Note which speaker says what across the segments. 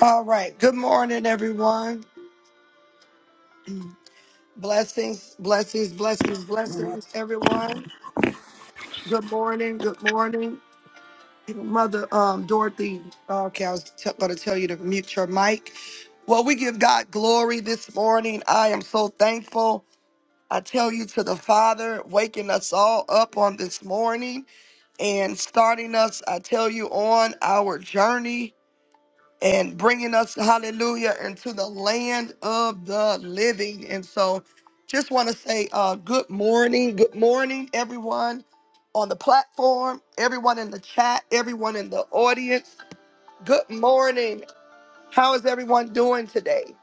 Speaker 1: All right. Good morning, everyone. Blessings, blessings, blessings, blessings, everyone. Good morning. Good morning. Mother um, Dorothy, okay, I was t- going to tell you to mute your mic. Well, we give God glory this morning. I am so thankful. I tell you to the Father, waking us all up on this morning and starting us, I tell you, on our journey and bringing us, hallelujah, into the land of the living. And so just want to say uh, good morning. Good morning, everyone on the platform, everyone in the chat, everyone in the audience. Good morning. How is everyone doing today?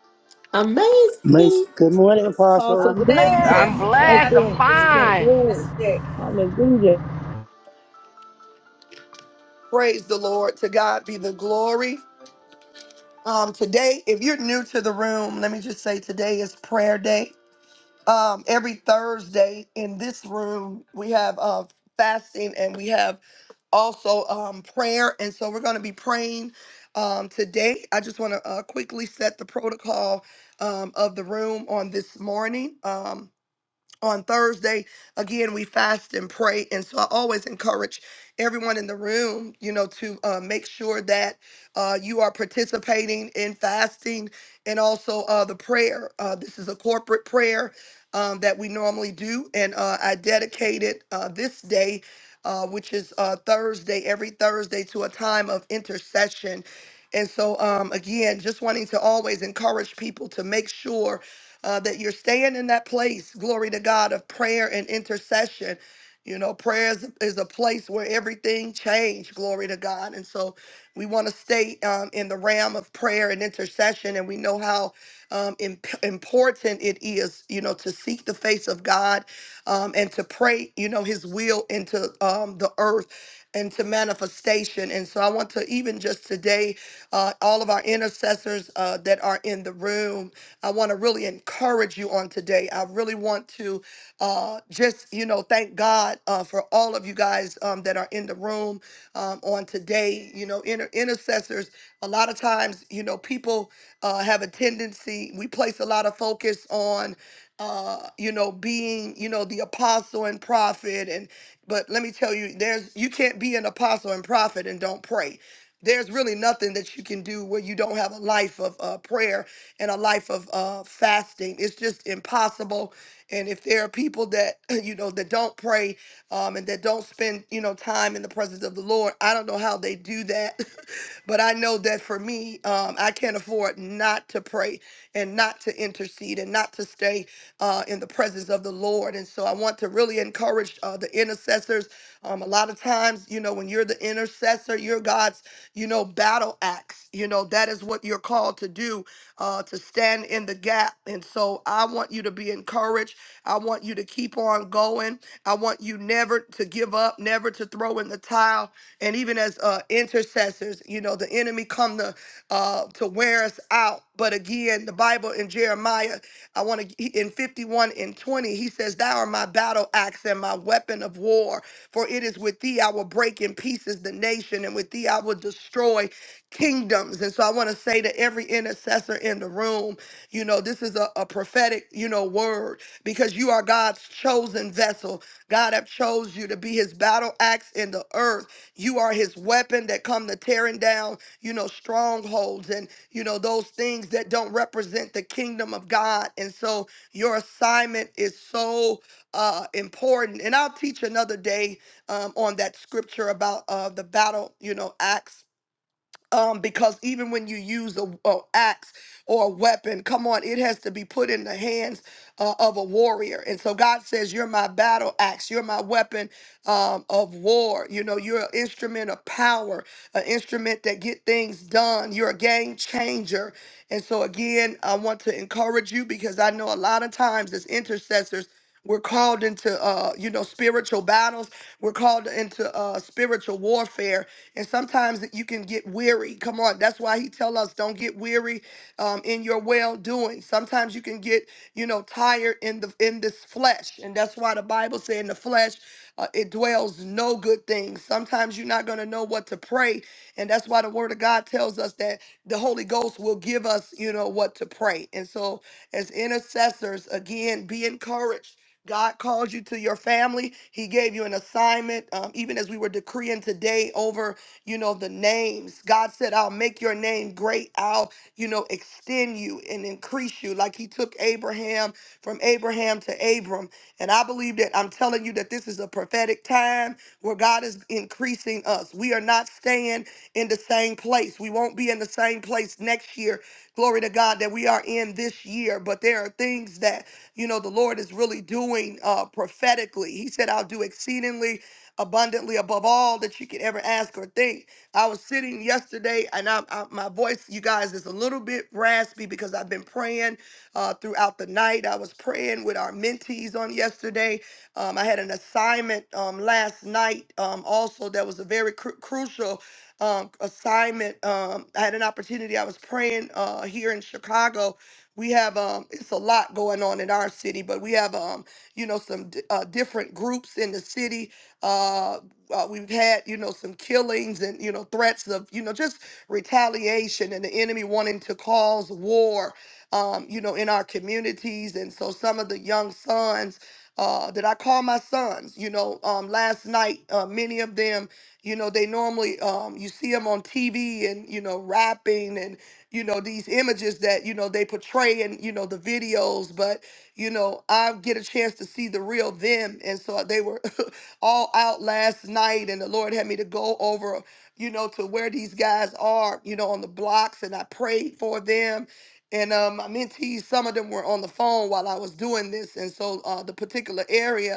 Speaker 2: Mace,
Speaker 3: Amazing.
Speaker 2: good morning,
Speaker 4: Apostle,
Speaker 2: Apostle.
Speaker 4: good.
Speaker 5: I'm
Speaker 6: Amazing,
Speaker 7: Blessed.
Speaker 4: That's
Speaker 5: blessed. I'm
Speaker 6: fabulous,
Speaker 4: good.
Speaker 5: fine.
Speaker 4: good.
Speaker 6: fantastic.
Speaker 4: Hallelujah.
Speaker 1: Praise the Lord. To God be the glory. Um, today, if you're new to the room, let me just say today is prayer day. Um, every Thursday in this room, we have uh, fasting and we have also um, prayer. And so we're going to be praying um, today. I just want to uh, quickly set the protocol um, of the room on this morning. Um, on Thursday. Again, we fast and pray. And so I always encourage everyone in the room, you know, to uh, make sure that uh, you are participating in fasting and also uh, the prayer. Uh, this is a corporate prayer um, that we normally do. And uh, I dedicated uh, this day. Uh, which is uh, Thursday, every Thursday, to a time of intercession. And so, um, again, just wanting to always encourage people to make sure uh, that you're staying in that place, glory to God, of prayer and intercession. You know, prayer is, is a place where everything changed, glory to God. And so we want to stay um, in the realm of prayer and intercession, and we know how um, imp- important it is, you know, to seek the face of God um, and to pray, you know, His will into um, the earth and to manifestation. And so I want to even just today, uh, all of our intercessors uh, that are in the room. I want to really encourage you on today. I really want to uh, just, you know, thank God uh, for all of you guys um, that are in the room um, on today. You know, inter- intercessors, a lot of times, you know, people uh, have a tendency, we place a lot of focus on. Uh, you know, being, you know, the apostle and prophet and but let me tell you, there's you can't be an apostle and prophet and don't pray there's really nothing that you can do where you don't have a life of uh, prayer and a life of uh, fasting. It's just impossible. And if there are people that, you know, that don't pray um, and that don't spend, you know, time in the presence of the Lord, I don't know how they do that. but I know that for me, um, I can't afford not to pray and not to intercede and not to stay uh, in the presence of the Lord. And so I want to really encourage uh, the intercessors. Um, a lot of times, you know, when you're the intercessor, you're God's, you know, battle axe. You know, that is what you're called to do uh, to stand in the gap. And so I want you to be encouraged. I want you to keep on going. I want you never to give up, never to throw in the towel. And even as uh, intercessors, you know, the enemy come to uh, to wear us out. But again, the Bible in Jeremiah, I want to in 51 and 20, he says, "Thou art my battle axe and my weapon of war. For it is with thee I will break in pieces the nation, and with thee I will destroy." kingdoms. And so I want to say to every intercessor in the room, you know, this is a, a prophetic, you know, word because you are God's chosen vessel. God have chose you to be his battle axe in the earth. You are his weapon that come to tearing down, you know, strongholds and, you know, those things that don't represent the kingdom of God. And so your assignment is so uh, important. And I'll teach another day um, on that scripture about uh, the battle, you know, axe um, because even when you use a, a axe or a weapon, come on, it has to be put in the hands uh, of a warrior. And so God says, "You're my battle axe. You're my weapon um, of war. You know, you're an instrument of power, an instrument that get things done. You're a game changer." And so again, I want to encourage you because I know a lot of times as intercessors. We're called into, uh, you know, spiritual battles. We're called into uh, spiritual warfare, and sometimes you can get weary. Come on, that's why he tell us don't get weary um, in your well doing. Sometimes you can get you know tired in the in this flesh, and that's why the Bible said in the flesh uh, it dwells no good thing. Sometimes you're not gonna know what to pray, and that's why the Word of God tells us that the Holy Ghost will give us you know what to pray. And so as intercessors, again, be encouraged. God called you to your family. He gave you an assignment. Um, even as we were decreeing today over you know, the names. God said, I'll make your name great. I'll, you know, extend you and increase you. Like he took Abraham from Abraham to Abram. And I believe that I'm telling you that this is a prophetic time where God is increasing us. We are not staying in the same place. We won't be in the same place next year. Glory to God that we are in this year. But there are things that, you know, the Lord is really doing uh, prophetically. He said, I'll do exceedingly abundantly above all that you could ever ask or think. I was sitting yesterday, and I, I my voice, you guys, is a little bit raspy because I've been praying uh, throughout the night. I was praying with our mentees on yesterday. Um, I had an assignment um, last night, um, also that was a very cru- crucial um, assignment. Um, I had an opportunity. I was praying uh, here in Chicago. We have um, it's a lot going on in our city, but we have um, you know some di- uh, different groups in the city uh, uh, we've had, you know, some killings and, you know, threats of, you know, just retaliation and the enemy wanting to cause war, um, you know, in our communities. And so some of the young sons uh, that I call my sons, you know, um, last night, uh, many of them, you know, they normally, um, you see them on TV and, you know, rapping and, you know, these images that, you know, they portray in, you know, the videos, but, you know, I get a chance to see the real them. And so they were all out last night, and the Lord had me to go over, you know, to where these guys are, you know, on the blocks, and I prayed for them. And um, my mentees, some of them were on the phone while I was doing this, and so uh, the particular area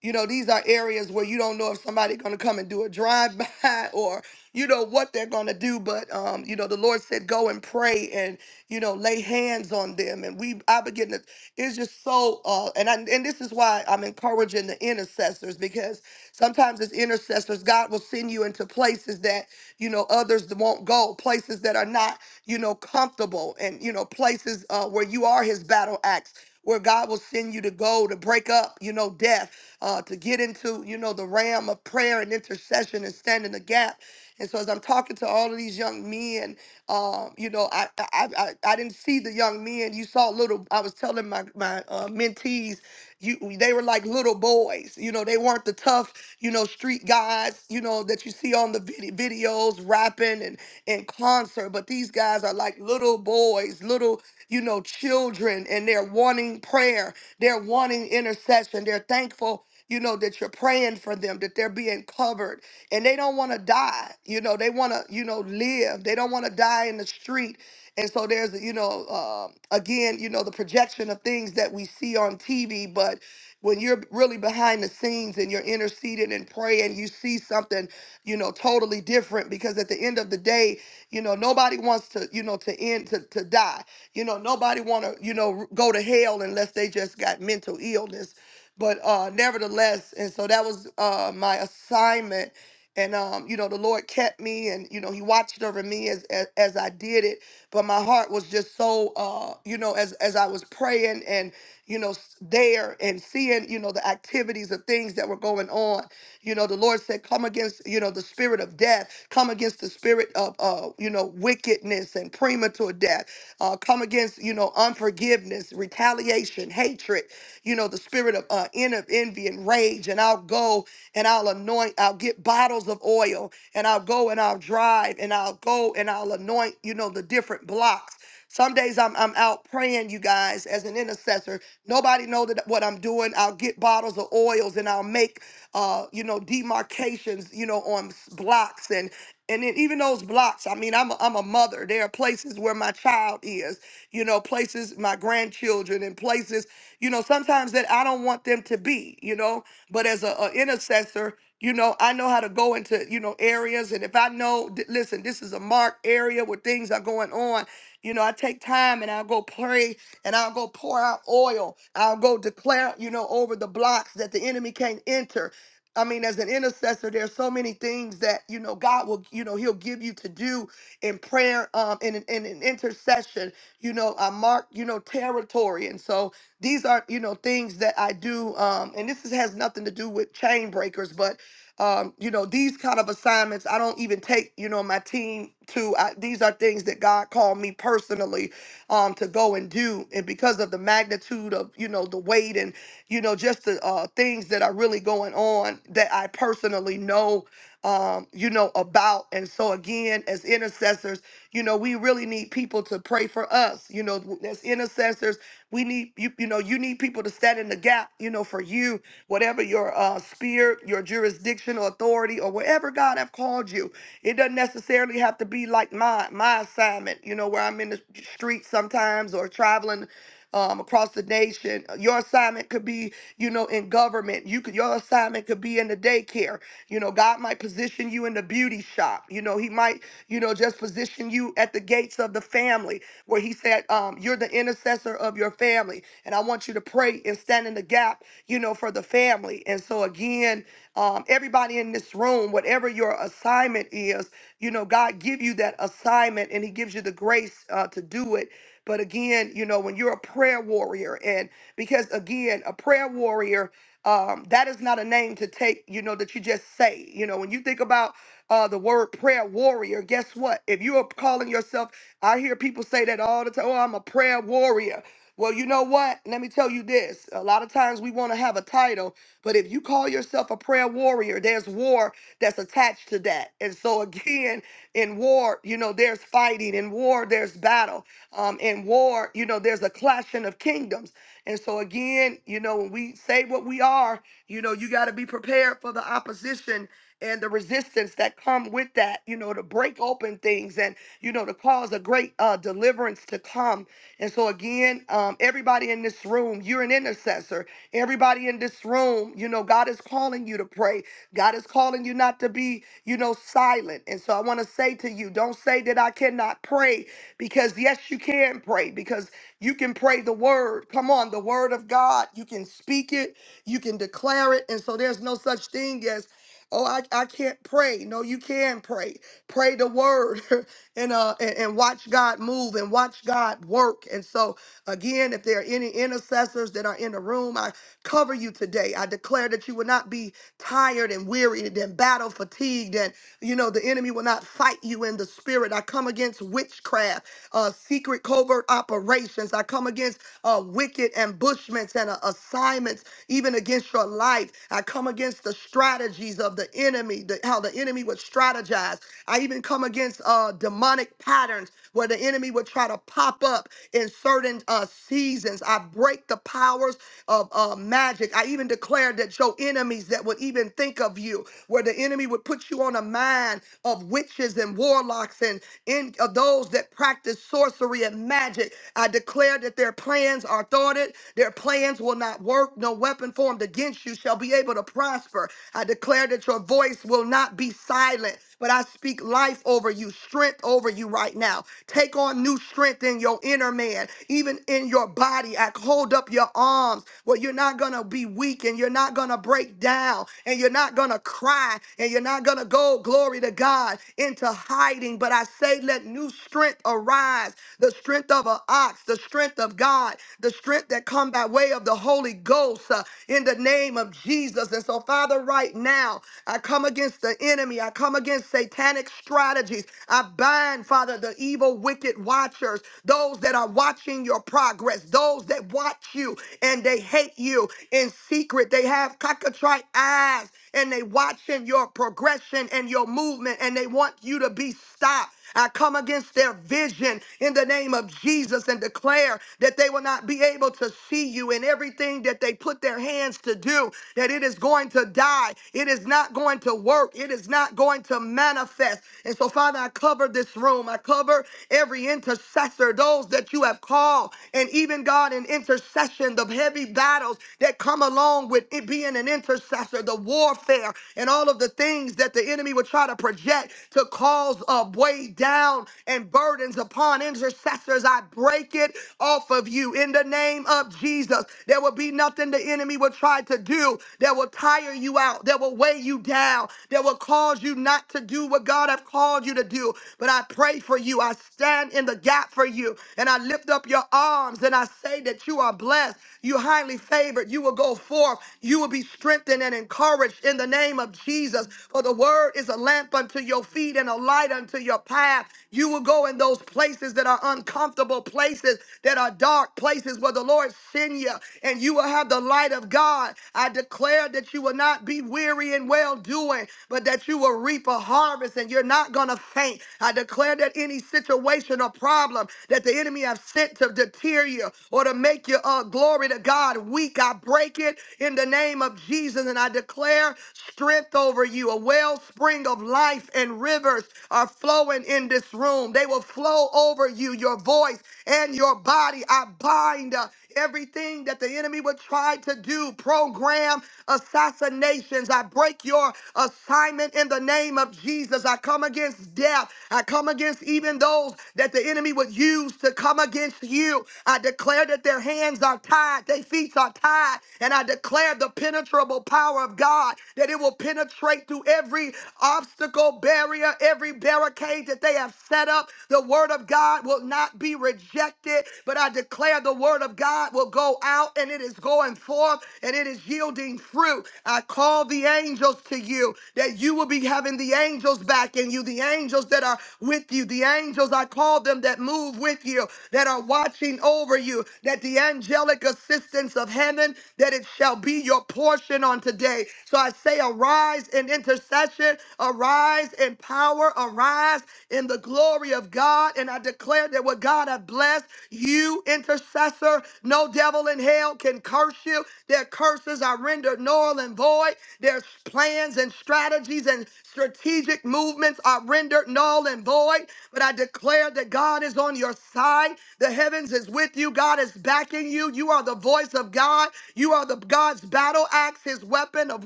Speaker 1: you know, these are areas where you don't know if somebody's going to come and do a drive by or you know what they're going to do, but um, you know, the Lord said go and pray and you know, lay hands on them and we I begin to it's just so uh and I, and this is why I'm encouraging the intercessors because sometimes as intercessors God will send you into places that you know others won't go, places that are not, you know, comfortable and you know, places uh where you are his battle axe where God will send you to go to break up, you know, death uh, to get into, you know, the realm of prayer and intercession and stand in the gap. And so as I'm talking to all of these young men, um, you know, I, I I I didn't see the young men. You saw little. I was telling my my uh, mentees, you they were like little boys. You know, they weren't the tough, you know, street guys, you know, that you see on the vid- videos rapping and in concert. But these guys are like little boys, little you know children, and they're wanting prayer. They're wanting intercession. They're thankful you know, that you're praying for them, that they're being covered. And they don't want to die. You know, they want to, you know, live. They don't want to die in the street. And so there's, you know, uh, again, you know, the projection of things that we see on TV. But when you're really behind the scenes and you're interceding and praying, you see something, you know, totally different. Because at the end of the day, you know, nobody wants to, you know, to end to, to die. You know, nobody want to, you know, r- go to hell unless they just got mental illness but uh nevertheless and so that was uh my assignment and um you know the lord kept me and you know he watched over me as as, as i did it but my heart was just so uh you know as as i was praying and you know s- there and seeing you know the activities of things that were going on you know the lord said come against you know the spirit of death come against the spirit of uh you know wickedness and premature death uh come against you know unforgiveness retaliation hatred you know, the spirit of uh, en- of envy and rage. And I'll go and I'll anoint, I'll get bottles of oil and I'll go and I'll drive and I'll go and I'll anoint, you know, the different blocks. Some days I'm, I'm out praying, you guys, as an intercessor. Nobody know that what I'm doing. I'll get bottles of oils and I'll make, uh, you know, demarcations, you know, on s- blocks and and then even those blocks. I mean, I'm a, I'm a mother. There are places where my child is, you know, places my grandchildren and places you know, sometimes that I don't want them to be, you know, but as a, a intercessor, you know, I know how to go into, you know, areas. And if I know, th- listen, this is a marked area where things are going on, you know, I take time and I'll go pray and I'll go pour out oil. I'll go declare, you know, over the blocks that the enemy can't enter. I mean, as an intercessor, there's so many things that, you know, God will, you know, he'll give you to do in prayer, um, in, in, in intercession, you know, I mark, you know, territory. And so, these are, you know, things that I do, um, and this is, has nothing to do with chain breakers, but um, you know, these kind of assignments I don't even take, you know, my team to. I, these are things that God called me personally um, to go and do, and because of the magnitude of, you know, the weight and, you know, just the uh, things that are really going on that I personally know, um, you know, about. And so again, as intercessors, you know, we really need people to pray for us, you know, as intercessors we need you, you know, you need people to stand in the gap, you know, for you, whatever your uh spirit, your jurisdiction or authority, or wherever God have called you. It doesn't necessarily have to be like my my assignment, you know, where I'm in the street sometimes or traveling um, across the nation. Your assignment could be, you know, in government. You could your assignment could be in the daycare. You know, God might position you in the beauty shop. You know, He might, you know, just position you at the gates of the family where he said, um, You're the intercessor of your family. And I want you to pray and stand in the gap, you know, for the family. And so, again, um, everybody in this room, whatever your assignment is, you know, God give you that assignment and he gives you the grace uh, to do it. But again, you know, when you're a prayer warrior, and because again, a prayer warrior, um, that is not a name to take, you know, that you just say. You know, when you think about uh, the word prayer warrior, guess what? If you are calling yourself I hear people say that all the time. Oh, I'm a prayer warrior. Well, you know what? Let me tell you this. A lot of times we want to have a title, but if you call yourself a prayer warrior, there's war that's attached to that. And so, again, in war, you know, there's fighting. In war, there's battle. Um, in war, you know, there's a clashing of kingdoms. And so, again, you know, when we say what we are, you know, you got to be prepared for the opposition and the resistance that come with that, you know, to break open things and you know, to cause a great uh, deliverance to come. And so, again, um, everybody in this room, you're an intercessor. Everybody in this room, you know, God is calling you to pray. God is calling you not to be, you know, silent. And so, I want to say to you, don't say that I cannot pray because, yes, you can pray because you can pray the word. Come on, the word of God. You can speak it, you can declare it. And so, there's no such thing as, oh, I, I can't pray. No, you can pray. Pray the word. and uh and, and watch God move and watch God work. And so again, if there are any intercessors that are in the room, I cover you today. I declare that you will not be tired and wearied and battle fatigued, and you know the enemy will not fight you in the spirit. I come against witchcraft, uh, secret covert operations. I come against uh, wicked ambushments and uh, assignments, even against your life. I come against the strategies of the enemy, the, how the enemy would strategize. I even come against uh, demonic patterns where the enemy would try to pop up in certain uh, seasons. I break the powers of uh, magic. I even declare that your enemies that would even think of you, where the enemy would put you on a mind of witches and warlocks and in, of those that practice sorcery and magic. I declare that their plans are thwarted. Their plans will not work. No weapon formed against you shall be able to prosper. I declare that your voice will not be silent. But I speak life over you, strength over you right now. Take on new strength in your inner man, even in your body. I hold up your arms where you're not going to be weak and you're not going to break down and you're not going to cry and you're not going to go, glory to God, into hiding. But I say, let new strength arise the strength of an ox, the strength of God, the strength that come by way of the Holy Ghost uh, in the name of Jesus. And so, Father, right now, I come against the enemy. I come against against satanic strategies. I bind, Father, the evil, wicked watchers, those that are watching your progress, those that watch you and they hate you in secret. They have cockatrice eyes and they watching your progression and your movement and they want you to be stopped. I come against their vision in the name of Jesus and declare that they will not be able to see you in everything that they put their hands to do, that it is going to die. It is not going to work. It is not going to manifest. And so, Father, I cover this room. I cover every intercessor, those that you have called, and even God in intercession, the heavy battles that come along with it being an intercessor, the warfare, and all of the things that the enemy would try to project to cause falls uh, way down and burdens upon intercessors. I break it off of you in the name of Jesus. There will be nothing the enemy will try to do that will tire you out, that will weigh you down, that will cause you not to do what God have called you to do. But I pray for you. I stand in the gap for you and I lift up your arms and I say that you are blessed. You're highly favored. You will go forth. You will be strengthened and encouraged in the name of Jesus. For the word is a lamp unto your feet and a light unto your path. You will go in those places that are uncomfortable, places that are dark, places where the Lord send you, and you will have the light of God. I declare that you will not be weary in well doing, but that you will reap a harvest and you're not going to faint. I declare that any situation or problem that the enemy have sent to deter you or to make you uh, glory to God, weak. I break it in the name of Jesus and I declare strength over you. A wellspring of life and rivers are flowing in this room. They will flow over you, your voice and your body. I bind uh, everything that the enemy would try to do, program assassinations. I break your assignment in the name of Jesus. I come against death. I come against even those that the enemy would use to come against you. I declare declare that their hands are tied, their feet are tied, and I declare the penetrable power of God that it will penetrate through every obstacle, barrier, every barricade that they have set up. The word of God will not be rejected, but I declare the word of God will go out and it is going forth and it is yielding fruit. I call the angels to you that you will be having the angels back in you, the angels that are with you, the angels I call them that move with you, that are watching over over you that the angelic assistance of heaven that it shall be your portion on today. So I say arise in intercession, arise in power, arise in the glory of God and I declare that what God hath blessed you intercessor, no devil in hell can curse you. Their curses are rendered null and void. Their plans and strategies and Strategic movements are rendered null and void, but I declare that God is on your side. The heavens is with you. God is backing you. You are the voice of God. You are the God's battle axe, his weapon of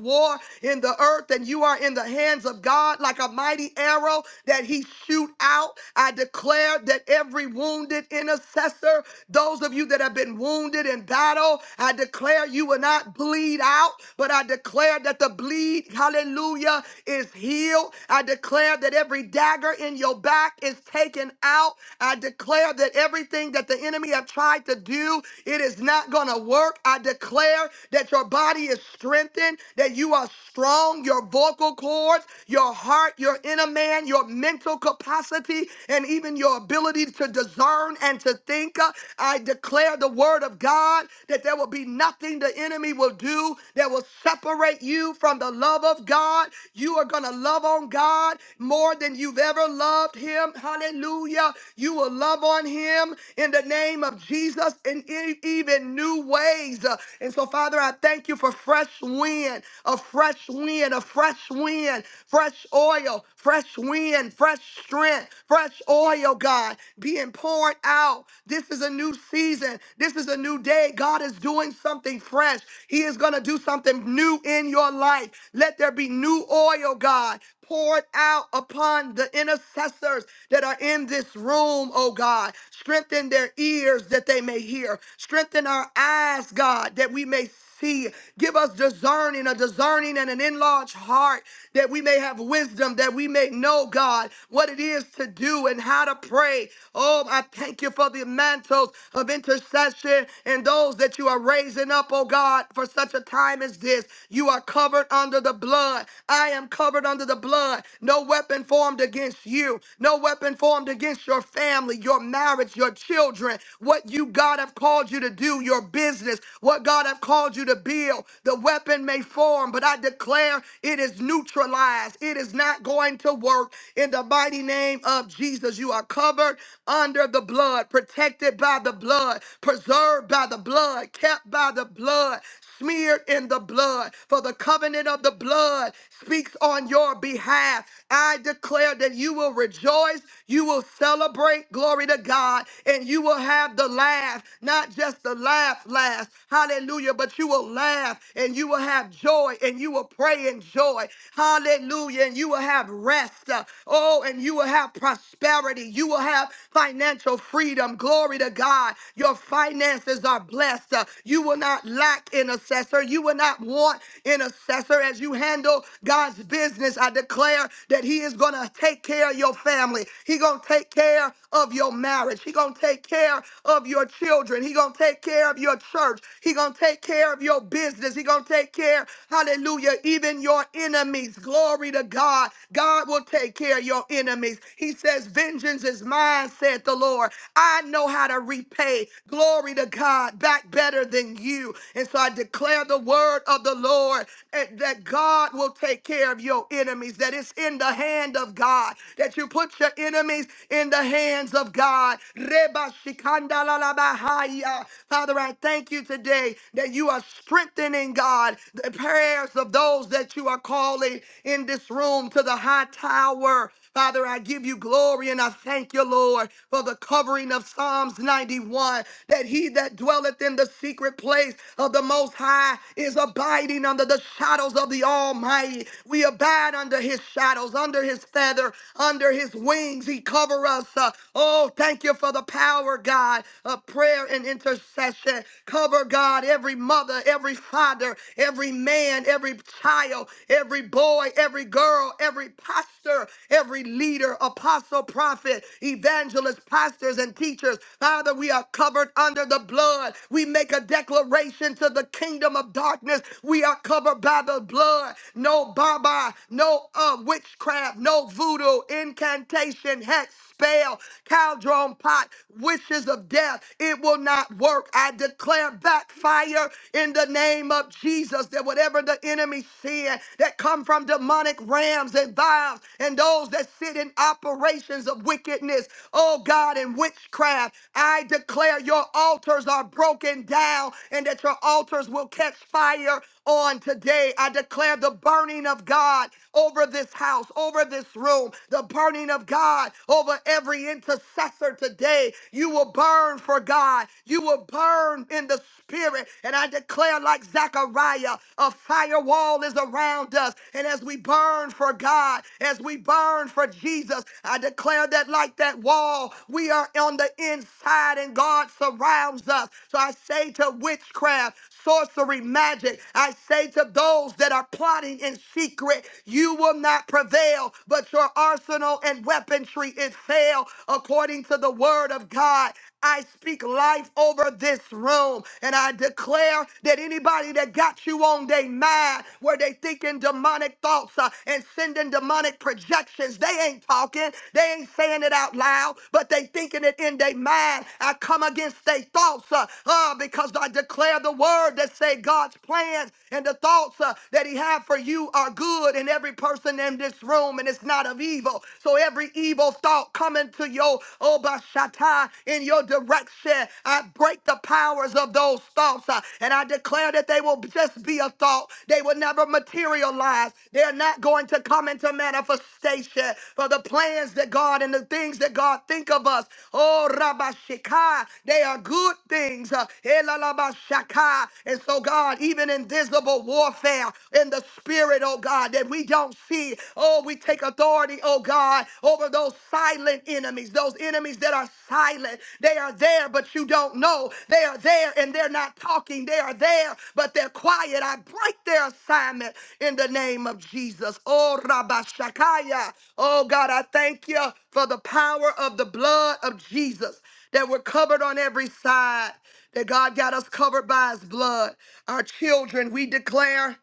Speaker 1: war in the earth, and you are in the hands of God like a mighty arrow that he shoot out. I declare that every wounded intercessor, those of you that have been wounded in battle, I declare you will not bleed out, but I declare that the bleed, hallelujah, is is healed. I declare that every dagger in your back is taken out. I declare that everything that the enemy have tried to do, it is not going to work. I declare that your body is strengthened, that you are strong, your vocal cords, your heart, your inner man, your mental capacity, and even your ability to discern and to think. Uh, I declare the word of God that there will be nothing the enemy will do that will separate you from the love of God. You are are going to love on God more than you've ever loved Him. Hallelujah. You will love on Him in the name of Jesus in e- even new ways. Uh, And so, Father, I thank you for fresh wind, a fresh wind, a fresh wind, fresh oil, fresh wind, fresh strength, fresh oil, God, being poured out. This is a new season. This is a new day. God is doing something fresh. He is going to do something new in your life. Let there be new oil oil, God, poured out upon the intercessors that are in this room, oh God. Strengthen their ears that they may hear. Strengthen our eyes, God, that we may see. Give us discerning, a discerning and an enlarged heart that we may have wisdom, that we may know, God, what it is to do and how to pray. Oh, I thank you for the mantles of intercession and those that you are raising up, oh God, for such a time as this. You are covered under the blood. I. I am covered under the blood. No weapon formed against you, no weapon formed against your family, your marriage, your children, what you, God, have called you to do, your business, what God have called you to build. The weapon may form, but I declare it is neutralized. It is not going to work. In the mighty name of Jesus, you are covered under the blood, protected by the blood, preserved by the blood, kept by the blood, smeared in the blood. For the covenant of the blood speaks on your behalf. I declare that you will rejoice, you will celebrate, glory to God, and you will have the laugh, not just the laugh last, hallelujah, but you will laugh and you will have joy and you will pray in joy, hallelujah, and you will have rest, uh, oh, and you will have prosperity, you will have financial freedom, glory to God. Your finances are blessed, Uh, you will not lack intercessor, you will not want intercessor as you handle God's business. I declare that He is going to take care of your family. He going to take care of your marriage. He going to take care of your children. He going to take care of your church. He going to take care of your business. He going to take care, hallelujah, even your enemies. Glory to God. God will take care of your enemies. He says, Vengeance is mine, said the Lord. I know how to repay. Glory to God, back better than you. And so I declare the word of the Lord eh, that God will go take care of your enemies, that it's in the hand of God, that you put your enemies in the hands of God. Reba shikanda la la bahaya. Father, I thank you today that you are strengthening, God, the prayers of those that you are calling in this room to the high tower. Father, I give you glory and I thank you, Lord, for the covering of Psalms 91 that he that dwelleth in the secret place of the Most High is abiding under the shadows of the Almighty. We abide under his shadows, under his feather, under his wings. He cover us. Uh, oh, thank you for the power, God, of prayer and intercession. Cover, God, every mother, every father, every man, every child, every boy, boy, every girl, every pastor, every leader, apostle, prophet, evangelist, pastors, and teachers. Father, we are covered under the blood. We make a declaration to the kingdom of darkness. We are covered by the blood. No baba, no uh, witchcraft, no voodoo, incantation, hex spell, caldron pot, wishes of death. It will not work. I declare backfire in the name of Jesus that whatever the enemy sin that come from demonic rams and vials and those that sit in operations of wickedness, oh God, and witchcraft, I declare your altars are broken down and that your altars will catch fire on today. I declare the burning of God over this house, over this room, the burning burning of God over every intercessor today. You will burn for God. You will burn in the spirit. And I declare, like Zechariah, a firewall is around us. And as we burn for God, as we burn for Jesus, I declare that, like that wall, we are on the inside and God surrounds us. So I say to witchcraft, sorcery, magic. I say to those that are plotting in secret, you will not prevail, but your arsenal and weaponry is fail according to the word of God. I speak life over this room and I declare that anybody that got you on their mind where they thinking demonic thoughts uh, and sending demonic projections, they ain't talking. They ain't saying it out loud, but they thinking it in their mind. I come against their thoughts, uh, uh, because I declare the word that say God's plans and the thoughts uh, that He have for you are good, and every person in this room, and it's not of evil. So every evil thought coming to your Obashata in your direction, I break the powers of those thoughts, uh, and I declare that they will just be a thought. They will never materialize. They're not going to come into manifestation for the plans that God and the things that God think of us. Oh, Rabashika, they are good things. Uh, Elalabashaka. And so, God, even in visible warfare in the spirit, oh God, that we don't see, oh, we take authority, oh God, over those silent enemies, those enemies that are silent. They are there, but you don't know. They are there and they're not talking. They are there, but they're quiet. I break their assignment in the name of Jesus. Oh, Rabashakaya. Oh, God, I thank you for the power of the blood of Jesus that we're covered on every side, that God got us covered by his blood. Our children, we declare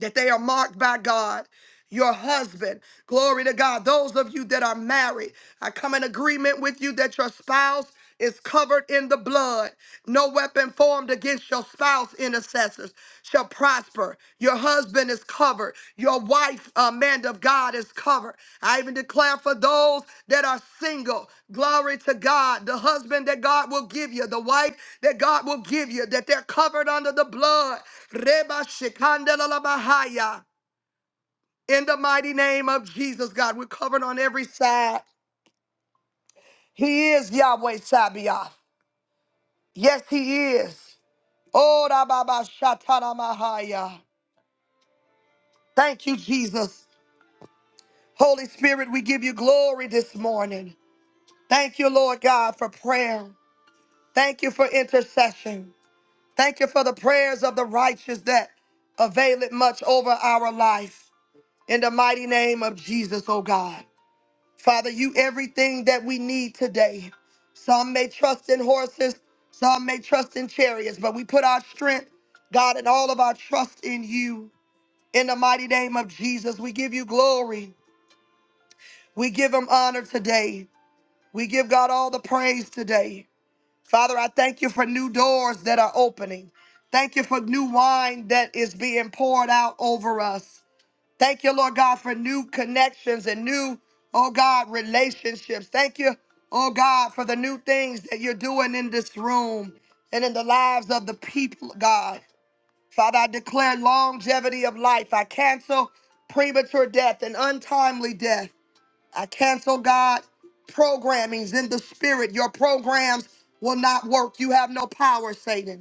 Speaker 1: that they are marked by God. Your husband, glory to God. Those of you that are married, I come in agreement with you that your spouse is covered in the blood. No weapon formed against your spouse, intercessors, shall prosper. Your husband is covered. Your wife, uh, man of God, is covered. I even declare for those that are single, glory to God, the husband that God will give you, the wife that God will give you, that they're covered under the blood. Reba shikandala bahaya. In the mighty name of Jesus, God, we're covered on every side. He is Yahweh Sabaoth. Yes, He is. Oh, Rababa Shatana Mahaya. Thank you, Jesus. Holy Spirit, we give you glory this morning. Thank you, Lord God, for prayer. Thank you for intercession. Thank you for the prayers of the righteous that avail it much over our life. In the mighty name of Jesus, oh God. Father, you everything that we need today. Some may trust in horses, some may trust in chariots, but we put our strength, God, and all of our trust in you. In the mighty name of Jesus, we give you glory. We give him honor today. We give God all the praise today. Father, I thank you for new doors that are opening. Thank you for new wine that is being poured out over us. Thank you, Lord God, for new connections and new, oh God, relationships. Thank you, oh God, for the new things that you're doing in this room and in the lives of the people, God. Father, I declare longevity of life. I cancel premature death and untimely death. I cancel God programmings in the spirit. Your programs will not work. You have no power, Satan.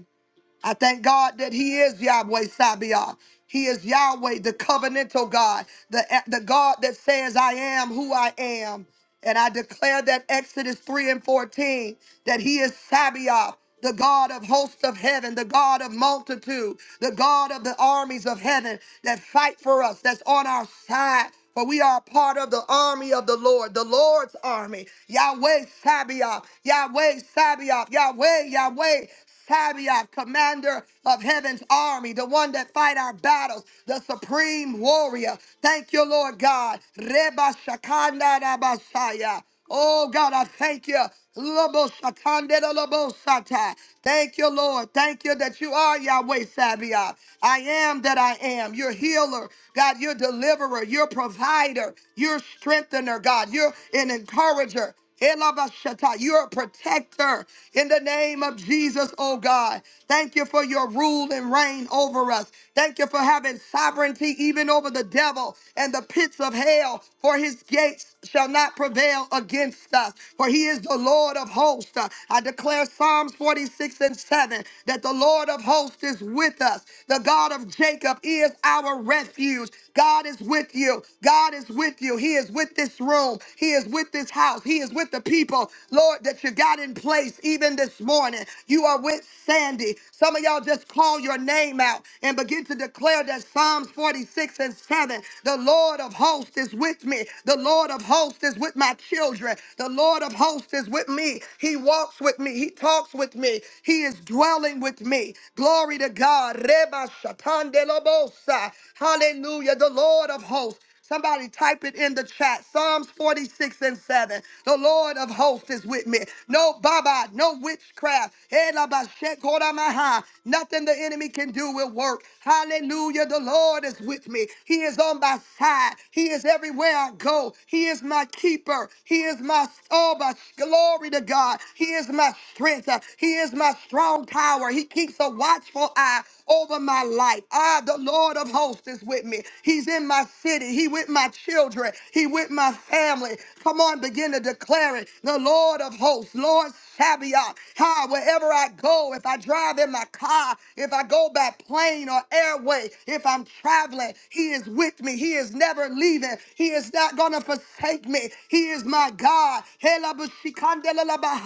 Speaker 1: I thank God that He is Yahweh Sabaoth. He is Yahweh, the covenantal God, the, the God that says, I am who I am. And I declare that Exodus 3 and 14, that He is Sabaoth, the God of hosts of heaven, the God of multitude, the God of the armies of heaven that fight for us, that's on our side. For we are part of the army of the Lord, the Lord's army. Yahweh Sabaoth, Yahweh Sabaoth, Yahweh, Yahweh Sabaoth, commander of heaven's army, the one that fight our battles, the supreme warrior. Thank you, Lord God. Reba Shakanda Rabasaya. Oh God, I thank you. Lobo Shakanda da Lobo Sata. Thank you, Lord. Thank you that you are Yahweh Sabaoth. I am that I am. You're healer. God, you're deliverer. You're provider. You're strengthener, God. You're an encourager. Elabashata, You're a protector in the name of Jesus, oh God. Thank you for your rule and reign over us. Thank you for having sovereignty even over the devil and the pits of hell, for his gates shall not prevail against us, for he is the Lord of hosts. Uh, I declare Psalms 46 and 7 that the Lord of hosts is with us. The God of Jacob is our refuge. God is with you. God is with you. He is with this room. He is with this house mouth. He is with the people, Lord, that you got in place even this morning. You are with Sandy. Some of y'all just call your name out and begin to declare that Psalms 46 and 7 the Lord of hosts is with me. The Lord of hosts is with my children. The Lord of hosts is with me. He walks with me. He talks with me. He is dwelling with me. Glory to God. Reba shatandelobosa. Hallelujah. The Lord of hosts. Somebody type it in the chat. Psalms 46 and 7. The Lord of hosts is with me. No baba, no witchcraft. Eh, la ba she ko ma ha. Nothing the enemy can do will work. Hallelujah. The Lord is with me. He is on my side. He is everywhere I go. He is my keeper. He is my oh my glory to God. He is my strength. He is my strong tower. He keeps a watchful eye over my life. Ah, the Lord of hosts is with me. He's in my city. He with my children. He with my family. Come on, begin to declare it. The Lord of hosts, Lord Sabaoth. Hi, wherever I go, if I drive in my car, if I go by plane or airway, if I'm traveling, He is with me. He is never leaving. He is not going to forsake me. He is my God. Hela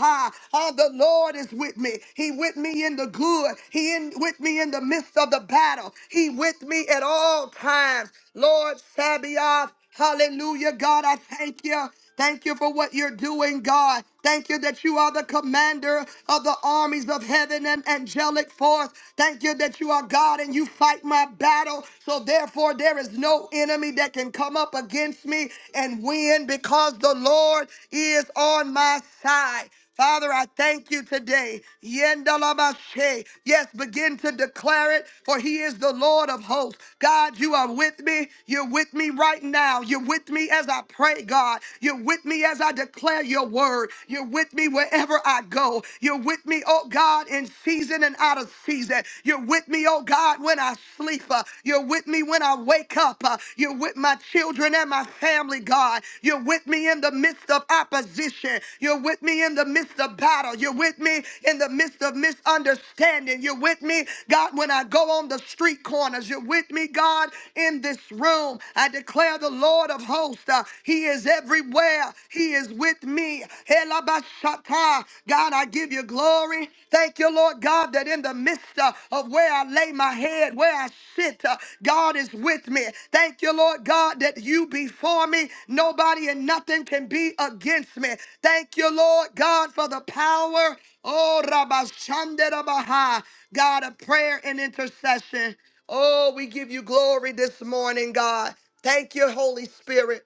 Speaker 1: ha. Ah, the Lord is with me. He with me in the good. He in with me in the midst of the battle. He with me at all times. Lord Sabaoth, hallelujah. God, I thank you. Thank you for what you're doing, God. Thank you that you are the commander of the armies of heaven and angelic force. Thank you that you are God and you fight my battle. So therefore, there is no enemy that can come up against me and win because the Lord is on my side. Father, I thank you today. Yendalabashe. Yes, begin to declare it, for he is the Lord of hosts. God, you are with me. You're with me right now. You're with me as I pray, God. You're with me as I declare your word. You're with me wherever I go. You're with me, oh God, in season and out of season. You're with me, oh God, when I sleep. Uh, You're with me when I wake up. Uh, uh, You're with my children and my family, God. You're with me in the midst of opposition. You're with me in the midst of battle. You're with me in the midst of misunderstanding. You're with me, God, when I go on the street corners. You're with me, God, in this room. I declare the Lord of hosts. uh, he is everywhere. He is with me. Helabashata. God, I give you glory. Thank you, Lord God, that in the midst uh, of where I lay my head, where I sit, uh, God is with me. Thank you, Lord God, that you before me, nobody and nothing can be against me. Thank you, Lord God, for the power. Oh, Rabashanderabaha, God of prayer and intercession. Oh, we give you glory this morning, God. Thank you, Holy Spirit.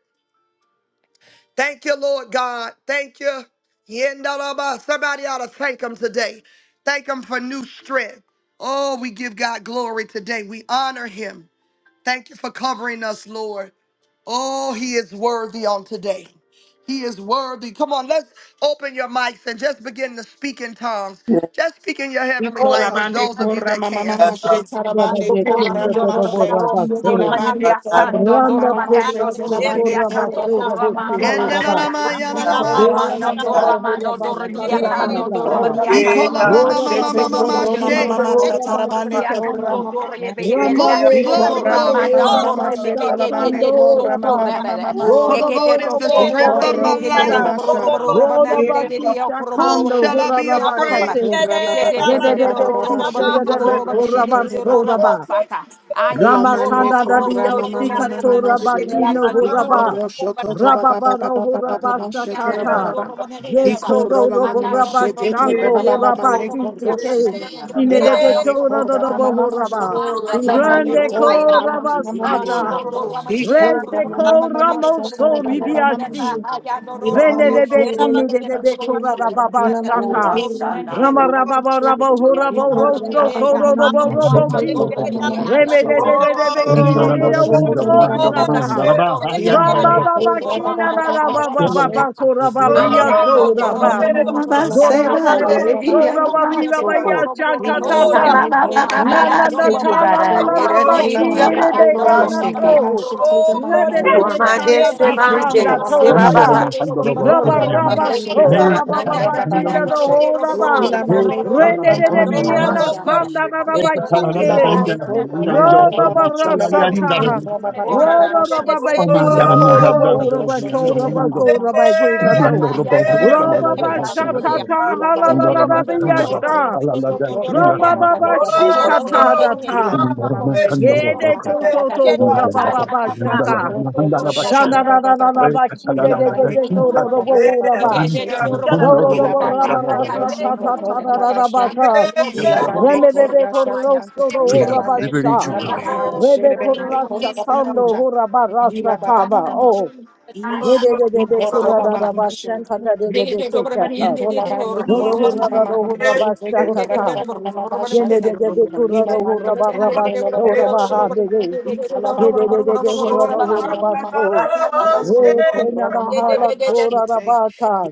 Speaker 1: Thank you, Lord God. Thank you. Yendaraba. Somebody ought to thank him today. Thank him for new strength. Oh, we give God glory today. We honor him. Thank you for covering us, Lord. Oh, he is worthy on today. He is worthy. Come on, let's open your mics and just begin to speak in tongues. Just speak in your heavenly
Speaker 8: Nicola
Speaker 9: Oh,
Speaker 1: language,
Speaker 8: Bande
Speaker 1: those of you
Speaker 8: Corra
Speaker 1: that
Speaker 8: Mama
Speaker 1: can.
Speaker 4: That's
Speaker 8: Mama
Speaker 4: the
Speaker 8: She Tarabande Corra
Speaker 7: Otorando
Speaker 8: Mama She
Speaker 7: doroborondo
Speaker 8: Tila Bande
Speaker 7: dorobanidia
Speaker 8: Corra
Speaker 7: sando
Speaker 8: Mama
Speaker 4: Randa
Speaker 8: Mama She
Speaker 7: dorobagando
Speaker 8: Tila
Speaker 4: Torase
Speaker 10: Oh,
Speaker 8: Bande
Speaker 7: dorobadia
Speaker 8: Corra
Speaker 7: canto
Speaker 8: Mama
Speaker 4: Torabasura
Speaker 8: Mama
Speaker 7: soramando
Speaker 8: Mama She
Speaker 4: Vekinoraba
Speaker 7: dorobadia
Speaker 1: Yendanama,
Speaker 7: canto
Speaker 8: Icorro She
Speaker 1: yanalamaha.
Speaker 4: Dorana
Speaker 7: sotomando
Speaker 8: Tarababa
Speaker 7: ramando dorobia
Speaker 8: Tila
Speaker 7: canto
Speaker 8: Bande
Speaker 4: Rabahurabasakataba
Speaker 8: Corra
Speaker 7: dorobadia
Speaker 8: Mama
Speaker 7: canto
Speaker 8: Mama
Speaker 1: Ikolama, ma,
Speaker 8: Mama
Speaker 7: robabai.
Speaker 1: ma,
Speaker 8: She
Speaker 4: Horaba
Speaker 1: ma, ma,
Speaker 7: Eke
Speaker 1: ma,
Speaker 4: Baba
Speaker 1: ma,
Speaker 8: Tila
Speaker 7: eke
Speaker 8: Mama
Speaker 4: Batino de
Speaker 1: she.
Speaker 8: Mama She
Speaker 7: doroborondo
Speaker 4: Horaba
Speaker 8: Tarabande
Speaker 7: dorobadia
Speaker 8: Corra
Speaker 7: canto
Speaker 8: Mama Mama
Speaker 7: dorebe
Speaker 8: She
Speaker 7: ella
Speaker 1: Glory,
Speaker 4: Rambago robo
Speaker 1: glory,
Speaker 8: Icorra
Speaker 4: robo
Speaker 8: Mama
Speaker 1: glory.
Speaker 7: sotoramando
Speaker 8: Mama
Speaker 4: ora
Speaker 8: Mama She
Speaker 7: doremeke
Speaker 4: basta
Speaker 7: de de
Speaker 4: kando
Speaker 8: Tarabande
Speaker 7: de
Speaker 4: ora
Speaker 8: Corra Mama
Speaker 4: bak.
Speaker 8: Mama
Speaker 7: sotorabere.
Speaker 8: Mama
Speaker 1: For
Speaker 8: She
Speaker 1: the
Speaker 7: Eke de
Speaker 4: Robo
Speaker 1: Lord is
Speaker 7: to
Speaker 1: the
Speaker 4: robo
Speaker 1: strength
Speaker 4: horo
Speaker 1: of
Speaker 8: Icorro
Speaker 1: my
Speaker 7: sotoremeke
Speaker 8: Mama
Speaker 7: de de
Speaker 1: life.
Speaker 4: broso.
Speaker 8: Mama She
Speaker 4: Robo
Speaker 7: dorobororobanande de de
Speaker 4: bakista
Speaker 1: Whom
Speaker 4: kando
Speaker 1: shall I
Speaker 7: yokorobororamande de
Speaker 4: hora
Speaker 1: be afraid?
Speaker 7: yokorobara.
Speaker 9: Ramashende,
Speaker 8: Ikorra
Speaker 7: I
Speaker 8: Baba
Speaker 4: De
Speaker 8: Baba
Speaker 4: de
Speaker 9: Ramashende,
Speaker 4: de
Speaker 8: Baba
Speaker 4: de
Speaker 8: Baba
Speaker 9: Ramashende,
Speaker 8: She
Speaker 4: kiste de de de
Speaker 8: Icorro She
Speaker 4: kora barso
Speaker 9: Ramashende,
Speaker 8: Ilamane
Speaker 4: Ramatanda
Speaker 8: kora
Speaker 4: Dadio
Speaker 8: mama mama
Speaker 4: Sikato
Speaker 8: mama she.
Speaker 4: Rabatino Horaba
Speaker 8: Ikoro shoto to ba ba ba ba
Speaker 4: Rababaro
Speaker 8: ba ba ba ba
Speaker 4: Horaba
Speaker 8: ba she tara ba ba
Speaker 4: Satata
Speaker 8: ba.
Speaker 4: Yeso
Speaker 8: Ikoro mama
Speaker 4: Robo
Speaker 8: mama
Speaker 4: Rabba
Speaker 8: she te te ba
Speaker 4: Shango
Speaker 8: ba ba ba ba
Speaker 4: Horaba
Speaker 8: ne koro
Speaker 4: Kite
Speaker 8: she.
Speaker 4: Inede
Speaker 8: Ilamane
Speaker 4: Toro
Speaker 8: kora
Speaker 4: Robo
Speaker 8: mama mama she.
Speaker 4: Horaba
Speaker 2: Oh,
Speaker 8: Ilamane
Speaker 4: Rende
Speaker 8: kora
Speaker 4: Ko
Speaker 8: mama mama mama she.
Speaker 4: Rabasata
Speaker 8: Ikoro
Speaker 4: Rete
Speaker 8: mama
Speaker 4: Ko
Speaker 8: mama mama she tara
Speaker 4: Ramoso
Speaker 8: ba ba ba mama she.
Speaker 4: Ribiasi
Speaker 7: am
Speaker 8: Ilamane koro
Speaker 4: Renedebekini
Speaker 8: mama she.
Speaker 4: dedebekora rababa
Speaker 10: Oh,
Speaker 8: Ilamane
Speaker 4: shaka.
Speaker 8: kora mama
Speaker 4: Rama
Speaker 10: Rashanani.
Speaker 8: mama mama
Speaker 4: rababa
Speaker 8: she.
Speaker 4: rabo horabo rosto
Speaker 8: Ilamane
Speaker 4: toro robo robo
Speaker 11: Mandoro
Speaker 4: ki. Remedebekini de yaworo sata. Ramba baba kina na na baba baba kora
Speaker 2: Oh, yeah,
Speaker 4: babiya sora ba.
Speaker 3: Baba
Speaker 4: Doro
Speaker 2: yeah,
Speaker 4: robo
Speaker 3: Seba,
Speaker 4: robo
Speaker 3: Yeridi,
Speaker 2: yeah.
Speaker 4: sora babiya baya
Speaker 3: Abamasoko.
Speaker 4: chakatata.
Speaker 3: Sama Baba
Speaker 4: Na na
Speaker 3: Baba
Speaker 4: na
Speaker 3: Seki
Speaker 4: ta la la
Speaker 3: Bara,
Speaker 4: la la
Speaker 2: Oh,
Speaker 4: ba
Speaker 3: Yeridi,
Speaker 2: yeah, yeah,
Speaker 4: de de
Speaker 3: Abamoto
Speaker 4: ala
Speaker 3: Seki.
Speaker 4: to.
Speaker 7: I
Speaker 4: Rebe de de
Speaker 3: Wamade
Speaker 4: kanda da
Speaker 2: yeah.
Speaker 4: skanda
Speaker 3: Sebanje,
Speaker 4: to
Speaker 3: Seba
Speaker 4: raba.
Speaker 3: Baba.
Speaker 4: Raba raba
Speaker 3: Thank you,
Speaker 4: sora baba
Speaker 3: Father.
Speaker 4: baba kina do ho raba.
Speaker 3: Glory be to God.
Speaker 4: Rene de de
Speaker 8: Mama
Speaker 4: de
Speaker 8: Mama
Speaker 4: yana
Speaker 1: Oh,
Speaker 8: Masha,
Speaker 1: my
Speaker 4: skanda
Speaker 1: Baba.
Speaker 4: na raba kini de.
Speaker 2: Oh,
Speaker 3: Glory
Speaker 8: Ilabane
Speaker 3: be to
Speaker 8: kura
Speaker 2: yeah.
Speaker 8: baba
Speaker 7: and
Speaker 8: baba baba
Speaker 2: Oh,
Speaker 8: shela bane
Speaker 4: Rorabarasata.
Speaker 8: kura
Speaker 3: God.
Speaker 8: baba
Speaker 7: Yes,
Speaker 8: baba
Speaker 3: Glory be
Speaker 8: baba
Speaker 3: to
Speaker 8: shela.
Speaker 4: Rorababatisha
Speaker 8: Ilabane
Speaker 4: koraba
Speaker 8: kura
Speaker 4: uraba
Speaker 8: shoto te
Speaker 4: koraba
Speaker 8: baba
Speaker 2: yes,
Speaker 8: mama
Speaker 4: koraba
Speaker 8: shela.
Speaker 4: gekato.
Speaker 8: Ina mama mama
Speaker 2: yes.
Speaker 8: mama mama
Speaker 3: God. Glory be
Speaker 9: Oh,
Speaker 8: shela.
Speaker 9: yeah.
Speaker 2: Oh,
Speaker 4: Robabashatata
Speaker 3: to
Speaker 8: Ila
Speaker 2: God,
Speaker 8: baba baba baba
Speaker 9: Rosso
Speaker 8: baba shela.
Speaker 4: halalalarabiyasha.
Speaker 8: Ikoro baba baba baba
Speaker 9: Oshe
Speaker 8: shela.
Speaker 9: Kete
Speaker 8: Ila
Speaker 4: Ramababashikatadata.
Speaker 11: Freedom
Speaker 8: baba mama ne
Speaker 2: yes,
Speaker 11: and
Speaker 2: yes.
Speaker 8: kura
Speaker 4: Yede
Speaker 8: baba baba baba
Speaker 4: tototo
Speaker 8: baba shela.
Speaker 9: Shela
Speaker 8: Thank
Speaker 4: horabababashaka.
Speaker 12: Ishala
Speaker 2: Yeah,
Speaker 4: Shanadadadadabakidedegedekorobo uraba.
Speaker 2: yeah. Yeah,
Speaker 9: Dora
Speaker 4: Rororobo
Speaker 2: yeah.
Speaker 4: ramarasa
Speaker 9: Shela
Speaker 4: tata
Speaker 2: Yeah.
Speaker 4: tata Remebebe
Speaker 2: Oh,
Speaker 9: Mahaya.
Speaker 4: korroso do
Speaker 11: liberty
Speaker 4: urabasha.
Speaker 11: jubilee.
Speaker 9: Oh,
Speaker 4: Rebe korrasha
Speaker 2: yeah.
Speaker 4: kando hurabarasa
Speaker 7: I
Speaker 4: kaba. Oh,
Speaker 2: Oh,
Speaker 4: rebebebe kurababasha kanda debebe
Speaker 3: God.
Speaker 4: tekata. Dodo hurado hurabasha kata.
Speaker 8: you.
Speaker 4: Yenebebe
Speaker 3: Glory be to
Speaker 4: kurado
Speaker 3: God.
Speaker 4: hurabarabash
Speaker 2: yeah.
Speaker 4: hurabahande. Yedebebe
Speaker 2: Oh,
Speaker 3: The
Speaker 4: hurado
Speaker 2: Baba, na, na, na,
Speaker 4: hurabasto.
Speaker 2: na, na, share.
Speaker 4: Rekenada hala tora rabaka.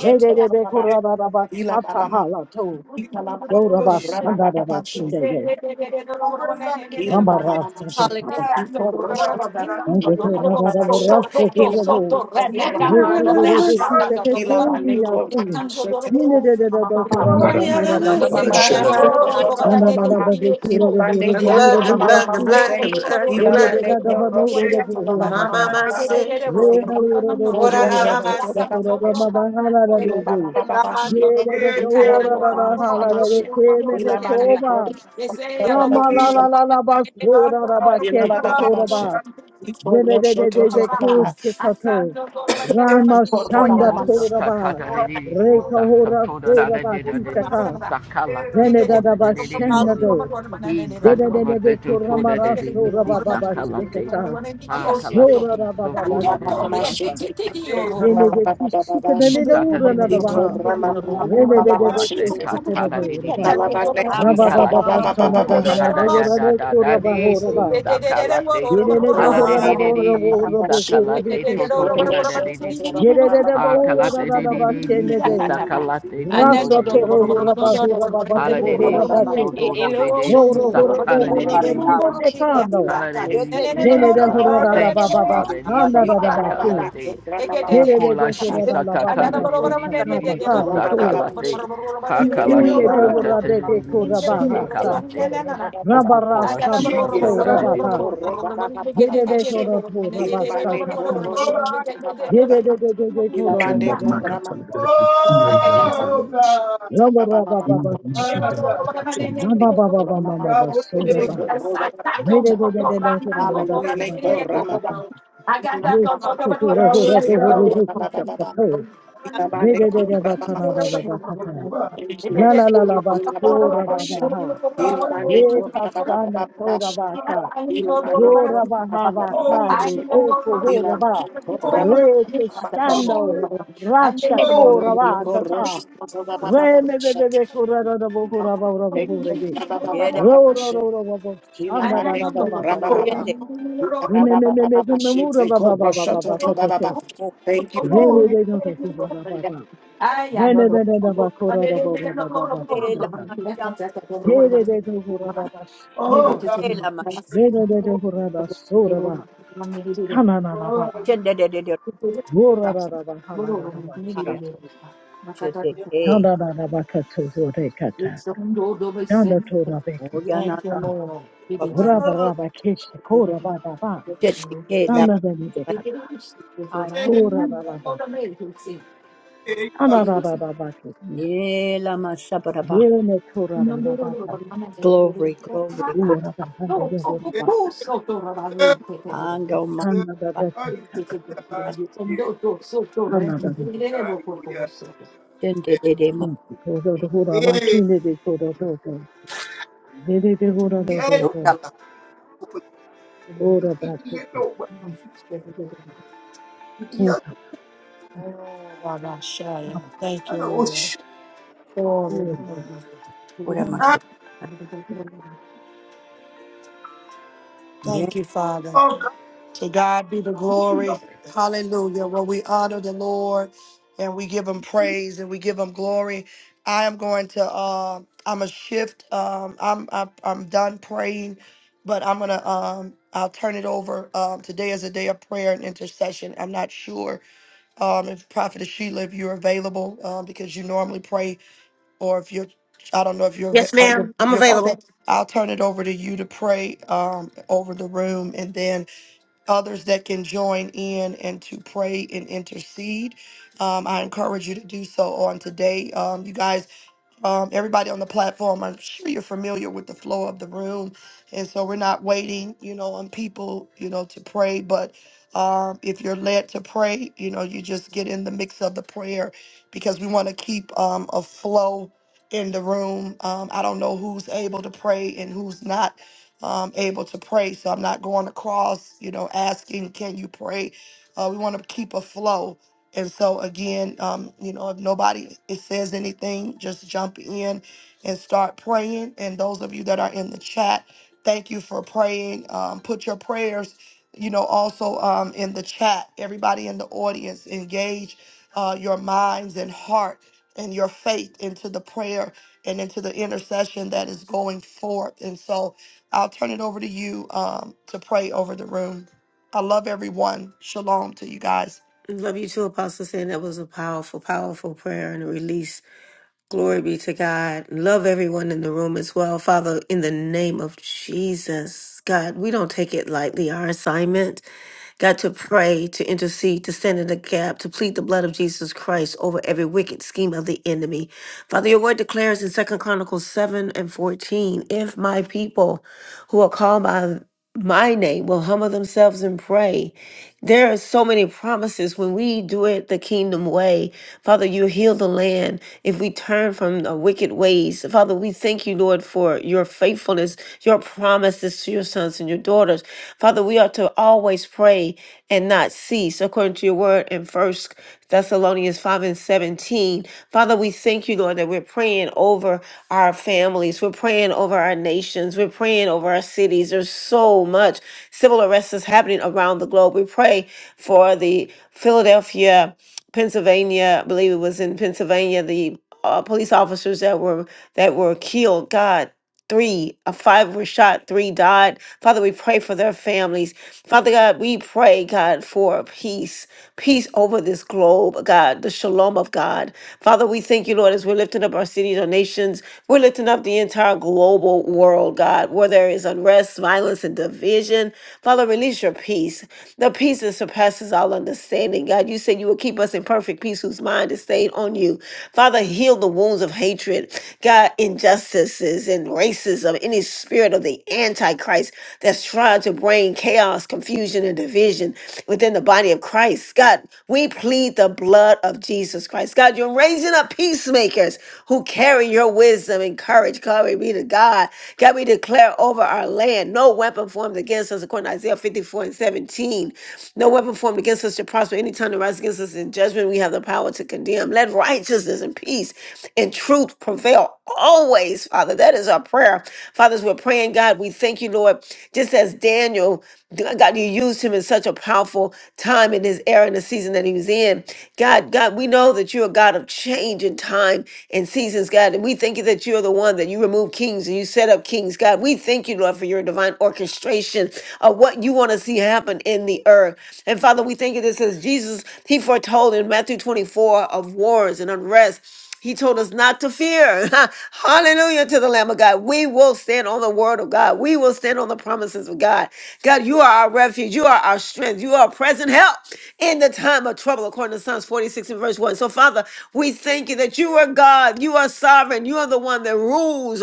Speaker 4: Rebebe
Speaker 2: Yeah.
Speaker 7: Thank
Speaker 4: kurababasha hala to.
Speaker 2: Oh, shoot.
Speaker 4: Dorabashanda rabatinde.
Speaker 2: Oh, man, na,
Speaker 4: Rama
Speaker 2: yeah. Yeah, yeah, yeah. Yeah.
Speaker 8: Ilabane
Speaker 2: Bye. Oh, God.
Speaker 11: Maramango tolobe shelele
Speaker 2: Oh,
Speaker 11: legendo
Speaker 2: God.
Speaker 11: marabaria.
Speaker 3: blood, the blood, the blood, the blood, the blood.
Speaker 2: Yeah. Na,
Speaker 7: you.
Speaker 3: Mama,
Speaker 2: na,
Speaker 3: my
Speaker 7: Yes,
Speaker 2: na.
Speaker 3: say, what
Speaker 2: Yeah.
Speaker 3: I
Speaker 2: Yeah, yeah, man. Oh, yeah. Yeah,
Speaker 4: la la la la
Speaker 2: yeah, yeah.
Speaker 4: basura la bakeste
Speaker 2: Yeah.
Speaker 4: koraba. Zebedebedebedebekushtikatu.
Speaker 2: Yeah.
Speaker 8: Thank
Speaker 4: Ramashanda
Speaker 5: Oh, sa- ta-
Speaker 4: Toraba,
Speaker 5: de- de- si- sa- ta-
Speaker 4: Rekahora
Speaker 5: da-
Speaker 4: Toraba
Speaker 5: de-
Speaker 2: Oh,
Speaker 5: de-
Speaker 2: man,
Speaker 5: de- si-
Speaker 4: Kitaka,
Speaker 5: sa-
Speaker 2: yeah.
Speaker 5: te- to-
Speaker 4: Renedadaba
Speaker 5: de- de- de- si.
Speaker 4: Shenado,
Speaker 5: He sa-
Speaker 4: Dededebe
Speaker 5: te- to-
Speaker 4: Kuramara
Speaker 5: de- de- si-
Speaker 4: Soraba
Speaker 5: sa-
Speaker 4: Baba
Speaker 5: te.
Speaker 4: Shikata,
Speaker 5: Ha-
Speaker 2: About
Speaker 5: ka-
Speaker 2: Jesus,
Speaker 4: Rora
Speaker 5: so- to-
Speaker 4: Baba
Speaker 7: Tanto
Speaker 5: de- de-
Speaker 7: pobre, el
Speaker 4: Shakatata,
Speaker 5: si- sa-
Speaker 7: pequeño
Speaker 2: Jesus,
Speaker 5: de-
Speaker 7: horror.
Speaker 4: Yenede
Speaker 5: si.
Speaker 4: Kishikadene
Speaker 5: Isata
Speaker 4: Ura
Speaker 5: de de de de
Speaker 4: Nadabaha,
Speaker 5: si so ko ko
Speaker 2: Jesus,
Speaker 5: ko ko la
Speaker 4: Renedebe
Speaker 5: te ta ta da
Speaker 4: Kushtakurabo
Speaker 5: de de
Speaker 4: Raba,
Speaker 5: de si
Speaker 4: Rababa
Speaker 5: ikala
Speaker 4: Baba
Speaker 5: shi
Speaker 2: Jesus, Jesus,
Speaker 7: Hello,
Speaker 5: so to
Speaker 4: Sanada
Speaker 5: da da
Speaker 4: Hanada
Speaker 5: da da da
Speaker 4: Urane
Speaker 5: da da
Speaker 4: Kuraba
Speaker 5: de si
Speaker 4: Horaba,
Speaker 5: sakalate
Speaker 4: Yenede
Speaker 5: ala de de
Speaker 4: Horanabo
Speaker 5: de de
Speaker 4: Rabo
Speaker 5: de si
Speaker 4: Rabo Kurabe
Speaker 5: sakalate to to to da da de de si
Speaker 4: Yedede
Speaker 5: ha
Speaker 4: bohura da
Speaker 8: you.
Speaker 5: kalate
Speaker 4: da
Speaker 5: de
Speaker 4: da
Speaker 5: de
Speaker 4: ba
Speaker 5: de de
Speaker 8: Ilabane
Speaker 5: si
Speaker 4: kenede.
Speaker 5: sakalate to to
Speaker 4: Rasa
Speaker 5: de de de
Speaker 4: toro
Speaker 5: de de
Speaker 4: hura ba
Speaker 5: si
Speaker 4: hura ba ba ba
Speaker 5: ala
Speaker 4: ba
Speaker 5: de de
Speaker 4: hura
Speaker 5: si
Speaker 4: ba
Speaker 5: so
Speaker 4: ki.
Speaker 5: to do de de si
Speaker 4: Voro hura bo
Speaker 5: satana de
Speaker 4: hura
Speaker 5: de
Speaker 2: Jesus,
Speaker 5: de
Speaker 4: be
Speaker 5: de
Speaker 4: ki
Speaker 5: si
Speaker 2: Jesus,
Speaker 4: çekando.
Speaker 5: Hallelujah.
Speaker 4: Yenede hura da la
Speaker 5: Thank
Speaker 4: ba
Speaker 5: you,
Speaker 4: ba ba
Speaker 5: Father.
Speaker 4: skanda
Speaker 5: Nisi
Speaker 4: da da ba ki.
Speaker 5: sakalate.
Speaker 4: Yenede
Speaker 5: Hukula
Speaker 4: de hura da
Speaker 5: shisa
Speaker 4: la
Speaker 7: I
Speaker 4: ba ba
Speaker 5: tatada
Speaker 4: ba ta ta ta ba
Speaker 5: nisi
Speaker 4: ka be to.
Speaker 5: sakalate.
Speaker 2: Jesus,
Speaker 5: Hakala
Speaker 4: İne de
Speaker 5: shisa
Speaker 2: Jesus,
Speaker 5: tatada nisi
Speaker 4: Rabba
Speaker 2: Jesus,
Speaker 5: sakalate. Okokola shisa
Speaker 2: Jesus,
Speaker 5: tatada
Speaker 2: Cuba.
Speaker 8: korama
Speaker 11: Ukendo maka tolobe kishina
Speaker 2: Oh God,
Speaker 7: I
Speaker 2: ah yeah, yeah,
Speaker 4: Mama baba mama ba ma ma ba
Speaker 2: Yahweh,
Speaker 4: sora ba.
Speaker 2: Yahweh,
Speaker 4: Re re re re re re re ra na da
Speaker 8: Hallelujah.
Speaker 4: kora
Speaker 8: Neko
Speaker 4: ba. Ye ka
Speaker 8: rama-
Speaker 4: tum.
Speaker 2: Yahweh,
Speaker 8: ina
Speaker 4: Ye
Speaker 8: ma- ma-
Speaker 4: su ko
Speaker 8: ma-
Speaker 4: ko
Speaker 8: ma-
Speaker 4: ro
Speaker 8: ma-
Speaker 4: ro
Speaker 8: she
Speaker 4: ro
Speaker 2: Yahweh,
Speaker 4: do
Speaker 2: Yahweh,
Speaker 4: ho
Speaker 8: teko
Speaker 4: re
Speaker 2: Yahweh,
Speaker 4: ji
Speaker 8: rama-
Speaker 4: ki
Speaker 8: ba- ba-
Speaker 4: cha
Speaker 8: ba-
Speaker 4: pa
Speaker 8: ba.
Speaker 4: to.
Speaker 8: Ina ma
Speaker 4: Re re
Speaker 8: neko
Speaker 4: re re ba
Speaker 8: rama-
Speaker 4: ka
Speaker 8: ma-
Speaker 4: na
Speaker 8: ma-
Speaker 4: la la
Speaker 8: she.
Speaker 4: ba ka ta.
Speaker 2: Cuba.
Speaker 8: Thank
Speaker 4: La
Speaker 8: you.
Speaker 4: la la la
Speaker 2: Holy
Speaker 4: ba
Speaker 8: Ina ma- ma- ma-
Speaker 4: sora
Speaker 8: ma-
Speaker 4: ba ba
Speaker 8: she.
Speaker 4: ha.
Speaker 8: Ina
Speaker 2: God,
Speaker 8: ma
Speaker 2: holy
Speaker 4: Ye
Speaker 8: neko
Speaker 4: ka
Speaker 8: rama- ba- ba-
Speaker 4: sa
Speaker 8: ba-
Speaker 4: na
Speaker 8: ba- ba-
Speaker 4: sora
Speaker 8: she.
Speaker 4: ba ka.
Speaker 2: God,
Speaker 8: Ina ma
Speaker 4: Yo
Speaker 8: neko
Speaker 4: ra ba
Speaker 8: rama-
Speaker 4: ha
Speaker 8: ba- ba-
Speaker 4: ba
Speaker 8: ba- ba- ba-
Speaker 4: ka
Speaker 2: holy,
Speaker 8: she.
Speaker 4: ne
Speaker 2: holy,
Speaker 4: e ko ho
Speaker 8: Ina
Speaker 4: ra
Speaker 8: ma
Speaker 4: ba.
Speaker 8: neko
Speaker 2: holy,
Speaker 8: rama- ba-
Speaker 4: Re ke
Speaker 8: ba- ba- ba- ba- she.
Speaker 2: holy.
Speaker 4: stando. Ra cha ko ra
Speaker 2: holy,
Speaker 4: ba
Speaker 8: Iko
Speaker 4: ta ta.
Speaker 8: roshi- ba- ba- ba- ba-
Speaker 4: Re
Speaker 8: ba- ba-
Speaker 4: me be
Speaker 8: she.
Speaker 4: be be ko ra ra ra bo ko ra ba ra ba ho re ge. Ro ro ro ro ro ro shanda da da ba ba ba ka
Speaker 2: holy,
Speaker 4: ta.
Speaker 9: Hallelujah.
Speaker 4: Re me me me me me me mu ra ba
Speaker 8: Thank
Speaker 4: ba ba ba ba ba ka ta te.
Speaker 8: you.
Speaker 4: Re me
Speaker 2: holy.
Speaker 4: me me me ku ra ra ba ba. Re me me me da ba ko ra ra ba ra ba ba ba ta ta
Speaker 9: Ela
Speaker 4: ta.
Speaker 9: mashamba
Speaker 4: Ye re re re ku ra ra ba sha
Speaker 2: Oh,
Speaker 4: ta.
Speaker 2: God.
Speaker 9: ela
Speaker 4: Re
Speaker 7: Makata
Speaker 4: re re re ku ra ra so ra ba. Ta na na na ba ba
Speaker 2: Oh,
Speaker 4: ba.
Speaker 9: mashende de de de
Speaker 4: Wo ra ra ra ba ha la la la ba ki ta
Speaker 9: kaya
Speaker 4: to.
Speaker 9: shete ke
Speaker 4: Na na na na ba ka to ho re ka ta. Na na to ra be ki ta
Speaker 9: oyana
Speaker 4: ka
Speaker 1: Thank you,
Speaker 4: ta.
Speaker 1: Lord.
Speaker 4: Wo ra ba ra
Speaker 2: God.
Speaker 4: ba ke shi ko ra ba ba ba.
Speaker 9: shete ke la kaya
Speaker 4: Ora da la baka. Ana da da da baka.
Speaker 9: ela masabara ba
Speaker 4: Yene tora da da baka.
Speaker 9: glory glory glory
Speaker 4: Ora da hanga de ora baka.
Speaker 9: ando ma
Speaker 4: Ana da da kata. Ana da
Speaker 9: shende de de ma
Speaker 4: kata. Kodo do ora wakine de kodo do do. Vede de ora
Speaker 1: Oh,
Speaker 4: do do
Speaker 9: ora
Speaker 4: do.
Speaker 9: ma
Speaker 4: Ora da kete. Eka.
Speaker 1: Baba Shaya. Thank you, Lord. Glory to God.
Speaker 9: ora ma
Speaker 7: Non
Speaker 1: Thank you, Father. To God be the glory. Hallelujah. Well, we honor the Lord and we give him praise and we give him glory. I am going to uh I'm a shift. Um I'm I'm, I'm done praying, but I'm gonna um I'll turn it over. Um today is a day of prayer and intercession. I'm not sure um if Prophet Sheila if you're available um because you normally pray or if you're I don't know if you're, av-
Speaker 3: Yes,
Speaker 1: uh, you're
Speaker 3: ma'am. I'm
Speaker 1: you're- okay.
Speaker 3: available.
Speaker 1: I'll turn it over to you to pray um, over the room, and then others that can join in and to pray and intercede. Um, I encourage you to do so on today. Um, you guys um, everybody on the platform, I'm sure you're familiar with the flow of the room. And so we're not waiting, you know, on people, you know, to pray. But um, if you're led to pray, you know, you just get in the mix of the prayer because we want to keep um, a flow in the room. Um, I don't know who's able to pray and who's not um, able to pray. So I'm not going across, you know, asking, can you pray? Uh, we want to keep a flow. And so again, um, you know, if nobody it says anything, just jump in and start praying. And those of you that are in the chat, thank you for praying. Um, put your prayers, you know, also um, in the chat. Everybody in the audience, engage uh, your minds and heart and your faith into the prayer and into the intercession that is going forth. And so I'll turn it over to you um, to pray over the room. I love everyone. Shalom to you guys.
Speaker 3: Love you too, Apostle. Saying that was a powerful, powerful prayer and a release Glory be to God. Love everyone in the room as well. Father, in the name of Jesus, God, we don't take it lightly, our assignment. God, to pray, to intercede, to stand in the gap, to plead the blood of Jesus Christ over every wicked scheme of the enemy. Father, your word declares in Second Chronicles 7 and 14 if my people who are called by my name will humble themselves and pray. There are so many promises when we do it the kingdom way. Father, you heal the land if we turn from the wicked ways. Father, we thank you, Lord, for your faithfulness, your promises to your sons and your daughters. Father, we ought to always pray and not cease, according to your word in First Thessalonians 5 and 17. Father, we thank you, Lord, that we're praying over our families. We're praying over our nations. We're praying over our cities. There's so much civil unrest is happening around the globe. We pray for the Philadelphia, Pennsylvania, I believe it was in Pennsylvania, the uh, police officers that were that were killed. God, three, uh, five were shot, three died Father, we pray for their families. Father God, we pray, God, for peace, peace over this globe, God, the shalom of God. Father, we thank you, Lord, as we're lifting up our cities, our nations, we're lifting up the entire global world, God, where there is unrest, violence, and division. Father, release your peace the peace that surpasses all understanding. God, you said you will keep us in perfect peace whose mind is stayed on you. Father, heal the wounds of hatred, God, injustices and racism, any spirit of the Antichrist that's trying to bring chaos, confusion, and division division within the body of Christ. God, we plead the blood of Jesus Christ. God, you're raising up peacemakers who carry your wisdom and courage. Glory be to God. God, we declare over our land no weapon formed against us, according to Isaiah 54 and 17. No weapon formed against us shall prosper. Any tongue that rises against us in judgment, we have the power to condemn. Let righteousness and peace and truth prevail always, Father. That is our prayer. Fathers, we're praying, God, we thank you, Lord, just as Daniel. God, God, you used him in such a powerful time in his era and the season that he was in. God, God, we know that you're a God of change in time and seasons, God. And we thank you that you're the one that you remove kings and you set up kings, God. We thank you, Lord, for your divine orchestration of what you want to see happen in the earth. And Father, we thank you. This says Jesus, he foretold in Matthew 24 of wars and unrest. He told us not to fear. Hallelujah to the Lamb of God. We will stand on the word of God. We will stand on the promises of God. God, you are our refuge. You are our strength. You are our present help in the time of trouble, according to Psalms 46 and verse 1. So, Father, we thank you that you are God. You are sovereign. You are the one that rules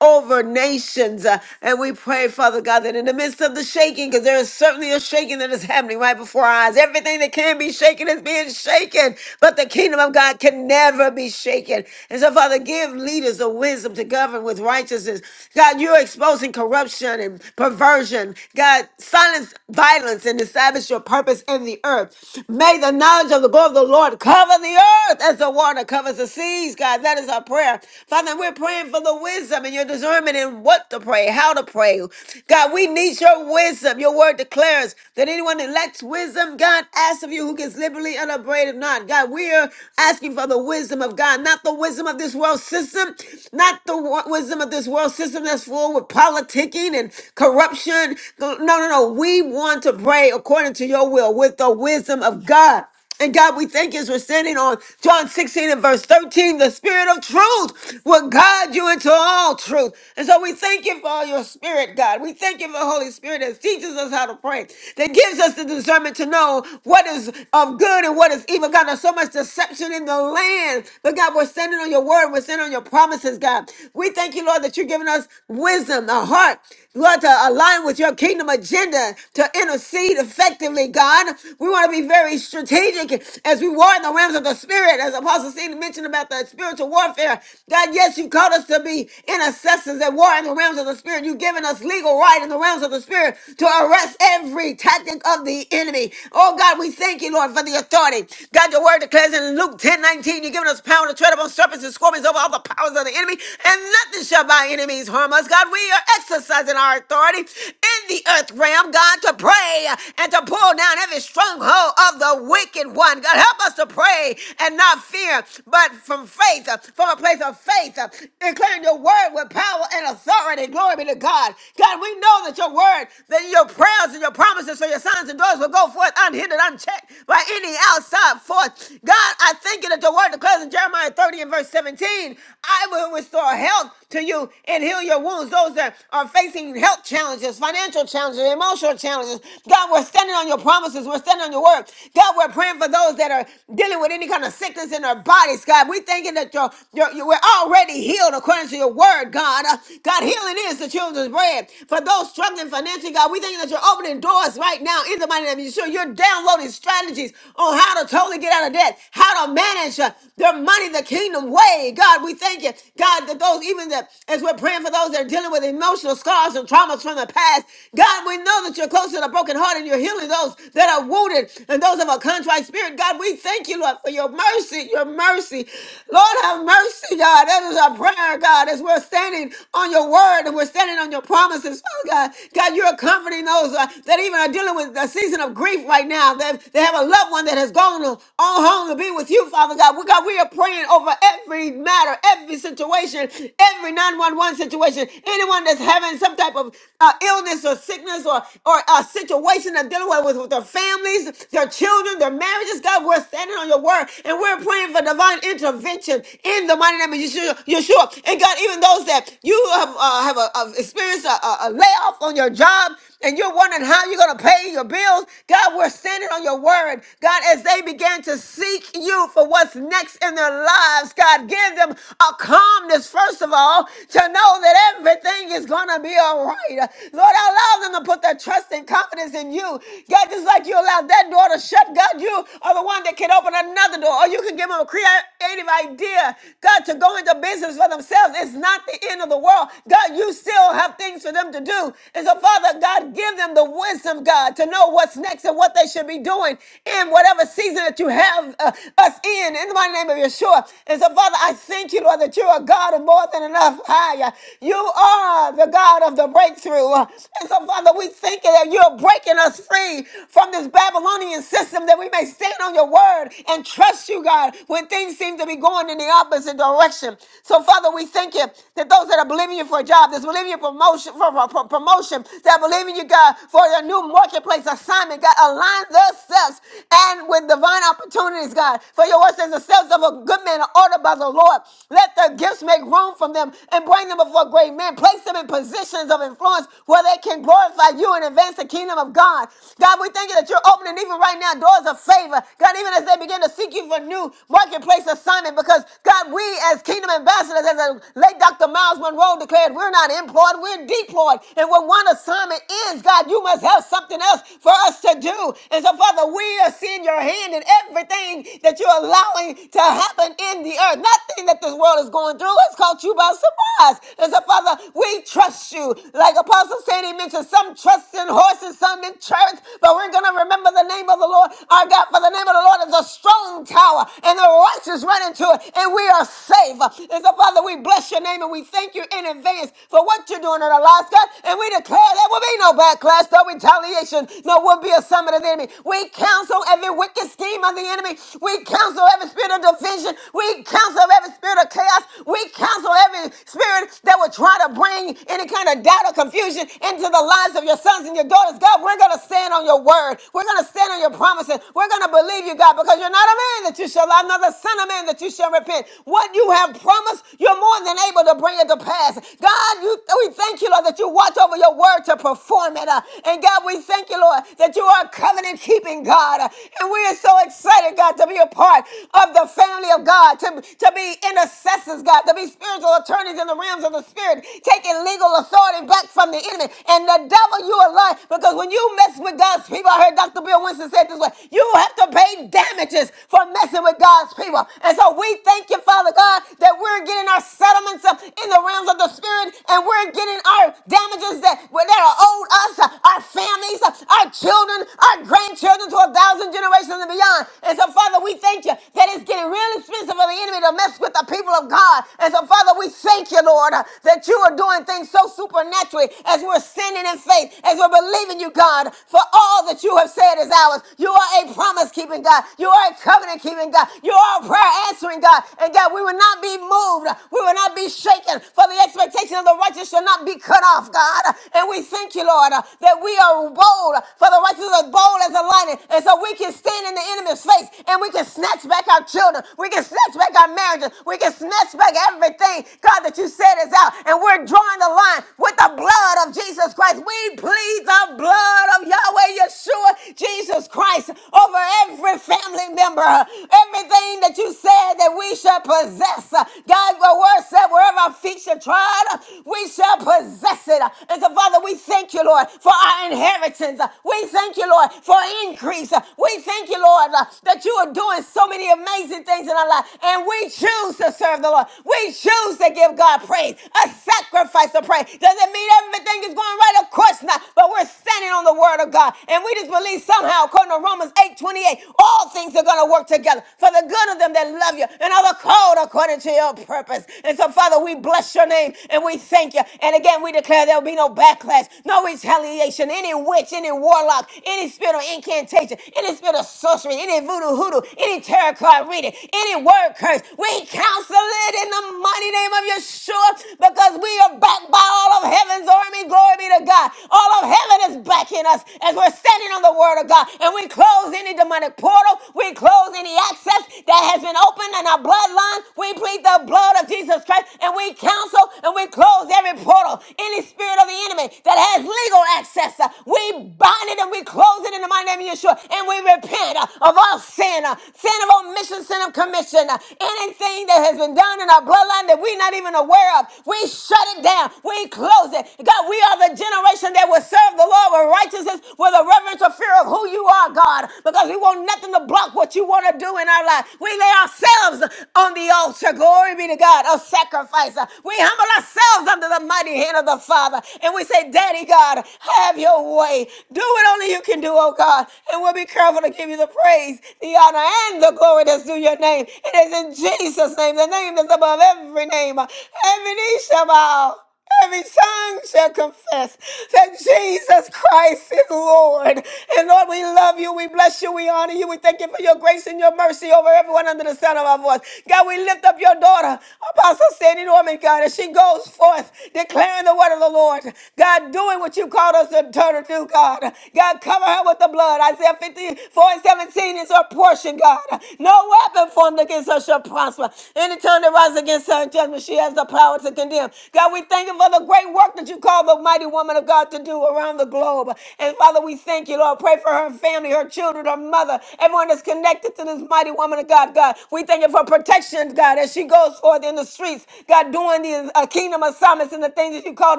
Speaker 3: over nations. Uh, And we pray, Father God, that in the midst of the shaking, because there is certainly a shaking that is happening right before our eyes, everything that can be shaken is being shaken, but the kingdom of God can never be shaken. And so, Father, give leaders the wisdom to govern with righteousness. God, you're exposing corruption and perversion. God, silence violence and establish your purpose in the earth. May the knowledge of the glory of the Lord cover the earth as the water covers the seas, God. That is our prayer. Father, we're praying for the wisdom wisdom and your discernment in what to pray, how to pray. God, we need your wisdom. Your word declares that anyone that lacks wisdom, God asks of you who gives liberally and upbraided not. God, we are asking for the wisdom of God, not the wisdom of this world system, not the wa- wisdom of this world system that's full with politicking and corruption. No, no, no. We want to pray according to your will with the wisdom of God. And God, we thank you as we're standing on John 16 and verse 13, the spirit of truth will guide you into all truth. And so we thank you for all your spirit, God. We thank you for the Holy Spirit that teaches us how to pray, that gives us the discernment to know what is of good and what is evil. God, there's so much deception in the land. But God, we're standing on your word. We're standing on your promises, God. We thank you, Lord, that you're giving us wisdom, a heart we want to align with your kingdom agenda to intercede effectively, God. We want to be very strategic as we war in the realms of the spirit, as Apostle Stephen mentioned about the spiritual warfare. God, yes, you called us to be intercessors and war in the realms of the spirit. You've given us legal right in the realms of the spirit to arrest every tactic of the enemy. Oh God, we thank you, Lord, for the authority. God, your word declares in Luke ten nineteen, you've given us power to tread upon serpents and scorpions over all the powers of the enemy, and nothing shall by enemies harm us because, God, we are exercising our authority in the earth realm, God, to pray and to pull down every stronghold of the wicked one. God, help us to pray and not fear, but from faith, uh, from a place of faith, uh, declaring your word with power and authority. Glory be to God. God, we know that your word, that your prayers and your promises for your sons and daughters will go forth unhindered, unchecked by any outside force. God, I thank you that your word declares in Jeremiah 30 and verse 17, I will restore health to you and heal your wounds. Those that are facing health challenges, financial challenges, emotional challenges. God, we're standing on your promises. We're standing on your word. God, we're praying for those that are dealing with any kind of sickness in their bodies. God, we are thinking that you're, you're, you we're already healed according to your word, God. Uh, God, healing is the children's bread. For those struggling financially, God, we thanking that you're opening doors right now in the mighty name of Yeshua. You're downloading strategies on how to totally get out of debt, how to manage uh, their money the kingdom way. God, we thank you you. God, that those, even that as we're praying for those that are dealing with emotional scars and traumas from the past, God, we know that you're close to the broken heart and you're healing those that are wounded and those of a contrite spirit. God, we thank you, Lord, for your mercy, your mercy. Lord, have mercy, God. That is our prayer, God, as we're standing on your word and we're standing on your promises. Oh, God, God, you're comforting those uh, that even are dealing with a season of grief right now. That they have a loved one that has gone on home to be with you, Father God. We, God, we are praying over every matter, every situation, every 911 situation, anyone that's having some type of uh, illness or sickness or, or a situation they're dealing with, with their families, their children, their marriages. God, we're standing on your word and we're praying for divine intervention in the mighty name of Yeshua. Yeshua. And God, even those that you have, uh, have, a, have experienced a, a a layoff on your job, and you're wondering how you're going to pay your bills, God, we're standing on your word. God, as they began to seek you for what's next in their lives, God, give them a calmness, first of all, to know that everything is going to be all right. Lord, allow them to put their trust and confidence in you. God, just like you allowed that door to shut, God, you are the one that can open another door, or you can give them a creative idea, God, to go into business for themselves. It's not the end of the world. God, you still have things for them to do. And so, Father God, give them the wisdom, God, to know what's next and what they should be doing in whatever season that you have uh, us in. In my name of Yeshua. And so, Father, I thank you, Lord, that you are God of more than enough. Higher. You are the God of the breakthrough. And so, Father, we thank you that you're breaking us free from this Babylonian system that we may stand on your word and trust you, God, when things seem to be going in the opposite direction. So, Father, we thank you that those that are believing you for a job, that's believing you for promotion, for, for- for promotion, that believe in you, God, for their new marketplace assignment. God, align themselves and with divine opportunities, God. For your word says the steps of a good man are ordered by the Lord. Let their gifts make room for them and bring them before great men. Place them in positions of influence where they can glorify you and advance the kingdom of God. God, we thank you that you're opening even right now doors of favor. God, even as they begin to seek you for new marketplace assignment, because God, we as kingdom ambassadors, as the late Dr. Miles Monroe declared, we're not employed, we're deployed. And when one assignment ends, God, you must have something else for us to do. And so, Father, we are seeing your hand in everything that you're allowing to happen in the earth. Nothing that this world is going through has caught you by surprise. And so, Father, we trust you. Like Apostle Sandy mentioned, some trust in horses, some in chariots, but we're going to remember the name of the Lord, our God, for the name of the Lord is a strong tower, and the righteous run into it, and we are safe. And so, Father, we bless your name and we thank you in in advance for what you're doing in our lives, God. And we declare there will be no backlash, no retaliation, no will be a summit of the enemy. We counsel every wicked scheme of the enemy. We counsel every spirit of division. We counsel every spirit of chaos. We counsel every spirit that will try to bring any kind of doubt or confusion into the lives of your sons and your daughters. God, we're going to stand on your word. We're going to stand on your promises. We're going to believe you, God, because you're not a man that you shall lie, nor the son of man that you shall repent. What you have promised, you're more than able able to bring it to pass. God, you, we thank you, Lord, that you watch over your word to perform it. Uh, And God, we thank you, Lord, that you are covenant keeping God. Uh, And we are so excited, God, to be a part of the family of God, to, to be intercessors, God, to be spiritual attorneys in the realms of the spirit, taking legal authority back from the enemy. And the devil, you are lying. Because when you mess with God's people, I heard Dr. Bill Winston said this way you have to pay damages for messing with God's people. And so we thank you, Father God, that we're getting getting our settlements uh, in the realms of the spirit, and we're getting our damages that, that are owed us, uh, our families, uh, our children, our grandchildren to a thousand generations and beyond. And so, Father, we thank you that it's getting real expensive for the enemy to mess with the people of God. And so, Father, we thank you, Lord, uh, that you are doing things so supernaturally as we're standing in faith, as we're believing you, God, for all that you have said is ours. You are a promise keeping God. You are a covenant keeping God. You are a prayer answering God. And God, we will not not be moved. We will not be shaken. For the expectation of the righteous shall not be cut off, God. And we thank you, Lord, that we are bold. For the righteous are bold as a lion. And so we can stand in the enemy's face and we can snatch back our children. We can snatch back our marriages. We can snatch back everything, God, that you said is out. And we're drawing the line with the blood of Jesus Christ. We plead the blood of Yahweh Yeshua, Jesus Christ, over every family member. Everything that you said that we we shall possess. uh, God, your word said, wherever our feet shall trod, uh, we shall possess it. Uh, And so, Father, we thank you, Lord, for our inheritance. Uh, We thank you, Lord, for increase. Uh, We thank you, Lord, uh, that you are doing so many amazing things in our life. And we choose to serve the Lord. We choose to give God praise, a sacrifice of praise. Doesn't mean everything is going right, of course not, but we're standing on the word of God. And we just believe somehow, according to Romans eight twenty eight, all things are going to work together for the good of them that love you and are called according to your purpose. And so, Father, we bless your name and we thank you. And again, we declare there will be no backlash, no retaliation, any witch, any warlock, any spirit of incantation, any spirit of sorcery, any voodoo hoodoo, any tarot card reading, any word curse. We counsel it in the mighty name of Yeshua because we are backed by all of heaven's army. Glory be to God. All of heaven is backing us as we're standing on the word of God. And we close any demonic portal. We close any access access that has been opened in our bloodline. We plead the blood of Jesus Christ and we counsel and we close every portal, any spirit of the enemy that has legal access. uh, We bind it and we close it in the mighty name of Yeshua and we repent uh, of all sin, uh, sin of omission, sin of commission, uh, anything that has been done in our bloodline that we're not even aware of. We shut it down. We close it. God, we are the generation that will serve the Lord with righteousness, with a reverence or fear of who you are, God, because we want nothing to block what about what you want to do in our life. We lay ourselves on the altar. Glory be to God, a sacrifice. We humble ourselves under the mighty hand of the Father. And we say, Daddy God, have your way. Do what only you can do, oh God. And we'll be careful to give you the praise, the honor, and the glory that's due your name. It is in Jesus' name, the name that's above every name. Every knee shall bow. Every tongue shall confess that Jesus Christ is Lord. And Lord, we love you. We bless you. We honor you. We thank you for your grace and your mercy over everyone under the sound of our voice. God, we lift up your daughter, Apostle Sandy Norman, God, as she goes forth declaring the word of the Lord. God, doing what you called us to turn to do, God. God, cover her with the blood. Isaiah 54 and 17 is her portion, God. No weapon formed against her shall prosper. Any tongue that rises against her in judgment, she has the power to condemn. God, we thank you for the great work that you call the mighty woman of God to do around the globe. And Father, we thank you, Lord. Pray for her family, her children, her mother, everyone that's connected to this mighty woman of God. God, we thank you for protection, God, as she goes forth in the streets, God, doing the uh, kingdom assignments and the things that you called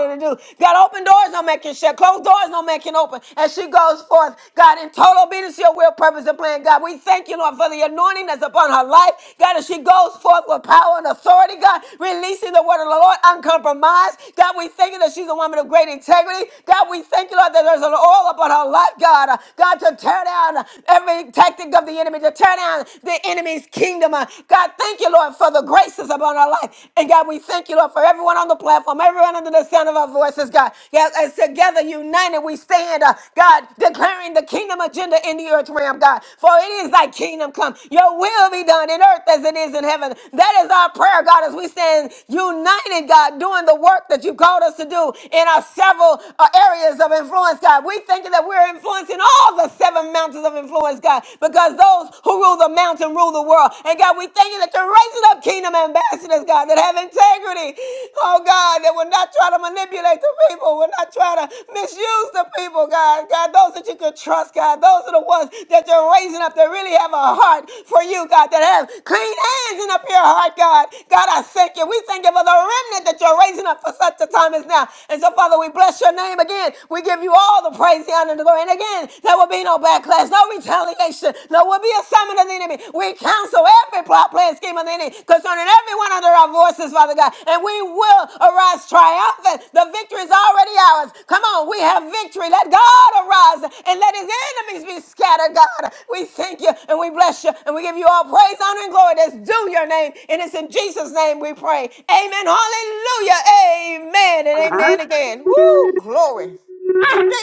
Speaker 3: her to do. God, open doors, no man can shut. Closed doors, no man can open. As she goes forth, God, in total total obedience to your will, purpose, and plan, God. We thank you, Lord, for the anointing that's upon her life. God, as she goes forth with power and authority, God, releasing the word of the Lord uncompromised. God, we thank you that she's a woman of great integrity. God, we thank you, Lord, that there's an oil upon her life, God. Uh, God, to tear down every tactic of the enemy, to tear down the enemy's kingdom. Uh, God, thank you, Lord, for the graces upon her life. And God, we thank you, Lord, for everyone on the platform, everyone under the sound of our voices. Jesus, God. yes, as together united we stand, uh, God, declaring the kingdom agenda in the earth realm, God. For it is thy kingdom come. Your will be done in earth as it is in heaven. That is our prayer, God, as we stand united, God, doing the work that you called us to do in our several uh, areas of influence, God. We thank you that we're influencing all the seven mountains of influence, God, because those who rule the mountain rule the world. And God, we thank you that you're raising up kingdom ambassadors, God, that have integrity. Oh, God, that will not try to manipulate the people, will not try to misuse the people, God. God, those that you can trust, God, those are the ones that you're raising up that really have a heart for you, God, that have clean hands and a pure heart, God. God, I thank you. We thank you for the remnant that you're raising up for such a time as now. And so, Father, we bless your name again. We give you all the praise, the honor, and the glory. And again, there will be no backlash, no retaliation situation that will be a summon of the enemy. We cancel every plot, plan, scheme of the enemy concerning everyone under our voices, Father God. And we will arise triumphant. The victory is already ours. Come on, we have victory. Let God arise and let his enemies be scattered, God. We thank you and we bless you and we give you all praise, honor, and glory that's due your name. And it's in Jesus' name we pray. Amen. Hallelujah. Amen. And amen again. Woo, glory.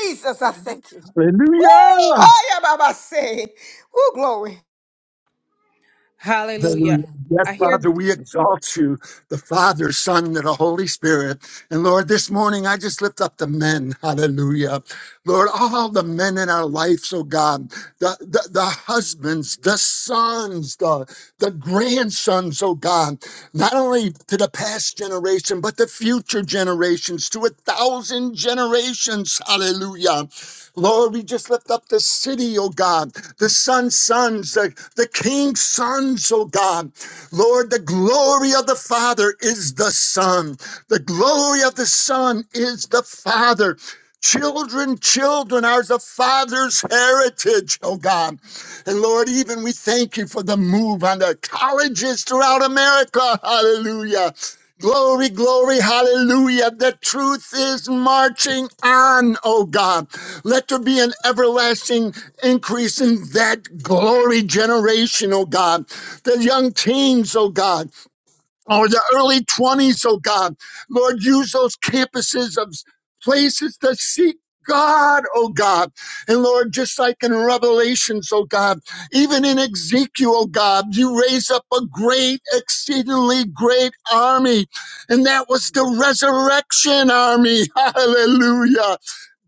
Speaker 3: Jesus, I thank you. Woo!
Speaker 11: Hallelujah!
Speaker 3: Hiya, Baba say. Woo, glory.
Speaker 13: Hallelujah.
Speaker 11: Hallelujah.
Speaker 13: Amen.
Speaker 11: Yes,
Speaker 13: I hear.
Speaker 11: Father, we exalt you, the Father, Son, and the Holy Spirit. And Lord, this morning I just lift up the men. Hallelujah. Lord, all the men in our lives, oh God, the, the, the husbands, the sons, the, the grandsons, oh God, not only to the past generation, but the future generations, to a thousand generations. Hallelujah. Lord, we just lift up the city, oh God, the son's sons, the, the king's sons, oh God. Lord, the glory of the Father is the Son. The glory of the Son is the Father. Children, children are the Father's heritage, oh God. And Lord, even we thank you for the move on the colleges throughout America. Hallelujah. Glory, glory, hallelujah. The truth is marching on, oh God. Let there be an everlasting increase in that glory generation, oh God. The young teens, oh God, or the early 20s, oh God. Lord, use those campuses of places to seek. God, oh God. And Lord, just like in Revelations, oh God, even in Ezekiel, oh God, you raise up a great, exceedingly great army. And that was the resurrection army. Hallelujah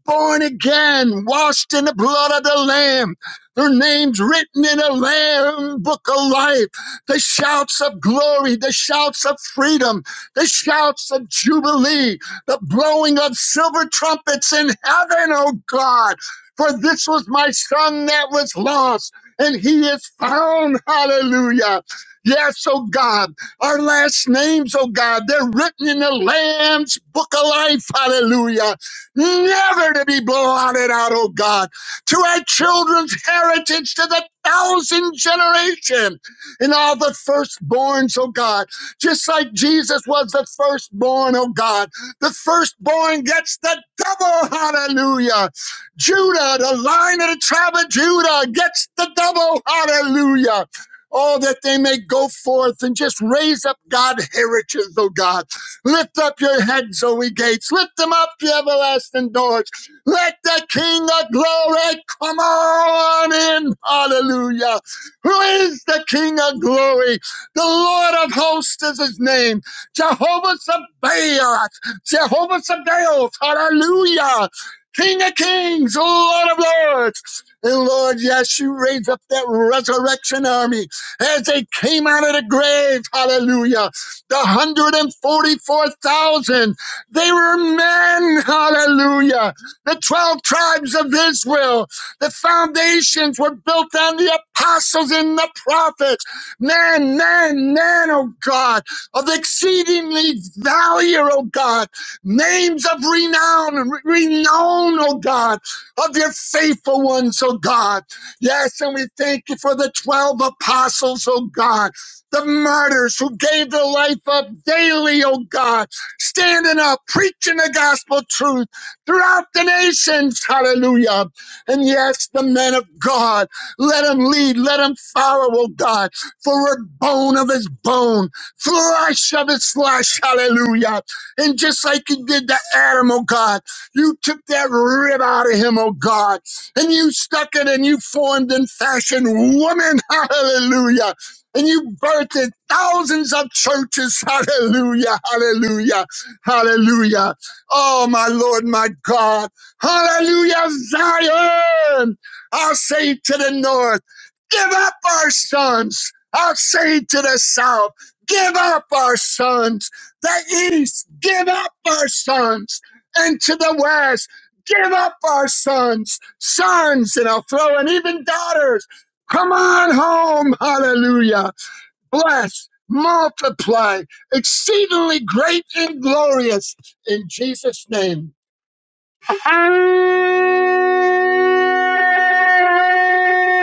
Speaker 11: born again, washed in the blood of the Lamb. Their names written in the Lamb book of life. The shouts of glory, the shouts of freedom, the shouts of jubilee, the blowing of silver trumpets in heaven, oh God. For this was my son that was lost, and he is found. Hallelujah. Yes, oh God, our last names, oh God, they're written in the Lamb's book of life. Hallelujah never to be blotted out, oh God, to our children's heritage, to the thousand generation, and all the firstborns, oh God, just like Jesus was the firstborn, oh God, the firstborn gets the double, hallelujah. Judah, the line of the tribe of Judah, gets the double, hallelujah. Oh, that they may go forth and just raise up God heritage, oh God Lift up your heads, O ye gates. Lift them up, ye everlasting doors. Let the King of glory come on in. Hallelujah. Who is the King of glory? The Lord of hosts is his name. Jehovah Sabaoth. Jehovah Sabaoth. Hallelujah. King of kings, Lord of lords. And Lord, yes, you raise up that resurrection army as they came out of the grave. Hallelujah the 144,000. They were men, hallelujah. The 12 tribes of Israel, the foundations were built on the apostles and the prophets. Man, man, man, oh God, of exceedingly value, oh God, names of renown, renown, oh God, of your faithful ones, oh God. Yes, and we thank you for the 12 apostles, oh God the martyrs who gave their life up daily, oh God, standing up, preaching the gospel truth throughout the nations, hallelujah. And yes, the men of God, let them lead, let them follow, oh God, for we're bone of his bone, flesh of his flesh, hallelujah. And just like you did to Adam, oh God, you took that rib out of him, oh God, and you stuck it and you formed and fashioned woman, hallelujah and you birthed thousands of churches. Hallelujah, hallelujah, hallelujah. Oh, my Lord, my God. Hallelujah, Zion. I'll say to the north, give up our sons. I'll say to the south, give up our sons. The east, give up our sons. And to the west, give up our sons, sons, and I'll throw, and even daughters. Come on home, hallelujah bless, multiply, exceedingly great and glorious in Jesus' name.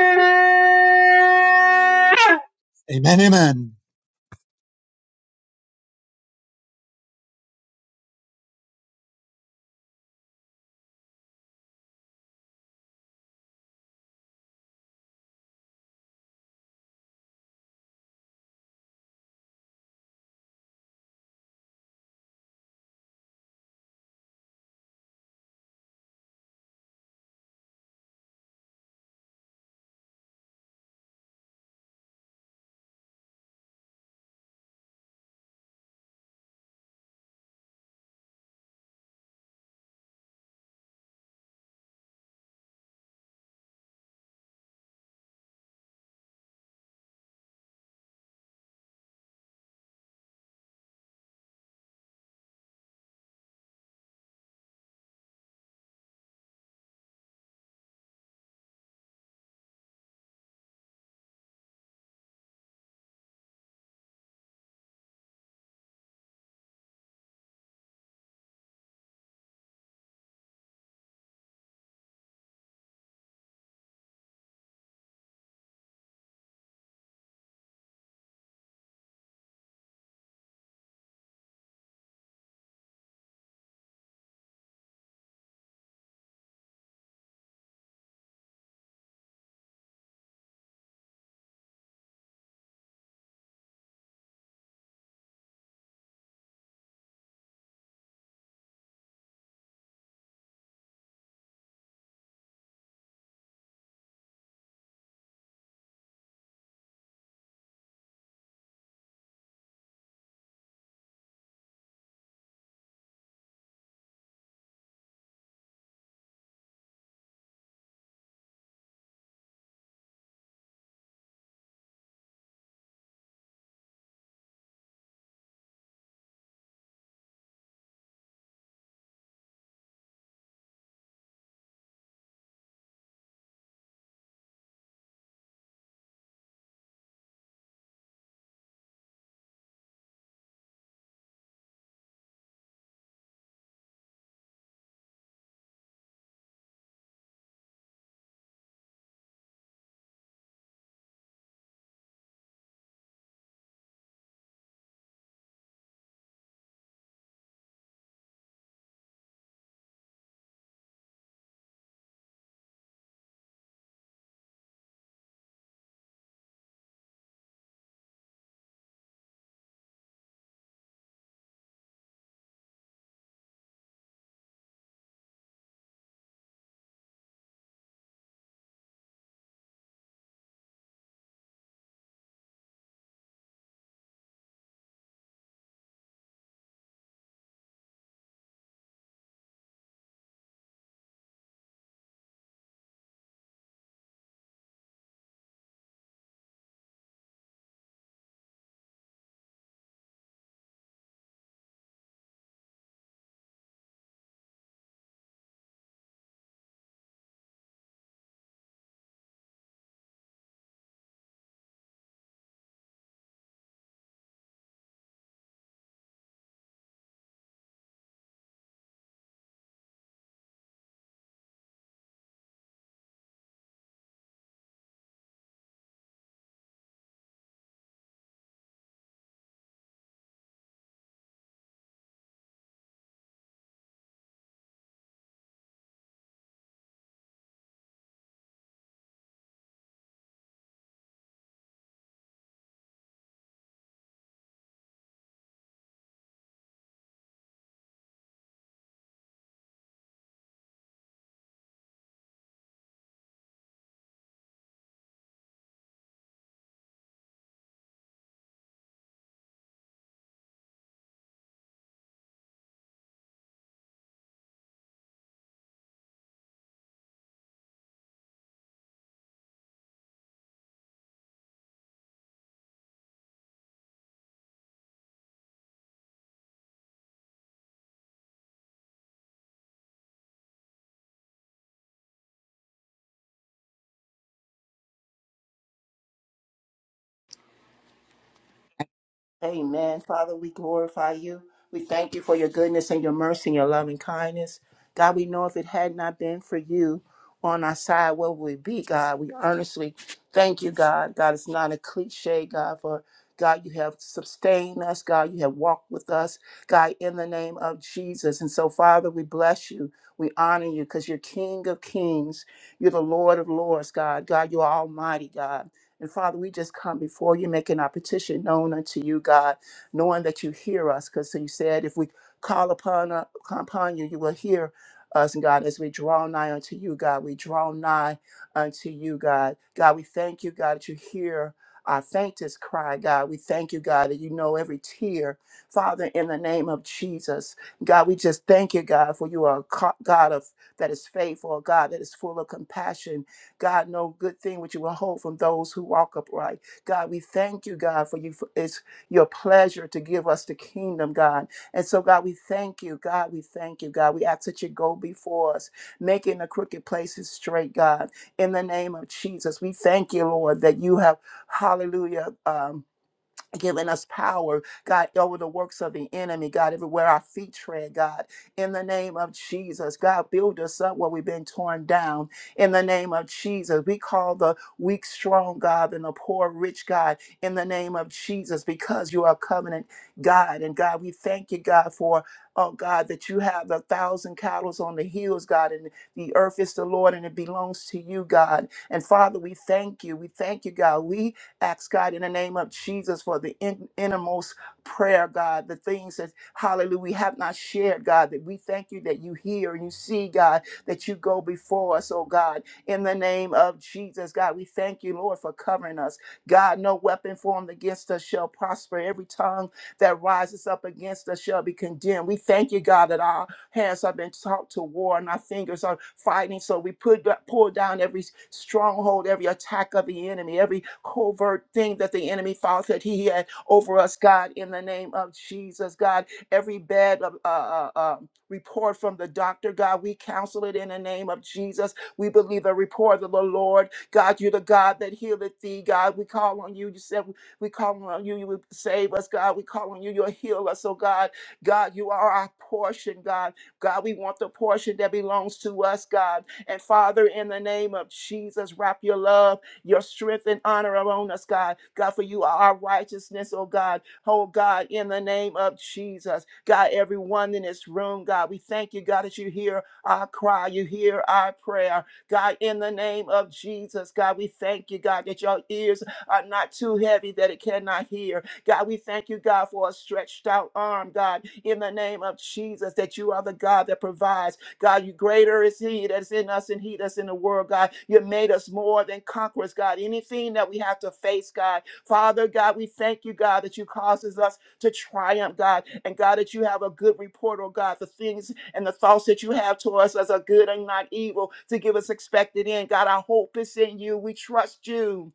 Speaker 11: Amen.
Speaker 2: Amen. Father, we glorify you. We thank you for your goodness and your mercy and your loving kindness. God, we know if it had not been for you on our side, where would we be, God? We earnestly thank you, God. God, it's not a cliche, God, for God, you have sustained us. God, you have walked with us, God, in the name of Jesus. And so, Father, we bless you. We honor you because you're King of kings. You're the Lord of lords, God. God, you're almighty, God. And Father, we just come before you, making our petition known unto you, God, knowing that you hear us, because you said if we call upon, uh, upon you, you will hear us, God, as we draw nigh unto you, God. We draw nigh unto you, God. God, we thank you, God, that you hear our faintest cry, God. We thank you, God, that you know every tear. Father, in the name of Jesus, God, we just thank you, God, for you are a co- God of that is faithful, a God that is full of compassion, God, no good thing which you will hold from those who walk upright. God, we thank you, God, for you. For it's your pleasure to give us the kingdom, God. And so, God, we thank you. God, we thank you, God. We ask that you go before us, making the crooked places straight, God. In the name of Jesus, we thank you, Lord, that you have, hallelujah. Um, giving us power, God, over the works of the enemy, God, everywhere our feet tread, God, in the name of Jesus, God, build us up where we've been torn down, in the name of Jesus. We call the weak strong, God, and the poor rich, God, in the name of Jesus, because you are covenant, God, and God, we thank you, God, for. Oh God, that you have a thousand cattle on the hills, God, and the earth is the Lord and it belongs to you, God. And Father, we thank you. We thank you, God. We Ask God in the name of Jesus for the in- innermost prayer, God, the things that, hallelujah, we have not shared, God, that we thank you that you hear and you see, God, that you go before us, oh God, in the name of Jesus, God. We thank you, Lord, for covering us. God, no weapon formed against us shall prosper. Every tongue that rises up against us shall be condemned. We thank you, God, that our hands have been taught to war and our fingers are fighting. So we put pull down every stronghold, every attack of the enemy, every covert thing that the enemy thought that he had over us, God, in the name of Jesus, God. Every bad uh, uh, uh, um, report from the doctor, God, we counsel it in the name of Jesus. We believe the report of the Lord. God, you're the God that healeth thee, God. We call on you. You said we call on you. You would save us, God. We call on you. You'll heal us, oh God. God, you are our portion, God. God, we want the portion that belongs to us, God. And Father, in the name of Jesus, wrap your love, your strength, and honor around us, God. God, for you are our righteousness, oh God. Oh God, in the name of Jesus. God, everyone in this room, God, we thank you, God, that you hear our cry, you hear our prayer. God, in the name of Jesus, God, we thank you, God, that your ears are not too heavy that it cannot hear God, we thank you, God, for a stretched out arm, God, in the name of Jesus, that you are the God that provides. God, you greater is He that's in us and He that's in the world, God. You made us more than conquerors, God. Anything that we have to face, God. Father, God, we thank you, God, that you causes us to triumph, God. And God, that you have a good report, oh God, the things and the thoughts that you have to us as a good and not evil to give us expected in. God, our hope is in you. We trust you.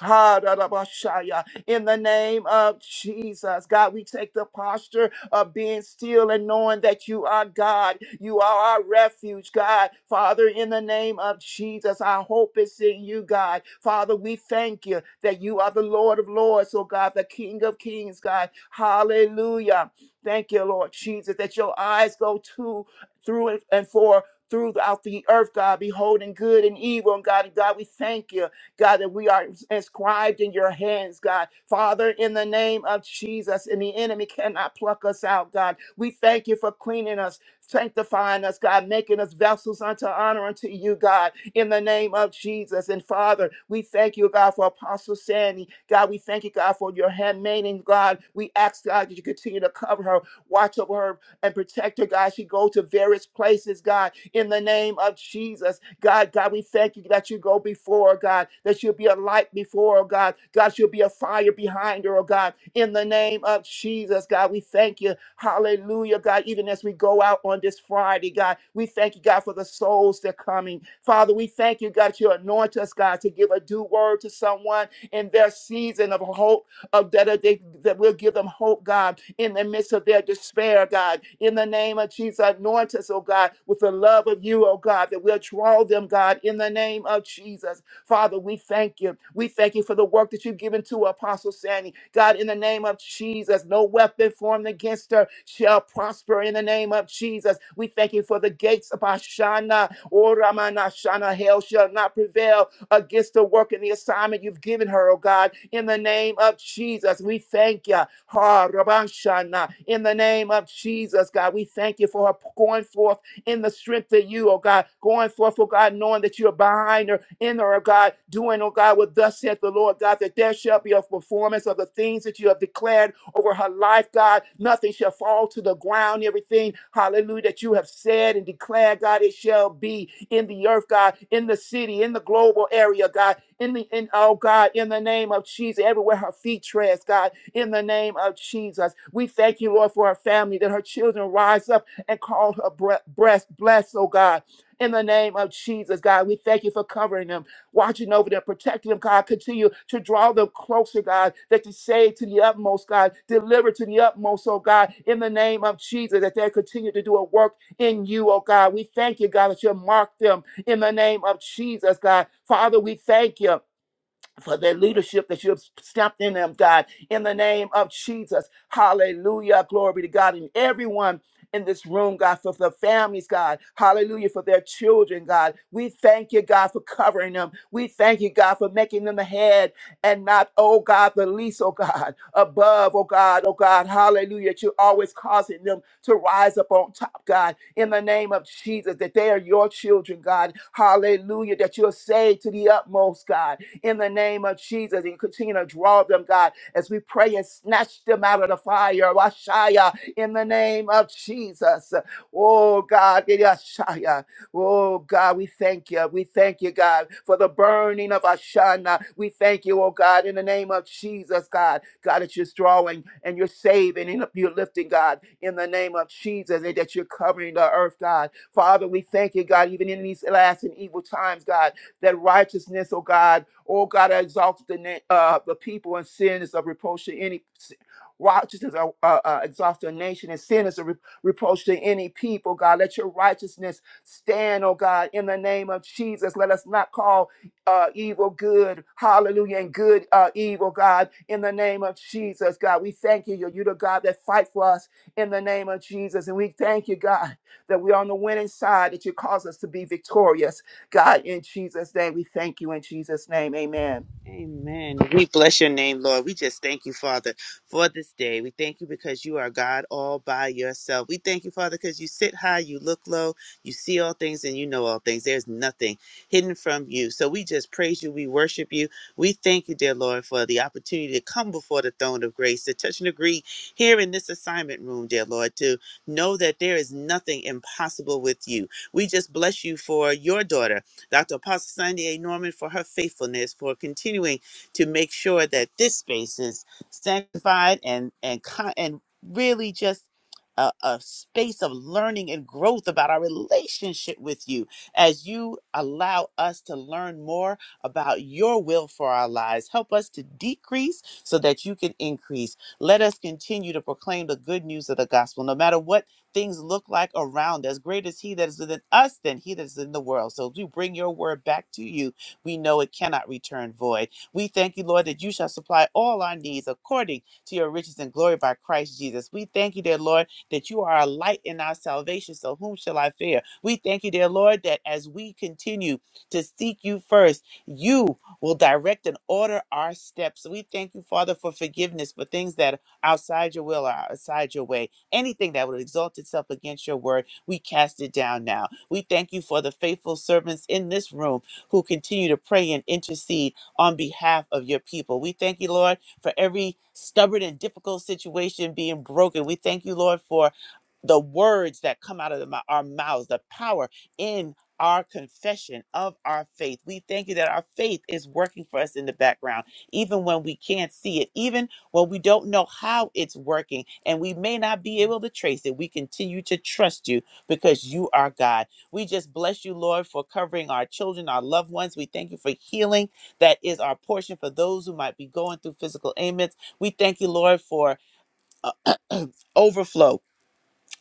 Speaker 2: Ha-da-da-ba-shaya. In the name of Jesus, God, we take the posture of being still and knowing that you are God. You are our refuge, God. Father, in the name of Jesus, our hope is in you, God. Father, we thank you that you are the Lord of Lords, oh God, the King of Kings, God. Hallelujah. Thank you, Lord Jesus, that your eyes go to, through, and for. Throughout the earth, God, beholding good and evil, and God, and God, we thank you God, that we are inscribed in your hands, God. Father, in the name of Jesus, and the enemy cannot pluck us out, God. We thank you for cleaning us, sanctifying us, God, making us vessels unto honor unto you, God, in the name of Jesus. And Father, we thank you, God, for Apostle Sandy. God, we thank you, God, for your handmaiden, God. We ask, God, that you continue to cover her, watch over her, and protect her, God. She go to various places, God, in the name of Jesus. God, God, we thank you that you go before, her, God, that you'll be a light before, her, God. God, you'll be a fire behind her, oh God, in the name of Jesus, God. We thank you. Hallelujah, God. Even as we go out on this Friday, God, we thank you, God, for the souls that are coming. Father, we thank you, God, that you anoint us, God, to give a due word to someone in their season of hope of that, that they that will give them hope, God, in the midst of their despair, God. In the name of Jesus, anoint us, oh God, with the love of you, oh God, that will draw them, God, in the name of Jesus. Father, we thank you. We thank you for the work that you've given to Apostle Sandy. God, in the name of Jesus, no weapon formed against her shall prosper in the name of Jesus. We thank you for the gates of Ashana, or Ramana Shana, hell shall not prevail against the work and the assignment you've given her, oh God. In the name of Jesus, we thank you. Ha, Rabban Shana. In the name of Jesus, God, we thank you for her going forth in the strength of you, oh God, going forth, oh God, knowing that you're behind her, in her, oh God, doing, oh God, what thus saith the Lord, God, that there shall be a performance of the things that you have declared over her life, God. Nothing shall fall to the ground, everything, hallelujah, that you have said and declared, God, it shall be in the earth, God, in the city, in the global area, God, in the, in, oh God, in the name of Jesus, everywhere her feet treads, God, in the name of Jesus. We thank you, Lord, for her family, that her children rise up and called her breast blessed, oh God. In the name of Jesus, God, we thank you for covering them, watching over them, protecting them, God. Continue to draw them closer, God, that you save to the utmost, God, deliver to the utmost, oh God, in the name of Jesus, that they continue to do a work in you, oh God. We thank you, God, that you mark them in the name of Jesus, God. Father, we thank you for their leadership that you have stepped in them, God, in the name of Jesus. Hallelujah. Glory to God. And everyone in this room, God, for the families, God. Hallelujah. For their children, God. We thank you, God, for covering them. We thank you, God, for making them the head and not, oh God, the least, oh God, above, oh God, oh God. Hallelujah. That You're always causing them to rise up on top, God, in the name of Jesus, that they are your children, God. Hallelujah. That you're saved to the utmost, God in the name of Jesus. And you continue to draw them, God, as we pray and snatch them out of the fire. Washaya, in the name of Jesus. Oh, God. yeah, Yashaya. Oh, God, we thank you. We thank you, God, for the burning of Ashana. We thank you, oh, God, in the name of Jesus, God. God, that you're drawing and you're saving and you're lifting, God, in the name of Jesus, and that you're covering the earth, God. Father, we thank you, God, even in these last and evil times, God that righteousness, oh God, oh God, I exalt the name, uh, the people and sin is a reproach to any righteousness, uh, uh, uh, exalt the nation and sin is a re- reproach to any people, God. Let your righteousness stand, oh God, in the name of Jesus. Let us not call uh, evil good, hallelujah, and good uh, evil, God, in the name of Jesus, God. We thank you. You're, you're the God that fight for us in the name of Jesus. And we thank you, God, that we're on the winning side, that you cause us to be victorious God, in Jesus' name, we thank you in Jesus' name. Amen.
Speaker 14: Amen. We bless your name, Lord. We just thank you, Father, for this day. We thank you because you are God all by yourself. We thank you, Father, because you sit high, you look low, you see all things, and you know all things. There's nothing hidden from you. So we just praise you. We worship you. We thank you, dear Lord, for the opportunity to come before the throne of grace, to touch and agree here in this assignment room, dear Lord, to know that there is nothing impossible with you. We just bless you for your daughter. Dr. Apostle Sandy A. Norman for her faithfulness, for continuing to make sure that this space is sanctified and and con- and really just a, a space of learning and growth about our relationship with you as you allow us to learn more about your will for our lives. Help us to decrease so that you can increase. Let us continue to proclaim the good news of the gospel, no matter what things look like around us. Great is He that is within us than He that is in the world. So as we bring your word back to you, we know it cannot return void. We thank you, Lord, that you shall supply all our needs according to your riches and glory by Christ Jesus. We thank you, dear Lord, that you are a light in our salvation. So whom shall I fear? We thank you, dear Lord, that as we continue to seek you first, you will direct and order our steps. We thank you, Father, for forgiveness for things that are outside your will or outside your way. Anything that would exalt itself against your word, we cast it down now. We thank you for the faithful servants in this room who continue to pray and intercede on behalf of your people. We thank you, Lord, for every stubborn and difficult situation being broken. We thank you, Lord, for the words that come out of the mou- our mouths, the power in our confession of our faith. We thank you that our faith is working for us in the background, even when we can't see it, even well, we don't know how it's working, and we may not be able to trace it. We continue to trust you because you are God. We just bless you, Lord, for covering our children, our loved ones. We thank you for healing that is our portion for those who might be going through physical ailments. We thank you, Lord, for uh, overflow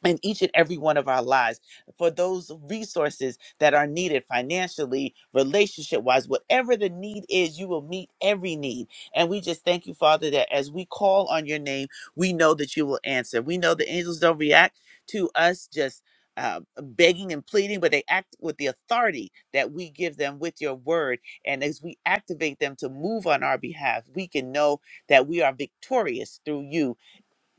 Speaker 14: in each and every one of our lives for those resources that are needed financially, relationship wise, whatever the need is, you will meet every need. And we just thank you, Father, that as we call on your name, we know that you will answer. We know the angels don't react to us just. Uh, begging and pleading, but they act with the authority that we give them with your word. And as we activate them to move on our behalf, we can know that we are victorious through you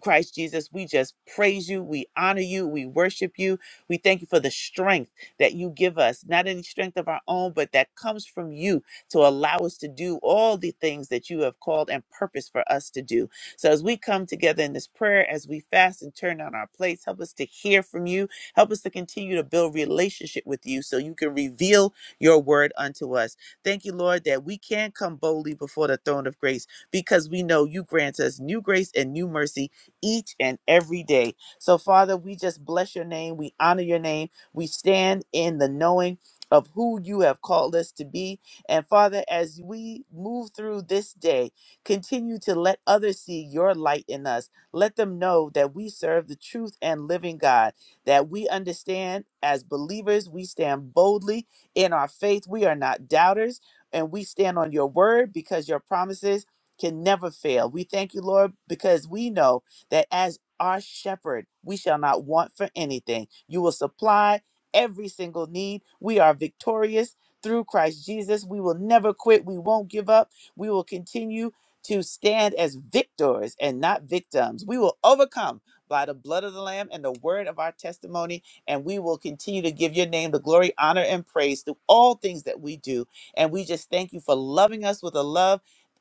Speaker 14: Christ Jesus, we just praise you. We honor you. We worship you. We thank you for the strength that you give us, not any strength of our own, but that comes from you to allow us to do all the things that you have called and purposed for us to do. So as we come together in this prayer, as we fast and turn on our plates, help us to hear from you. Help us to continue to build relationship with you so you can reveal your word unto us. Thank you, Lord, that we can come boldly before the throne of grace because we know you grant us new grace and new mercy each and every day. So, Father, we just bless your name. We honor your name. We stand in the knowing of who you have called us to be. And, Father, as we move through this day, continue to let others see your light in us. Let them know that we serve the truth and living God, that we understand as believers, we stand boldly in our faith. We are not doubters, and we stand on your word because your promises can never fail. We thank you, Lord, because we know that as our shepherd, we shall not want for anything. You will supply every single need. We are victorious through Christ Jesus. We will never quit. We won't give up. We will continue to stand as victors and not victims. We will overcome by the blood of the Lamb and the word of our testimony. And we will continue to give your name the glory, honor, and praise through all things that we do. And we just thank you for loving us with a love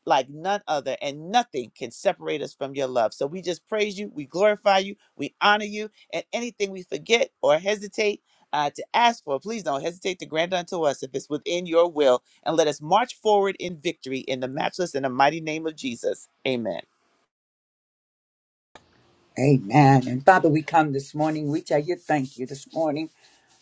Speaker 14: like none other, and nothing can separate us from your love. So we just praise you, we glorify you, we honor you, and anything we forget or hesitate uh, to ask for, please don't hesitate to grant unto us if it's within your will, and let us march forward in victory in the matchless and the mighty name of Jesus. Amen.
Speaker 6: Amen. And Father, we come this morning. We tell you thank you this morning.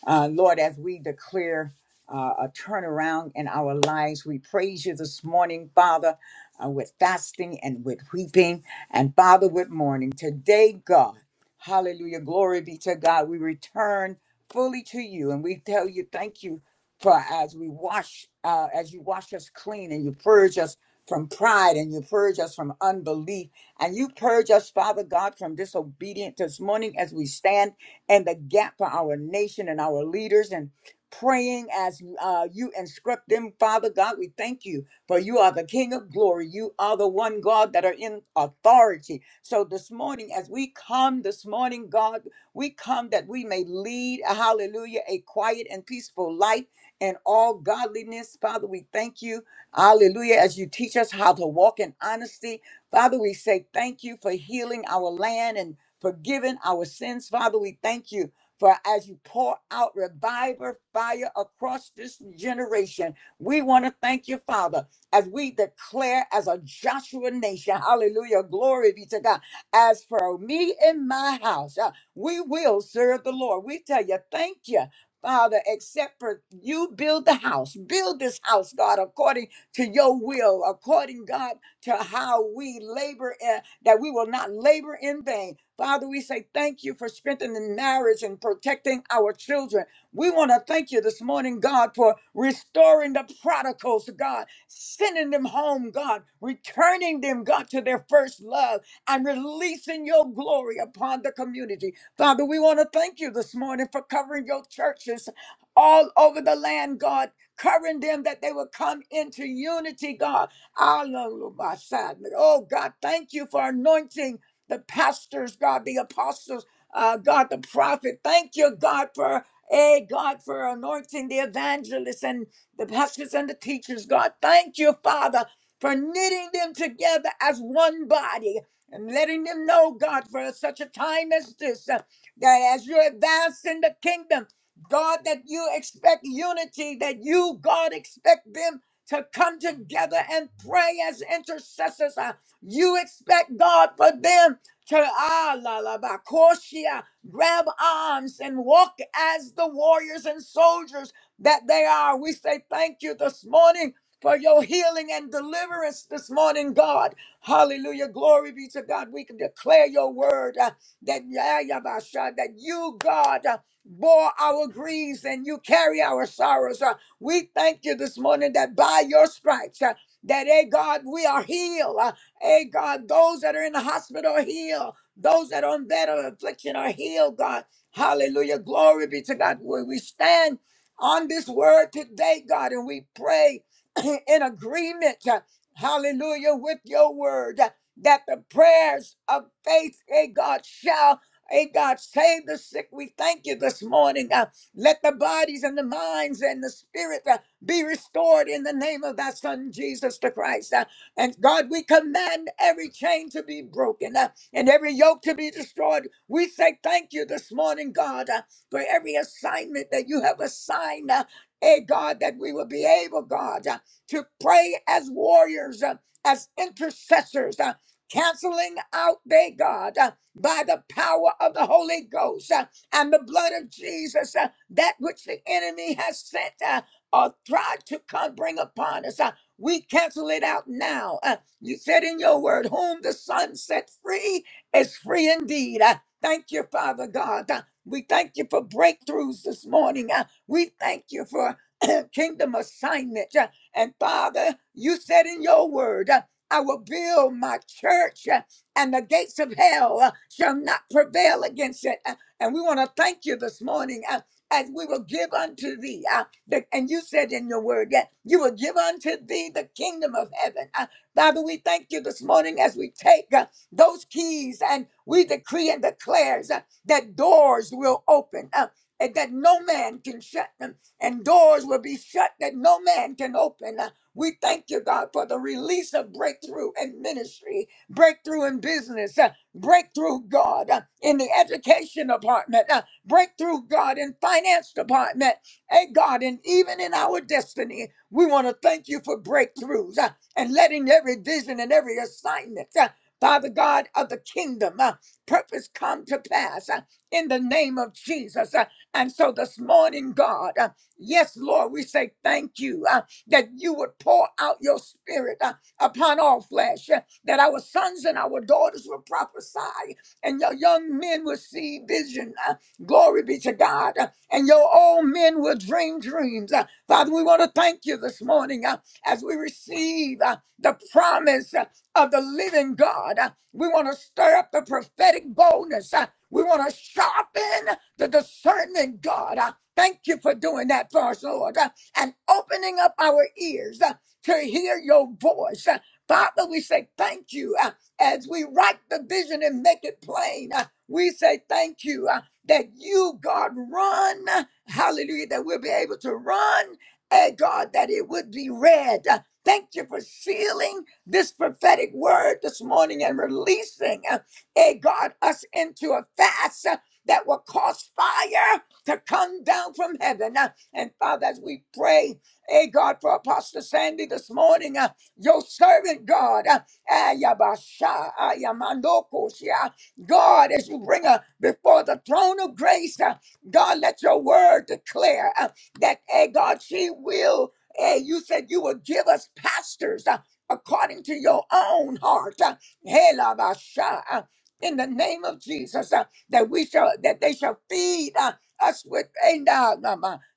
Speaker 6: Uh, Lord, as we declare uh, a turnaround in our lives, we praise you this morning, Father, uh, with fasting and with weeping, and Father, with mourning. Today, God, hallelujah, glory be to God. We return fully to you, and we tell you thank you for as we wash, uh, as you wash us clean and you purge us from pride and you purge us from unbelief and you purge us, Father God, from disobedient this morning as we stand in the gap for our nation and our leaders and praying as uh, you instruct them, Father God. We thank you for you are the King of glory. You are the one God that are in authority. So this morning, as we come this morning, God, we come that we may lead, hallelujah, a quiet and peaceful life in all godliness. Father, we thank you, hallelujah, as you teach us how to walk in honesty Father, we say thank you for healing our land and forgiving our sins. Father, we thank you for as you pour out reviver fire across this generation. We want to thank you, Father, as we declare as a Joshua nation. Hallelujah. Glory be to God. As for me and my house, uh, we will serve the Lord. We tell you, thank you. Father, except for you build the house, build this house, God, according to your will, according, God, to how we labor, in, that we will not labor in vain. Father, we say thank you for strengthening marriage and protecting our children. We want to thank you this morning, God, for restoring the prodigals, God, sending them home, God, returning them, God, to their first love and releasing your glory upon the community. Father, we want to thank you this morning for covering your churches all over the land, God, covering them that they will come into unity, God Alalubasad. Oh God, thank you for anointing the pastors, God, the apostles, uh, God, the prophet. Thank you, God, for a God for anointing the evangelists and the pastors and the teachers. God, thank you, Father, for knitting them together as one body and letting them know, God, for such a time as this, uh, that as you advance in the kingdom, God, that you expect unity, that you, God, expect them to come together and pray as intercessors. Uh, You expect God for them to ah la la ba koshia, grab arms and walk as the warriors and soldiers that they are. We say thank you this morning for your healing and deliverance this morning, God. Hallelujah. Glory be to God. We can declare your word uh, that, yeah, yeah, ba, sha, that you, God, uh, bore our griefs and you carry our sorrows. Uh, we thank you this morning that by your stripes, uh, that, hey God, we are healed. Uh, hey God, those that are in the hospital are healed. Those that are on bed of affliction are healed, God. Hallelujah. Glory be to God. We we stand on this word today, God, and we pray in agreement, uh, hallelujah, with your word uh, that the prayers of faith, hey God, shall, hey God, save the sick. We thank you this morning. uh, let the bodies and the minds and the spirit uh, be restored in the name of thy son Jesus the Christ. Uh, and God, we command every chain to be broken uh, and every yoke to be destroyed. We say thank you this morning, God, uh, for every assignment that you have assigned. Uh, Hey God, that we will be able, God, uh, to pray as warriors, uh, as intercessors, uh, canceling out, they God, uh, by the power of the Holy Ghost. uh, and the blood of Jesus, uh, that which the enemy has sent uh, or tried to come bring upon us. uh, we cancel it out now. Uh, you said in your word, whom the Son set free is free indeed. Uh, thank you, Father God. Uh, we thank you for breakthroughs this morning. Uh, we thank you for kingdom assignment. Uh, and Father, you said in your word, uh, I will build my church uh, and the gates of hell uh, shall not prevail against it. Uh, and we want to thank you this morning uh, as we will give unto thee. uh, the, and you said in your word that you will give unto thee the kingdom of heaven. Uh, Father, we thank you this morning as we take uh, those keys and we decree and declares uh, that doors will open. uh, and that no man can shut them, and doors will be shut that no man can open. Uh, We thank you, God, for the release of breakthrough in ministry, breakthrough in business, uh, breakthrough god uh, in the education department uh, breakthrough god in finance department hey god and even in our destiny we want to thank you for breakthroughs uh, and letting every vision and every assignment uh, father god of the kingdom uh, purpose come to pass uh, in the name of jesus Uh, and so this morning god uh, yes lord we say thank you uh, that you would pour out your spirit uh, upon all flesh that our sons and our daughters will prophesy, and your young men will see vision. Uh, Glory be to God. Uh, And your old men will dream dreams. Uh, Father, we want to thank you this morning uh, as we receive uh, the promise uh, of the living God. Uh, We want to stir up the prophetic boldness. Uh, We want to sharpen the discernment, God. Uh, Thank you for doing that for us, Lord, uh, and opening up our ears uh, to hear your voice. Uh, Father, we say thank you uh, as we write the vision and make it plain. uh, we say thank you uh, that you, God, run. uh, Hallelujah, that we'll be able to run. And God, that it would be read. Uh, Thank you for sealing this prophetic word this morning and releasing, uh, eh, God, us into a fast uh, that will cause fire to come down from heaven. Uh, And Father, as we pray, eh, God, for Apostle Sandy this morning. uh, your servant, God, uh, Ayabasha, Ayamandokosia. God, as you bring her before the throne of grace, uh, God, let your word declare uh, that, hey, God, she will, hey, you said you would give us pastors uh, according to your own heart. Uh, Helabasha, uh, in the name of Jesus, uh, that we shall, that they shall feed uh, us with a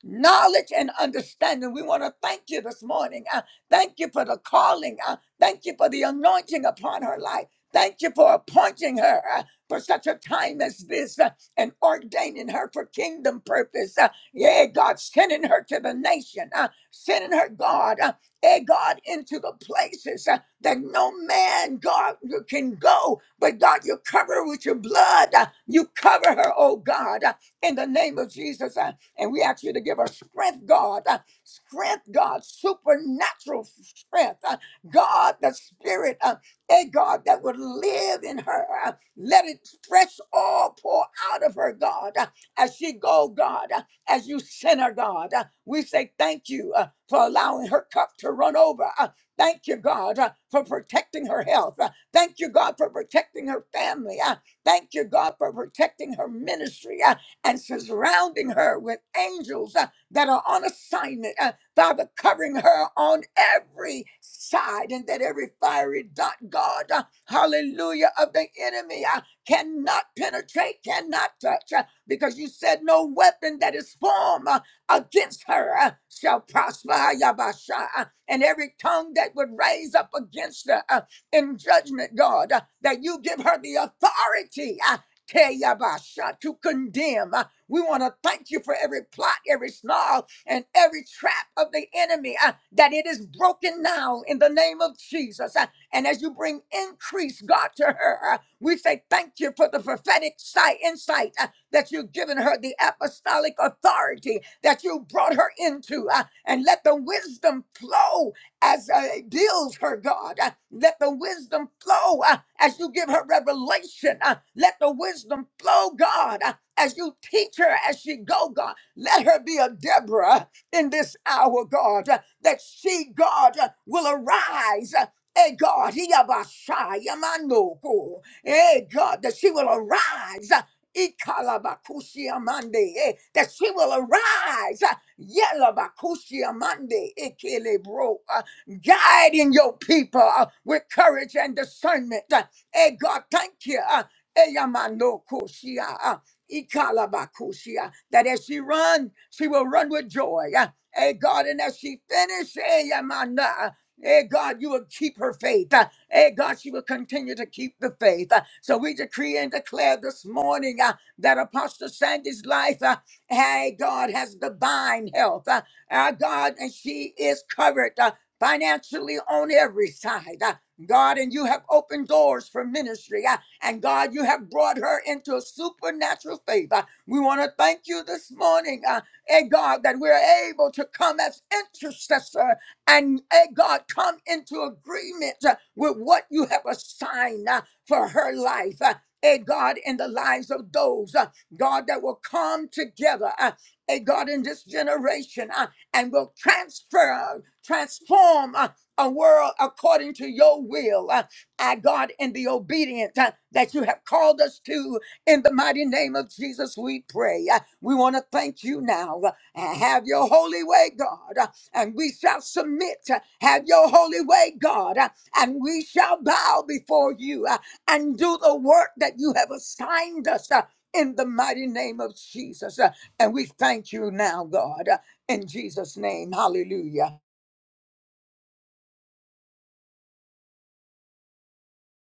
Speaker 6: knowledge and understanding. We want to thank you this morning. eh, Thank you for the calling. Uh, thank you for the anointing upon her life. Thank you for appointing her uh, for such a time as this uh, and ordaining her for kingdom purpose. Uh, yeah, God, sending her to the nation, uh, sending her, God, uh, eh, God, into the places uh, that no man, God, you can go. But God, you cover her with your blood. Uh, you cover her, oh God, uh, in the name of Jesus. Uh, and we ask you to give her strength, God. uh, strength, God, supernatural strength. Uh, God, the spirit, uh, eh, God, that would live in her. Uh, let it fresh all pour out of her, God, uh, as she go, God, uh, as you send her, God. Uh, we say thank you uh, for allowing her cup to run over. Uh, thank you, God, uh, for protecting her health. Uh, thank you, God, for protecting her family. Uh, thank you, God, for protecting her ministry uh, and surrounding her with angels. Uh, that are on assignment. Uh, Father, covering her on every side and that every fiery dot, God, uh, hallelujah, of the enemy uh, cannot penetrate, cannot touch, uh, because you said no weapon that is formed uh, against her uh, shall prosper. Yabasha, uh, and every tongue that would raise up against her uh, in judgment, God, uh, that you give her the authority. uh, Teyabasha, to condemn. uh, we want to thank you for every plot, every snarl, and every trap of the enemy uh, that it is broken now in the name of Jesus. Uh, and as you bring increase, God, to her, uh, we say thank you for the prophetic sight, insight uh, that you've given her, the apostolic authority that you brought her into. uh, and let the wisdom flow as uh, it builds her, God. Uh, let the wisdom flow uh, as you give her revelation. Uh, let the wisdom flow, God, uh, as you teach her as she go, God. Let her be a Deborah in this hour, God, uh, that she, God, uh, will arise. uh, Hey God, he abashai, yamanoko. Hey God, that she will arise. uh, ikalabakushi amande, eh, That she will arise. uh, yelabakushi amande, ikelebro, uh, Guiding your people uh, with courage and discernment. uh, Hey God, thank you. uh, Eyamanoko shia. Ikalabakushia, that as she run, she will run with joy. Uh, Hey God, and as she finishes, hey, Yamana, hey God, you will keep her faith. Uh, Hey God, she will continue to keep the faith. Uh, So we decree and declare this morning uh, that Apostle Sandy's life, uh, hey God, has divine health. Uh, uh, God, and she is covered uh, financially on every side. Uh, God, and you have opened doors for ministry. Uh, and God, you have brought her into a supernatural favor. We want to thank you this morning, uh, eh, God, that we're able to come as intercessor and, eh, God, come into agreement uh, with what you have assigned uh, for her life. Uh, eh, God, in the lives of those, uh, God, that will come together, uh, eh, God, in this generation uh, and will transfer, transform uh, a world according to your will. Uh, our God, in the obedience uh, that you have called us to. In the mighty name of Jesus, we pray. Uh, We want to thank you now. Uh, Have your holy way, God, uh, and we shall submit. Uh, Have your holy way, God, uh, and we shall bow before you uh, and do the work that you have assigned us. uh, In the mighty name of Jesus. Uh, And we thank you now, God, uh, in Jesus' name. Hallelujah.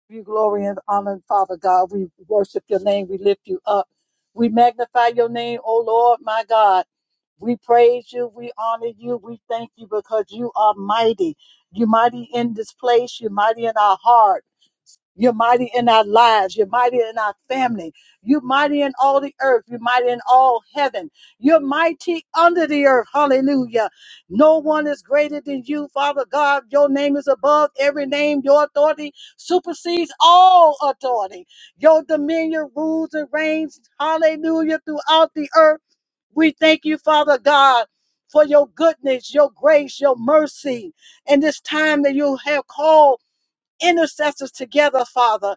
Speaker 4: give you glory and honor, Father God. We worship your name. We lift you up. We magnify your name, O Lord, my God. We praise you. We honor you. We thank you because you are mighty. You're mighty in this place. You're mighty in our heart. You're mighty in our lives. You're mighty in our family. You're mighty in all the earth. You're mighty in all heaven. You're mighty under the earth. Hallelujah. No one is greater than you, Father God. Your name is above every name. Your authority supersedes all authority. Your dominion rules and reigns. Hallelujah. Throughout the earth. We thank you, Father God. For your goodness, your grace, your mercy, and this time that you have called intercessors together, Father,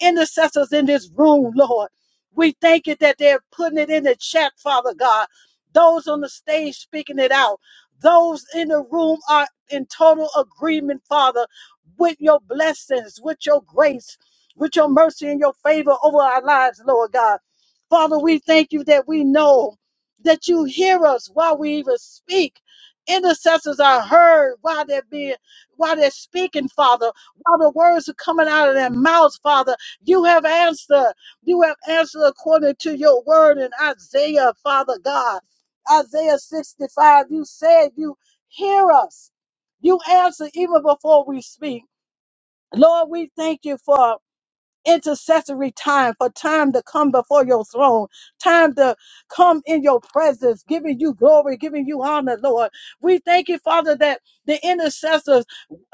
Speaker 4: intercessors in this room, Lord. We thank you that they're putting it in the chat, Father God. Those on the stage speaking it out. Those in the room are in total agreement, Father, with your blessings, with your grace, with your mercy and your favor over our lives, Lord God. Father, we thank you that we know that you hear us while we even speak. Intercessors are heard while they're being while they're speaking, Father. Father, words are coming out of their mouths, Father. You have answered. You have answered according to your word in Isaiah, Father God. Isaiah 65, you said you hear us. You answer even before we speak. Lord, we thank you for intercessory time, for time to come before your throne, time to come in your presence, giving you glory, giving you honor, Lord. We thank you, Father, that the intercessors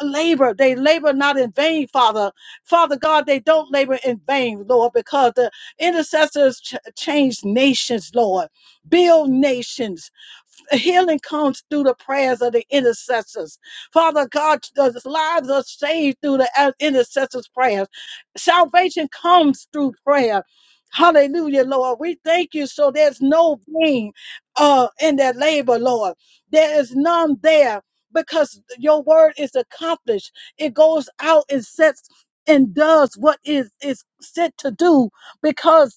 Speaker 4: labor. They labor not in vain, Father. Father God, they don't labor in vain, Lord, because the intercessors ch- change nations, Lord. Build nations Healing comes through the prayers of the intercessors. Father God, the lives are saved through the uh, intercessors' prayers. Salvation comes through prayer. Hallelujah, Lord. We thank you. So there's no pain uh, in that labor, Lord. There is none there because your word is accomplished. It goes out and sets and does what is is sent to do because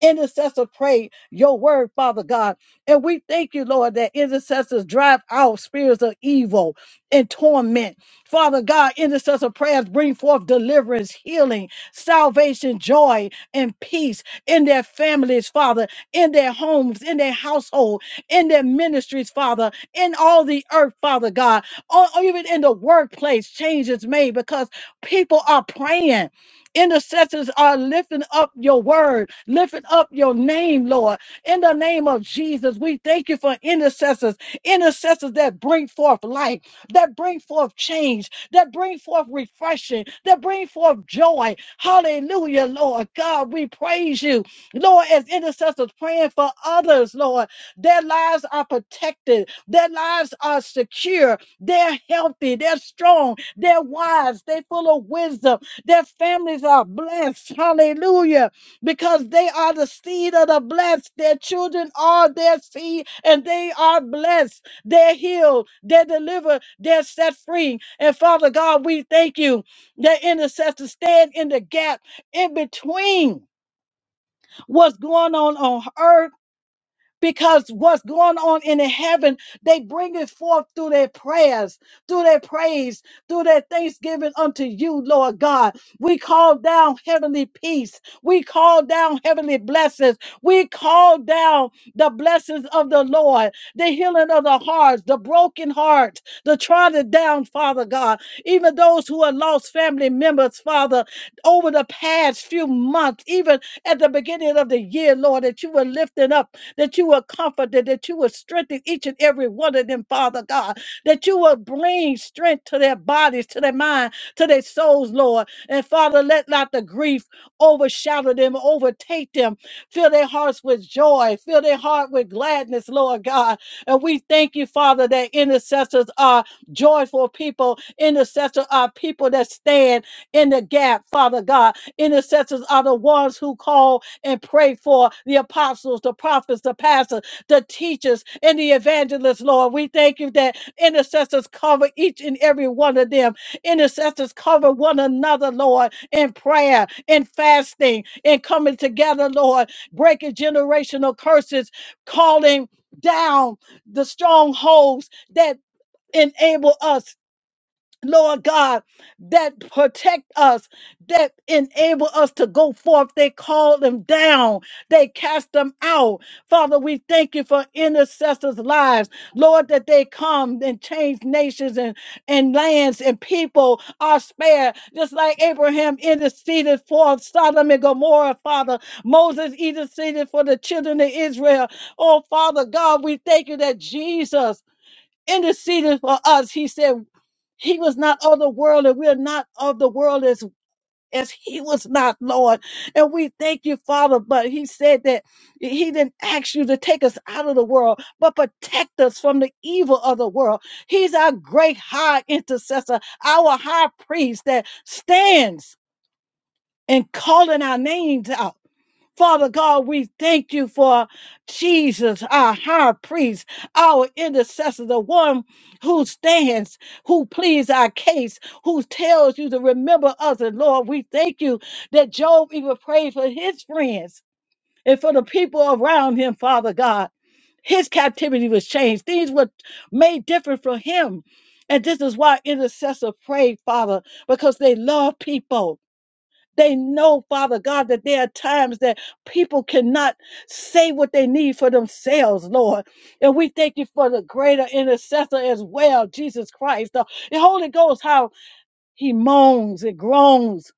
Speaker 4: intercessor pray your word, Father God. And we thank you, Lord, that intercessors drive out spirits of evil and torment. Father God, intercessor prayers bring forth deliverance, healing, salvation, joy, and peace in their families, Father, in their homes, in their household, in their ministries, Father, in all the earth, Father God, or or even in the workplace, change is made because people are praying. Intercessors are lifting up your word, lifting up your name, Lord. In the name of Jesus, we thank you for intercessors, intercessors that bring forth life, that bring forth change, that bring forth refreshing, that bring forth joy. Hallelujah, Lord God, we praise you. Lord, as intercessors praying for others, Lord, their lives are protected, their lives are secure, they're healthy, they're strong, they're wise, they're full of wisdom. Their families are blessed. Hallelujah. Because they are the seed of the blessed. Their children are their seed and they are blessed. They're healed. They're delivered. They're set free. And Father God, we thank you that intercessors stand in the gap in between what's going on on earth because what's going on in the heaven, they bring it forth through their prayers, through their praise, through their thanksgiving unto you, Lord God. We call down heavenly peace. We call down heavenly blessings. We call down the blessings of the Lord, the healing of the hearts, the broken hearts, the trodden down, Father God. Even those who have lost family members, Father, over the past few months, even at the beginning of the year, Lord, that you were lifting up that you will comfort them, that you will strengthen each and every one of them, Father God, that you will bring strength to their bodies, to their mind, to their souls, Lord. And Father, let not the grief overshadow them, overtake them. Fill their hearts with joy, fill their heart with gladness, Lord God. And we thank you, Father, that intercessors are joyful people, intercessors are people that stand in the gap, Father God. Intercessors are the ones who call and pray for the apostles, the prophets, the pastors, the teachers, and the evangelists, Lord. We thank you that intercessors cover each and every one of them. Intercessors cover one another, Lord, in prayer, in fasting, in coming together, Lord, breaking generational curses, calling down the strongholds that enable us Lord God, that protect us, that enable us to go forth. They call them down, they cast them out. Father, we thank you for intercessors' lives. Lord, that they come and change nations and, and lands and people are spared. Just like Abraham interceded for Sodom and Gomorrah, Father. Moses interceded for the children of Israel. Oh, Father God, we thank you that Jesus interceded for us. He said, he was not of the world, and we're not of the world as as he was not, Lord. And we thank you, Father. But he said that he didn't ask you to take us out of the world, but protect us from the evil of the world. He's our great high intercessor, our high priest that stands and calling our names out. Father God, we thank you for Jesus, our high priest, our intercessor, the one who stands, who pleads our case, who tells you to remember us. And Lord, we thank you that Job even prayed for his friends and for the people around him, Father God. His captivity was changed. Things were made different for him. And this is why Intercessors pray, Father, because they love people. They know, Father God, that there are times that people cannot say what they need for themselves, Lord. And we thank you for the greater intercessor as well, Jesus Christ. The the Holy Ghost, how he moans and groans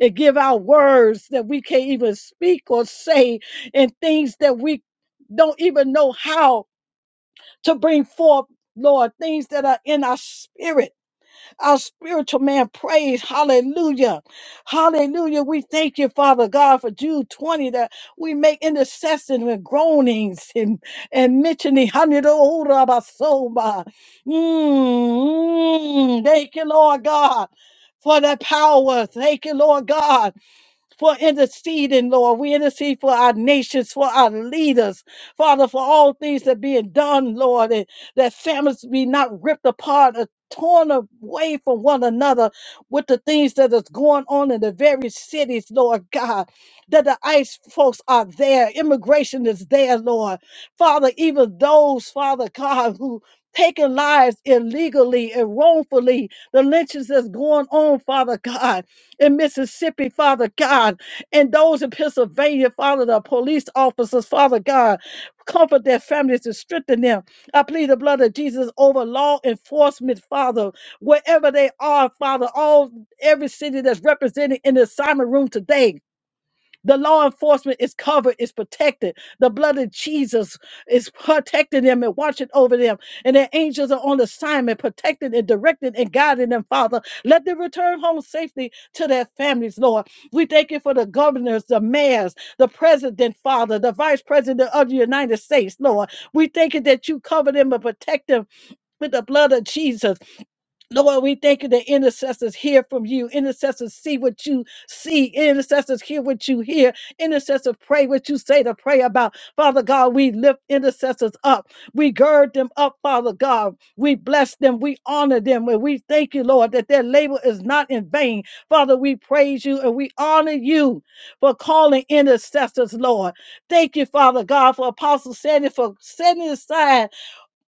Speaker 4: and give out words that we can't even speak or say and things that we don't even know how to bring forth, Lord, things that are in our spirit our spiritual man praise. Hallelujah. Hallelujah. We thank you, Father God, for Jude 20 that we make intercession with groanings and, and mentioning. Hanidorabasoma. Mm, thank you, Lord God, for that power. Thank you, Lord God for interceding, Lord. We intercede for our nations, for our leaders, Father, for all things that being done, Lord, and that families be not ripped apart or torn away from one another with the things that is going on in the very cities, Lord God. That the ICE folks are there, immigration is there, Lord. Father, even those, Father God, who taking lives illegally and wrongfully, the lynchings that's going on, Father God in Mississippi, Father God, and those in Pennsylvania, Father, the police officers, Father God, comfort their families and strengthen them. I plead the blood of Jesus over law enforcement, Father, wherever they are, Father, all every city that's represented in the assignment room today. The law enforcement is covered, is protected. The blood of Jesus is protecting them and watching over them. And their angels are on assignment, protecting and directing and guiding them, Father. Let them return home safely to their families, Lord. We thank you for the governors, the mayors, the president, Father, the vice president of the United States, Lord. We thank you that you cover them and protect them with the blood of Jesus. Lord, we thank you that intercessors hear from you. Intercessors see what you see. Intercessors hear what you hear. Intercessors pray what you say to pray about. Father God, we lift intercessors up. We gird them up, Father God. We bless them. We honor them. And we thank you, Lord, that their labor is not in vain. Father, we praise you and we honor you for calling intercessors, Lord. Thank you, Father God, for Apostle Sandy for setting aside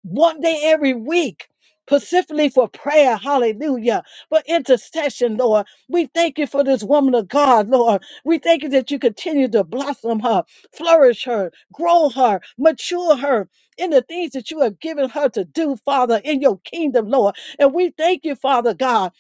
Speaker 4: one day every week, specifically for prayer. Hallelujah. For intercession, Lord. We thank you for this woman of God, Lord. We thank you that you continue to blossom her, flourish her, grow her, mature her in the things that you have given her to do, Father, in your kingdom, Lord. And we thank you, Father God.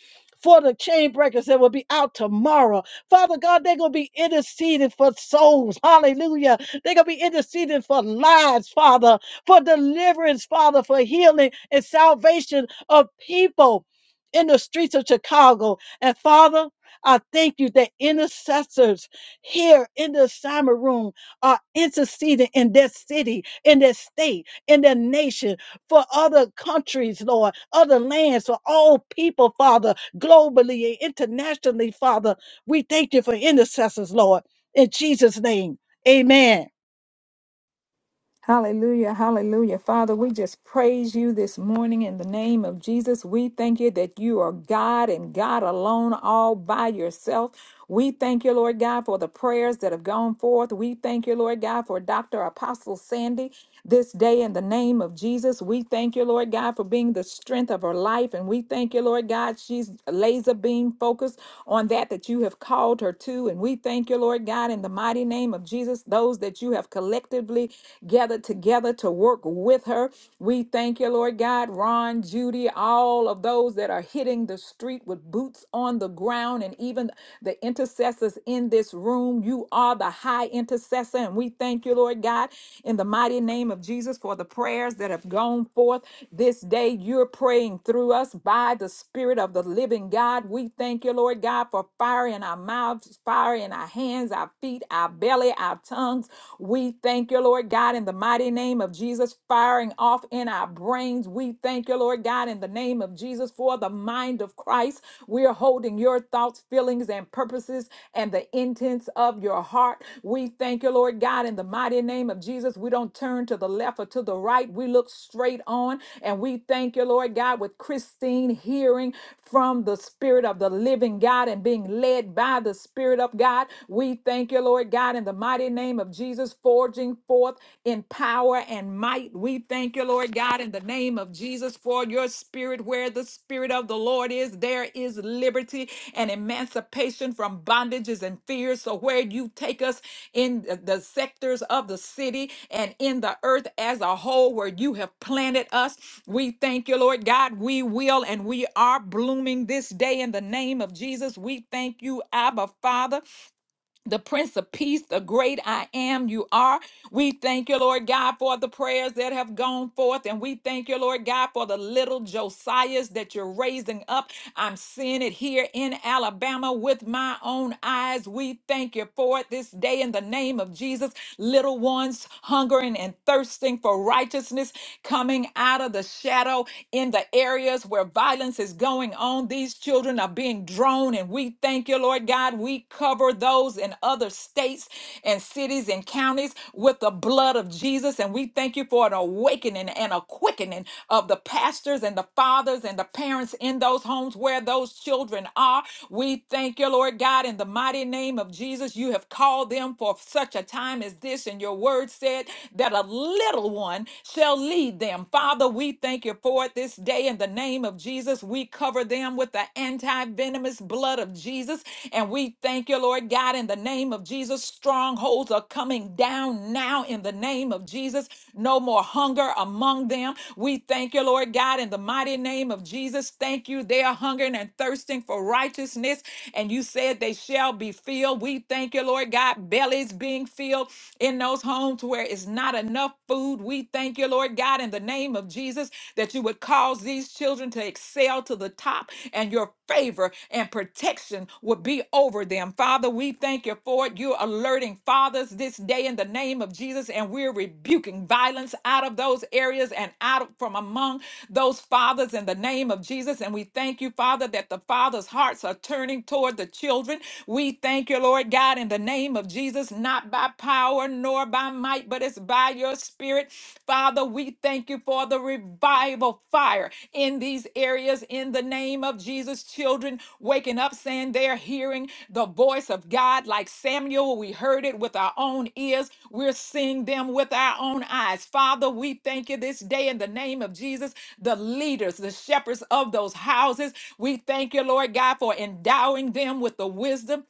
Speaker 4: For the chain breakers that will be out tomorrow. Father God, they're going to be interceding for souls. Hallelujah. They're going to be interceding for lives, Father for deliverance, Father, for healing and salvation of people in the streets of Chicago. And Father, I thank you that intercessors here in the assignment room are interceding in their city, in their state, in their nation, for other countries, Lord, other lands, for all people, Father, globally and internationally, Father. We thank you for intercessors, Lord. In Jesus' name, amen.
Speaker 7: Hallelujah, hallelujah. Father, we just praise you this morning in the name of Jesus. We thank you that you are God and God alone, all by yourself. We thank you, Lord God, for the prayers that have gone forth. We thank you, Lord God, for Dr. Apostle Sandy this day in the name of Jesus. We thank you, Lord God, for being the strength of her life. And we thank you, Lord God, she's laser beam focused on that that you have called her to. And we thank you, Lord God, in the mighty name of Jesus, those that you have collectively gathered together to work with her. We thank you, Lord God, Ron, Judy, all of those that are hitting the street with boots on the ground and even the intercessors in in this room. You are the high intercessor. And we thank you, Lord God, in the mighty name of Jesus for the prayers that have gone forth this day. You're praying through us by the Spirit of the living God. We thank you, Lord God, for fire in our mouths, fire in our hands, our feet, our belly, our tongues. We thank you, Lord God, in the mighty name of Jesus, firing off in our brains. We thank you, Lord God, in the name of Jesus for the mind of Christ. We're holding your thoughts, feelings, and purposes and the intents of your heart. We thank you, Lord God, in the mighty name of Jesus. We don't turn to the left or to the right. We look straight on and we thank you, Lord God, with Christine hearing from the Spirit of the living God and being led by the Spirit of God. We thank you, Lord God, in the mighty name of Jesus, forging forth in power power and might. We thank you, Lord God, in the name of Jesus for your spirit. Where the spirit of the Lord is, there is liberty and emancipation from bondages and fears. So where you take us in the the sectors of the city and in the earth as a whole where you have planted us, we thank you, Lord God. We will and we are blooming this day in the name of Jesus. We thank you, Abba Father the Prince of Peace, the great I am, you are. We thank you, Lord God, for the prayers that have gone forth. And we thank you, Lord God, for the little Josiahs that you're raising up. I'm seeing it here in Alabama with my own eyes. We thank you for it this day in the name of Jesus. Little ones hungering and thirsting for righteousness coming out of the shadow in the areas where violence is going on. These children are being drone. And we thank you, Lord God. We cover those in other states and cities and counties with the blood of Jesus. And we thank you for an awakening and a quickening of the pastors and the fathers and the parents in those homes where those children are. We thank you, Lord God, in the mighty name of Jesus. You have called them for such a time as this. And your word said that a little one shall lead them. Father, we thank you for it this day in the in the name of Jesus, we cover them with the anti venomous blood of Jesus. And we thank you, Lord God, in the name of Jesus. Strongholds are coming down now in the name of Jesus. No more hunger among them. We thank you, Lord God, in the mighty name of Jesus. Thank you. They are hungering and thirsting for righteousness. And you said they shall be filled. We thank you, Lord God. Bellies being filled in those homes where it's not enough food. We thank you thank you, Lord God, in the name of Jesus, that you would cause these children to excel to the top and your favor and protection would be over them. Father, we thank you for it. You're alerting fathers this day in the name of Jesus, and we're rebuking violence out of those areas and out of- from among those fathers in the name of Jesus. And we thank you, Father, that the fathers' hearts are turning toward the children. We thank you, Lord God, in the name of Jesus, not by power power nor by might, but it's by your spirit. Father, we thank you for the revival fire in these areas in the name of Jesus. Children waking up saying they're hearing the voice of God like Samuel. We heard it with our own ears, we're seeing them with our own eyes. Father, we thank you this day in the name of Jesus, the leaders, the shepherds of those houses. We thank you, Lord God, for endowing them with the wisdom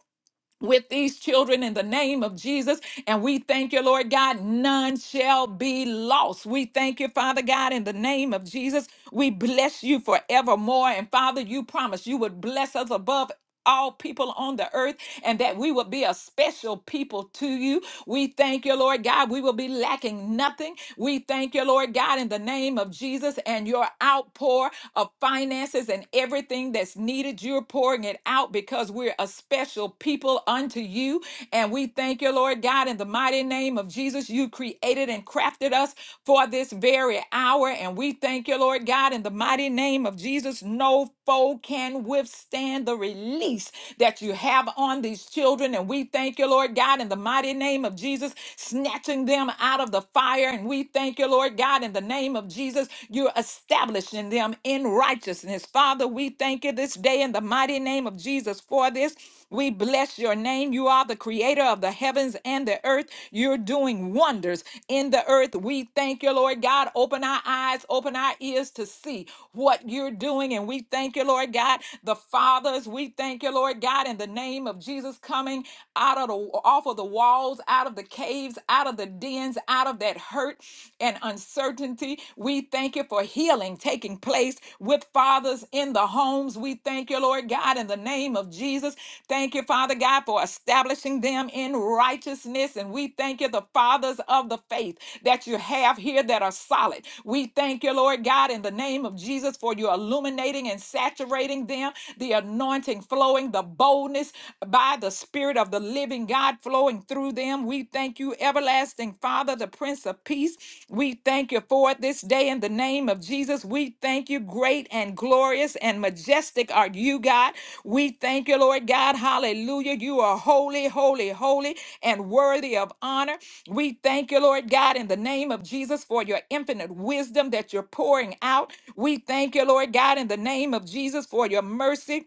Speaker 7: with these children in the name of Jesus. And we thank you, Lord God, none shall be lost. We thank you, Father God, in the name of Jesus. We bless you forevermore. And Father, you promised you would bless us above. All people on the earth, and that we will be a special people to you. We thank you, Lord God. We will be lacking nothing. We thank you, Lord God, in the name of Jesus and your outpour of finances and everything that's that's needed. You're pouring it out because we're a special people unto you. And we thank you, Lord God, in the mighty name of Jesus. You created and crafted us for this very hour. And we thank you, Lord God, in the mighty name of Jesus. No foe can withstand the release that you have on these children. And we thank you, Lord God, in the mighty name of Jesus, snatching them out of the fire. And we thank you, Lord God, in the name of Jesus. You. You're establishing them in righteousness. Father, we thank you this day in the mighty name of Jesus for this. We bless your name. You are the creator of the heavens and the earth. You're doing wonders in the earth. We thank you, Lord God. Open our eyes, open our ears to see what you're doing. And we thank you, Lord God. The fathers, we thank you, Lord God, in the name of Jesus coming out of the off of the walls, out of the caves, out of the dens, out of that hurt and uncertainty. We thank you for healing taking place with fathers in the homes. We thank you, Lord God, in the name of Jesus. Thank you, Father God, for establishing them in righteousness. And we thank you, the fathers of the faith that you have here that are solid. We thank you, Lord God, in the name of Jesus, for you illuminating and saturating them, the anointing flowing, the boldness by the Spirit of the living living God flowing through them. We thank you, everlasting Father, the Prince of Peace. We thank you for it this day in the name of Jesus. We thank you, great and glorious and majestic are you, God. We thank you, Lord God. Hallelujah. You are holy, holy, holy, and worthy of honor. We thank you, Lord God, in the name of Jesus for your infinite wisdom that you're pouring out. We thank you, Lord God, in the name of Jesus for your mercy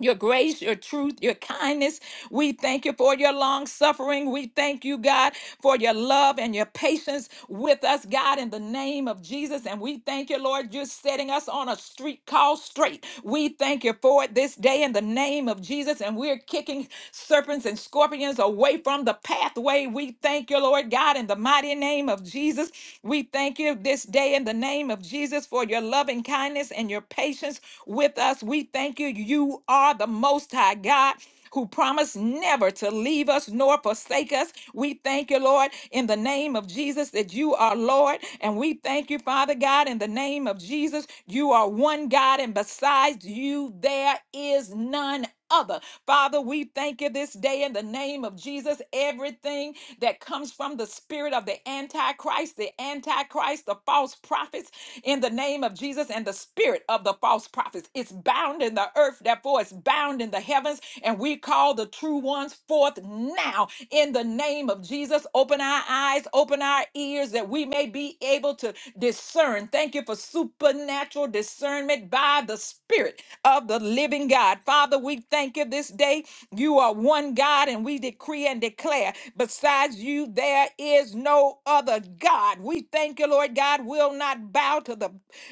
Speaker 7: your grace, your truth, your kindness. We thank you for your long suffering. We thank you, God, for your love and your patience with us, God, in the name of Jesus. And we thank you, Lord, you're setting us on a street called straight. We thank you for it this day in the name of Jesus. And we're kicking serpents and scorpions away from the pathway. We thank you, Lord God, in the mighty name of Jesus. We thank you this day in the name of Jesus for your loving kindness kindness and your patience with us. We thank you. You are the Most High God who promised never to leave us nor forsake us. We thank you, Lord, in the name of Jesus, that you are Lord. And we thank you, Father God, in the name of Jesus, you are one God, and besides you, there is none other. Father, we thank you this day in the name of Jesus. Everything that comes from the spirit of the Antichrist, the Antichrist, the false prophets, in the name of Jesus and the spirit of the false prophets. It's bound in the earth, therefore it's bound in the heavens, and we call the true ones forth now in the name of Jesus. Open our eyes, open our ears that we may be able to discern. Thank you for supernatural discernment by the spirit of the living God. God. Father, we thank you this day. You are one God, and we decree and declare besides you, there is no other God. We thank you, Lord God. We'll not bow to the,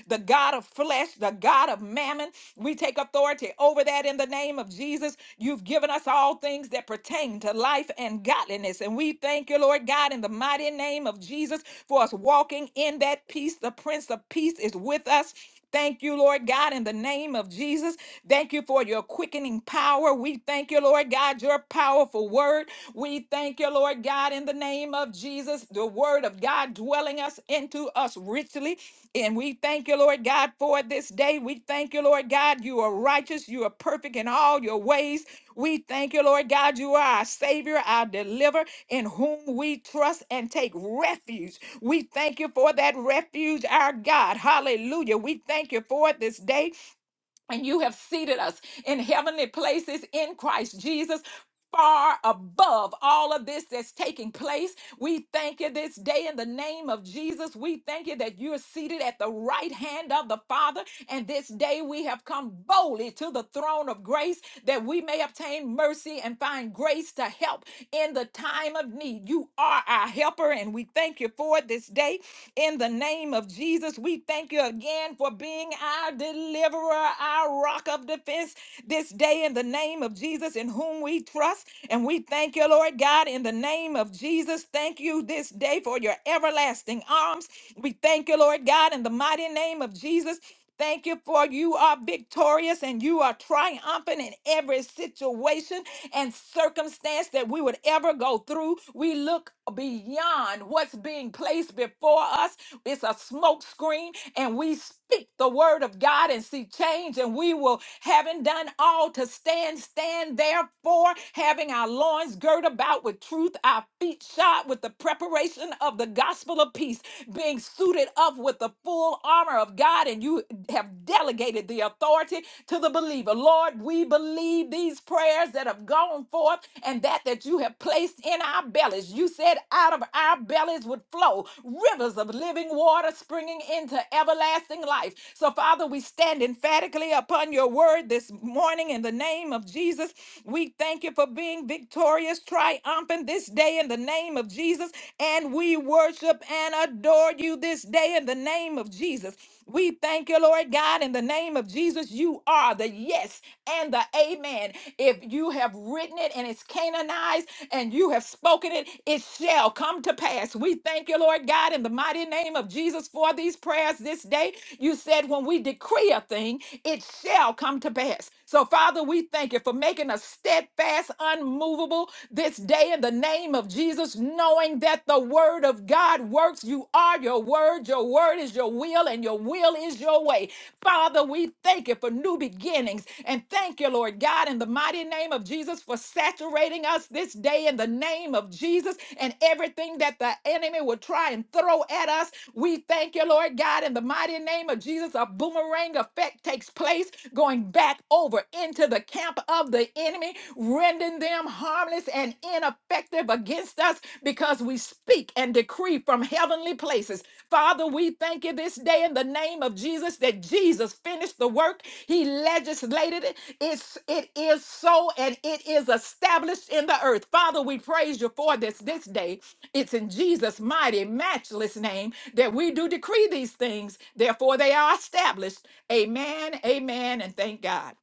Speaker 7: the God of flesh, the God of mammon. We take authority over that in the name of Jesus. You've given us all things that pertain to life and godliness. And we thank you, Lord God, in the mighty name of Jesus for us walking in that peace. The Prince of Peace is with us. Thank you, Lord God, in the name of Jesus. Thank you for your quickening power. We thank you, Lord God, your powerful word. We thank you, Lord God, in the name of Jesus, the word of God dwelling us into us richly. And we thank you, Lord God, for this day day. We thank you, Lord God. You are righteous. You are perfect in all your ways. We thank you, Lord God. You are our Savior, our deliverer, in whom we trust and take refuge. We thank you for that refuge, our God. Hallelujah. We thank you for it this day and you have seated us in heavenly places in Christ Jesus. Far above all of this that's taking place, we thank you this day in the name of Jesus. We thank you that you're seated at the right hand of the Father. And this day we have come boldly to the throne of grace that we may obtain mercy and find grace to help in the time of need. You are our helper, and we thank you for it this day in the name of Jesus. We thank you again for being our our deliverer, our rock of defense, this day in the name of Jesus, in whom we trust. And we thank you, Lord God, in the name of Jesus. Thank you this day for your everlasting arms. We thank you, Lord God, in the mighty name of Jesus. Thank you for you are victorious and you are triumphant in every situation and circumstance that we would ever go through. We look beyond what's being placed before us. It's a smoke screen and we speak the word of God and see change. And we will, having done all to stand, stand therefore, having our loins girt about with truth, our feet shod with the preparation of the gospel of peace, being suited up with the full armor of God. And you have delegated the authority to the believer. Lord, we believe these prayers that have gone forth and that that you have placed in our bellies. You said out of our bellies would flow rivers of living water springing entering into everlasting life. So, Father, we stand emphatically upon your word this morning in the name of Jesus. We thank you for being victorious, triumphant this day in the name of Jesus. And we worship and adore you this day in the name of Jesus. We thank you, Lord God, in the name of Jesus. You are the yes and the amen. If you have written it and it's canonized and you have spoken it, it shall come to pass. We thank you, Lord God, in the mighty name of Jesus for these prayers this day. You said when we decree a thing, it shall come to pass. So, Father, we thank you for making us steadfast, unmovable this day in the name of Jesus, knowing that the word word of God works. You are your word. Your word is your will, and your will is your way. Father, we thank you for new beginnings. And thank you, Lord God, in the mighty name of Jesus, for saturating us this day in the name of Jesus and everything that the enemy will try and throw at us. We thank you, Lord God, in the mighty name of Jesus. A boomerang effect takes place Going going back over into the camp of the enemy, rendering them harmless and ineffective against us because we speak and decree from heavenly places. Father, we thank you this day in the name of Jesus that Jesus finished the work. He legislated it. It's, it is so and it is established in the earth. Father, we praise you for this this day it's in Jesus' mighty, matchless name that we do decree these things. Therefore, they are established. Amen, amen, and thank God.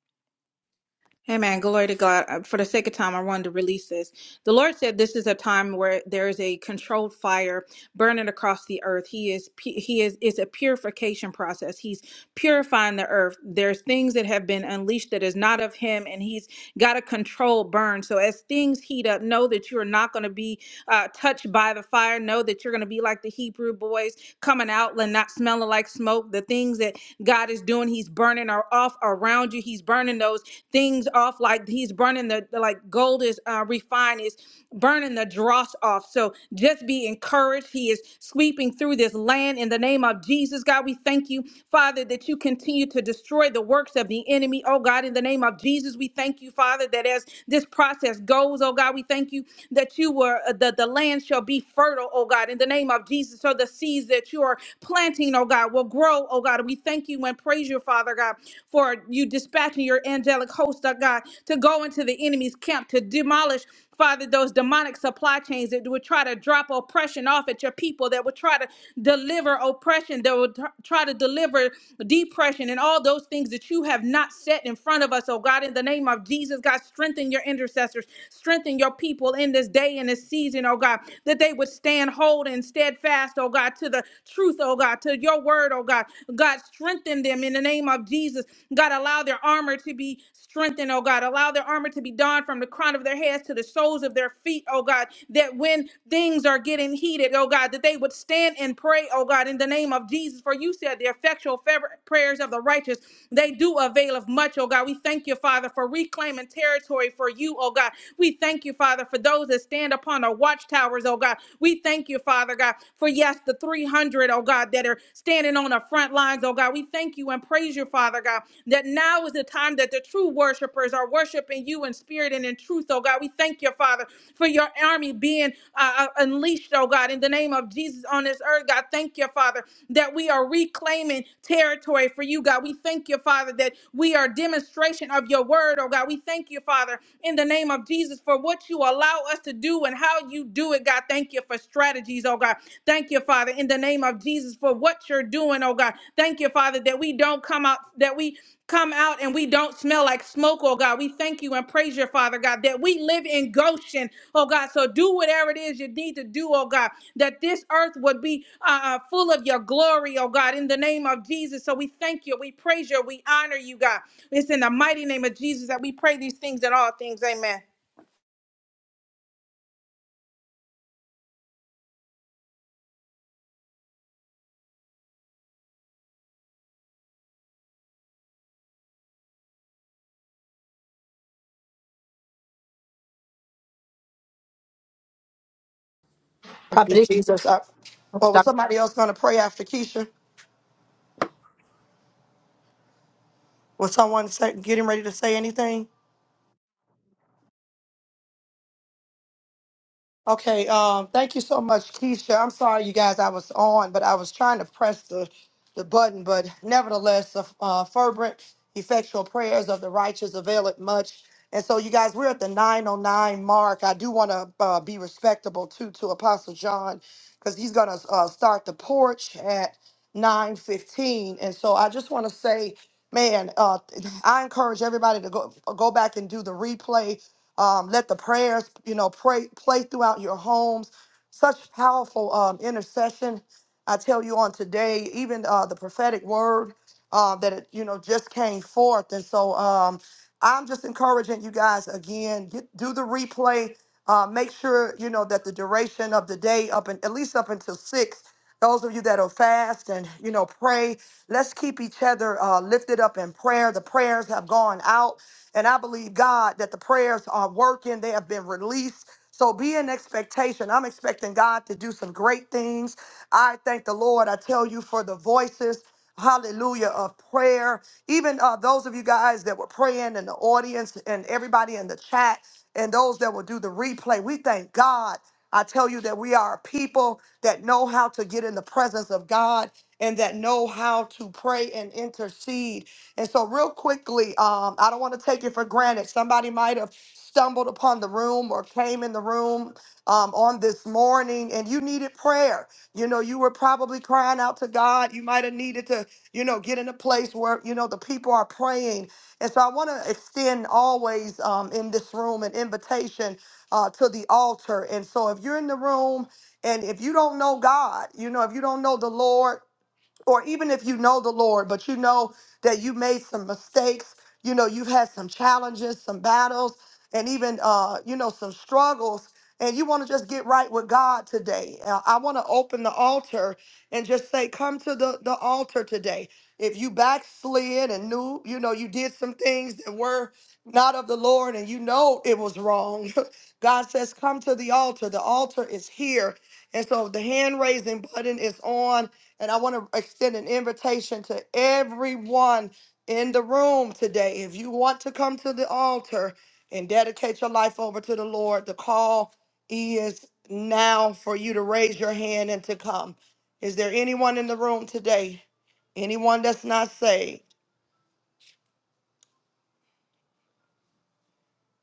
Speaker 13: Amen. Glory to God. Uh, For the sake of time, I wanted to release this. The Lord said this is a time where there is a controlled fire burning across the earth. He is. pu- He is. It's a purification process. He's purifying the earth. There's things that have been unleashed that is not of Him, and He's got a controlled burn. So as things heat up, know that you are not going to be uh, touched by the fire. Know that you're going to be like the Hebrew boys coming out and not smelling like smoke. The things that God is doing. He's burning are off around you. He's burning those things off like he's burning the, the like gold is uh, refined. is burning the dross off. So just be encouraged. He is sweeping through this land in the name of Jesus. God, we thank you, Father, that you continue to destroy the works of the enemy. Oh God, in the name of Jesus, we thank you, Father, that as this process goes, oh God, we thank you that you were uh, that the land shall be fertile, oh God, in the name of Jesus. So the seeds that you are planting, oh God, will grow, oh God. We thank you and praise you, Father God, for you dispatching your angelic host, oh God, to go into the enemy's camp to demolish Father, those demonic supply chains that would try to drop oppression off at your people, that would try to deliver oppression, that would tr- try to deliver depression, and all those things that you have not set in front of us, oh God, in the name of Jesus, God, strengthen your intercessors, strengthen your people in this day and this season, oh God, that they would stand hold and steadfast, oh God, to the to the truth, oh God, to your word, oh God. God, strengthen them in the name of Jesus. God, allow their armor to be strengthened, oh God. Allow their armor to be donned from the crown of their heads to the soles of their feet, oh God. That when things are getting heated, oh God, that they would stand and pray, oh God, in the name of Jesus. For you said the effectual fer- prayers of the righteous, they do avail availeth much, oh God. We thank you, Father, for reclaiming territory for you, oh God. We thank you, Father, for those that stand upon our watchtowers, oh God. We thank you, Father God, for yes, the 300, O God, that are standing on the front lines, oh God. We thank you and praise you, Father God, that now is the time that the true worshipers are worshiping you in spirit and in truth, oh God. We thank you, Father, for your army being uh, uh, unleashed, oh God, in the name of Jesus on this earth, God. Thank you, Father, that we are reclaiming territory for you, God. We thank you, Father, that we are demonstration of your word, oh God. We thank you, Father, in the name of Jesus for what you allow us to do and how you do it, God. Thank you for strategies, oh God. Thank you, Father, in the name of Jesus for what you're doing, oh God. Thank you, Father, that we don't come out, that we come out and we don't smell like smoke, oh God. We thank you and praise your Father, God, that we live in Goshen, oh God. So do whatever it is you need to do, oh God that this earth would be uh, uh, full of your glory, oh God, in the name of Jesus. So we thank you, we praise you, we honor you, God. It's in the mighty name of Jesus that we pray these things and all things. Amen.
Speaker 1: You,
Speaker 9: prophet
Speaker 1: Jesus. I, or was somebody else going to pray after Keisha? Was someone say, getting ready to say anything? Okay, um, thank you so much, Keisha. I'm sorry, you guys, I was on, but I was trying to press the, the button. But nevertheless, the uh, fervent, effectual prayers of the righteous availeth much. And so, you guys, we're at the 909 mark. I do want to uh, be respectable too to Apostle John because he's going to uh, start the porch at 915. And so, I just want to say, man, uh, I encourage everybody to go go back and do the replay um, let the prayers, you know, pray play throughout your homes. Such powerful um, intercession. I tell you on today, even uh, the prophetic word uh, that it, you know just came forth, and so um, I'm just encouraging you guys again. Get, do the replay. Uh, make sure you know that the duration of the day up and at least up until six. Those of you that are fast and you know pray, let's keep each other uh, lifted up in prayer. The prayers have gone out. And I believe, God, that the prayers are working, they have been released. So be in expectation. I'm expecting God to do some great things. I thank the Lord. I tell you for the voices, hallelujah, of prayer. Even uh, those of you guys that were praying in the audience and everybody in the chat and those that will do the replay, we thank God. I tell you that we are a people that know how to get in the presence of God and that know how to pray and intercede. And so, real quickly, um, I don't want to take it for granted. Somebody might have stumbled upon the room or came in the room um, on this morning and you needed prayer. You know, you were probably crying out to God. You might have needed to, you know, get in a place where, you know, the people are praying. And so, I want to extend always um, in this room an invitation uh, to the altar. And so, if you're in the room, and if you don't know God, you know, if you don't know the Lord, or even if you know the Lord, but you know that you made some mistakes, you know, you've had some challenges, some battles, and even, uh, you know, some struggles, and you want to just get right with God today. Uh, I want to open the altar and just say, come to the, the altar today. If you backslid and knew, you know, you did some things that were not of the Lord and you know it was wrong, God says, come to the altar. The altar is here. And so the hand raising button is on and I want to extend an invitation to everyone in the room today. If you want to come to the altar and dedicate your life over to the Lord, the call is now for you to raise your hand and to come. Is there anyone in the room today? Anyone that's not saved?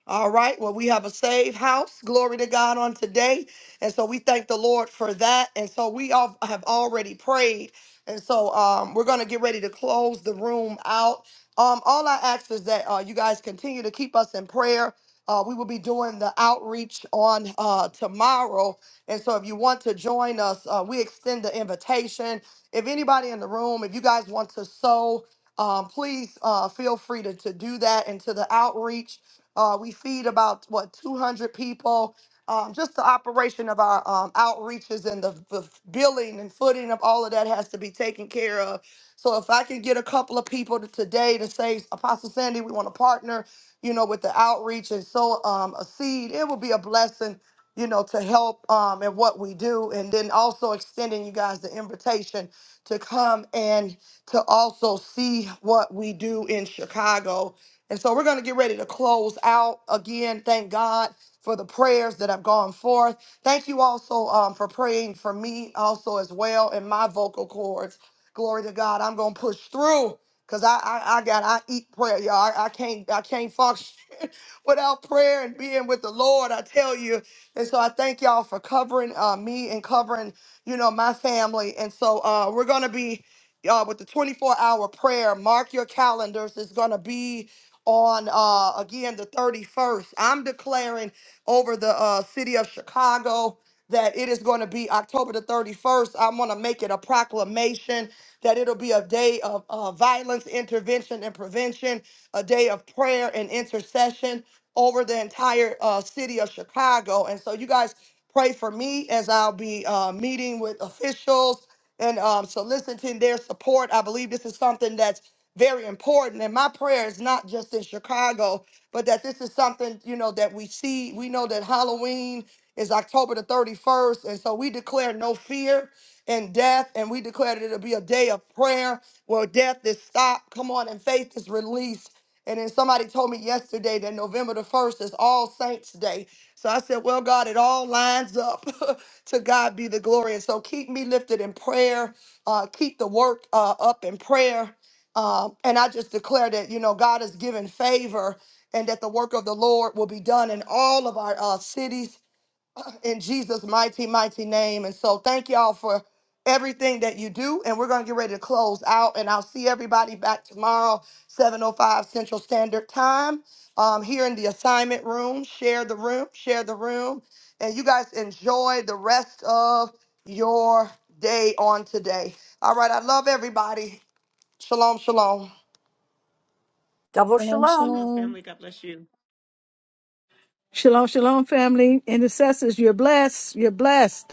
Speaker 1: All right. Well, we have a saved house. Glory to God on today. And so we thank the Lord for that. And so we all have already prayed. And so um, we're going to get ready to close the room out. Um, all I ask is that uh, you guys continue to keep us in prayer. Uh, we will be doing the outreach on uh, tomorrow. And so if you want to join us, uh, we extend the invitation. If anybody in the room, if you guys want to sow, um, please uh, feel free to, to do that into the outreach. Uh, we feed about what 200 people. Um, just the operation of our um, outreaches and the, the billing and footing of all of that has to be taken care of. So if I can get a couple of people to today to say, Apostle Sandy, we want to partner, you know, with the outreach and sow um, a seed, it will be a blessing, you know, to help um, in what we do. And then also extending you guys the invitation to come and to also see what we do in Chicago and so we're going to get ready to close out again. Thank God for the prayers that have gone forth. Thank you also um, for praying for me also as well in my vocal cords. Glory to God. I'm going to push through because I, I, I got, I eat prayer, y'all. I, I can't, I can't function without prayer and being with the Lord. I tell you. And so I thank y'all for covering uh, me and covering, you know, my family. And so uh, we're going to be uh, with the 24 hour prayer. Mark your calendars. It's going to be on uh again the 31st. I'm declaring over the uh city of Chicago that it is going to be October the 31st. I'm going to make it a proclamation that it'll be a day of uh, violence intervention and prevention, a day of prayer and intercession over the entire uh, city of Chicago. And so you guys pray for me as I'll be uh, meeting with officials and um, soliciting their support. I believe this is something that's very important. And my prayer is not just in Chicago, but that this is something, you know, that we see. We know that Halloween is October the 31st. And so we declare no fear and death. And we declare that it'll be a day of prayer where death is stopped. Come on, and faith is released. And then somebody told me yesterday that November the 1st is All Saints Day. So I said, Well, God, it all lines up. to God be the glory. And so keep me lifted in prayer. Uh, keep the work uh, up in prayer. Um, and I just declare that, you know, God has given favor and that the work of the Lord will be done in all of our uh, cities in Jesus' mighty, mighty name. And so thank y'all for everything that you do. And we're going to get ready to close out. And I'll see everybody back tomorrow, 7.05 Central Standard Time um, here in the assignment room. Share the room, share the room. And you guys enjoy the rest of your day on today. All right. I love everybody. Shalom, shalom.
Speaker 9: double shalom
Speaker 4: Shalom, shalom, family. Intercessors, you're blessed. You're blessed.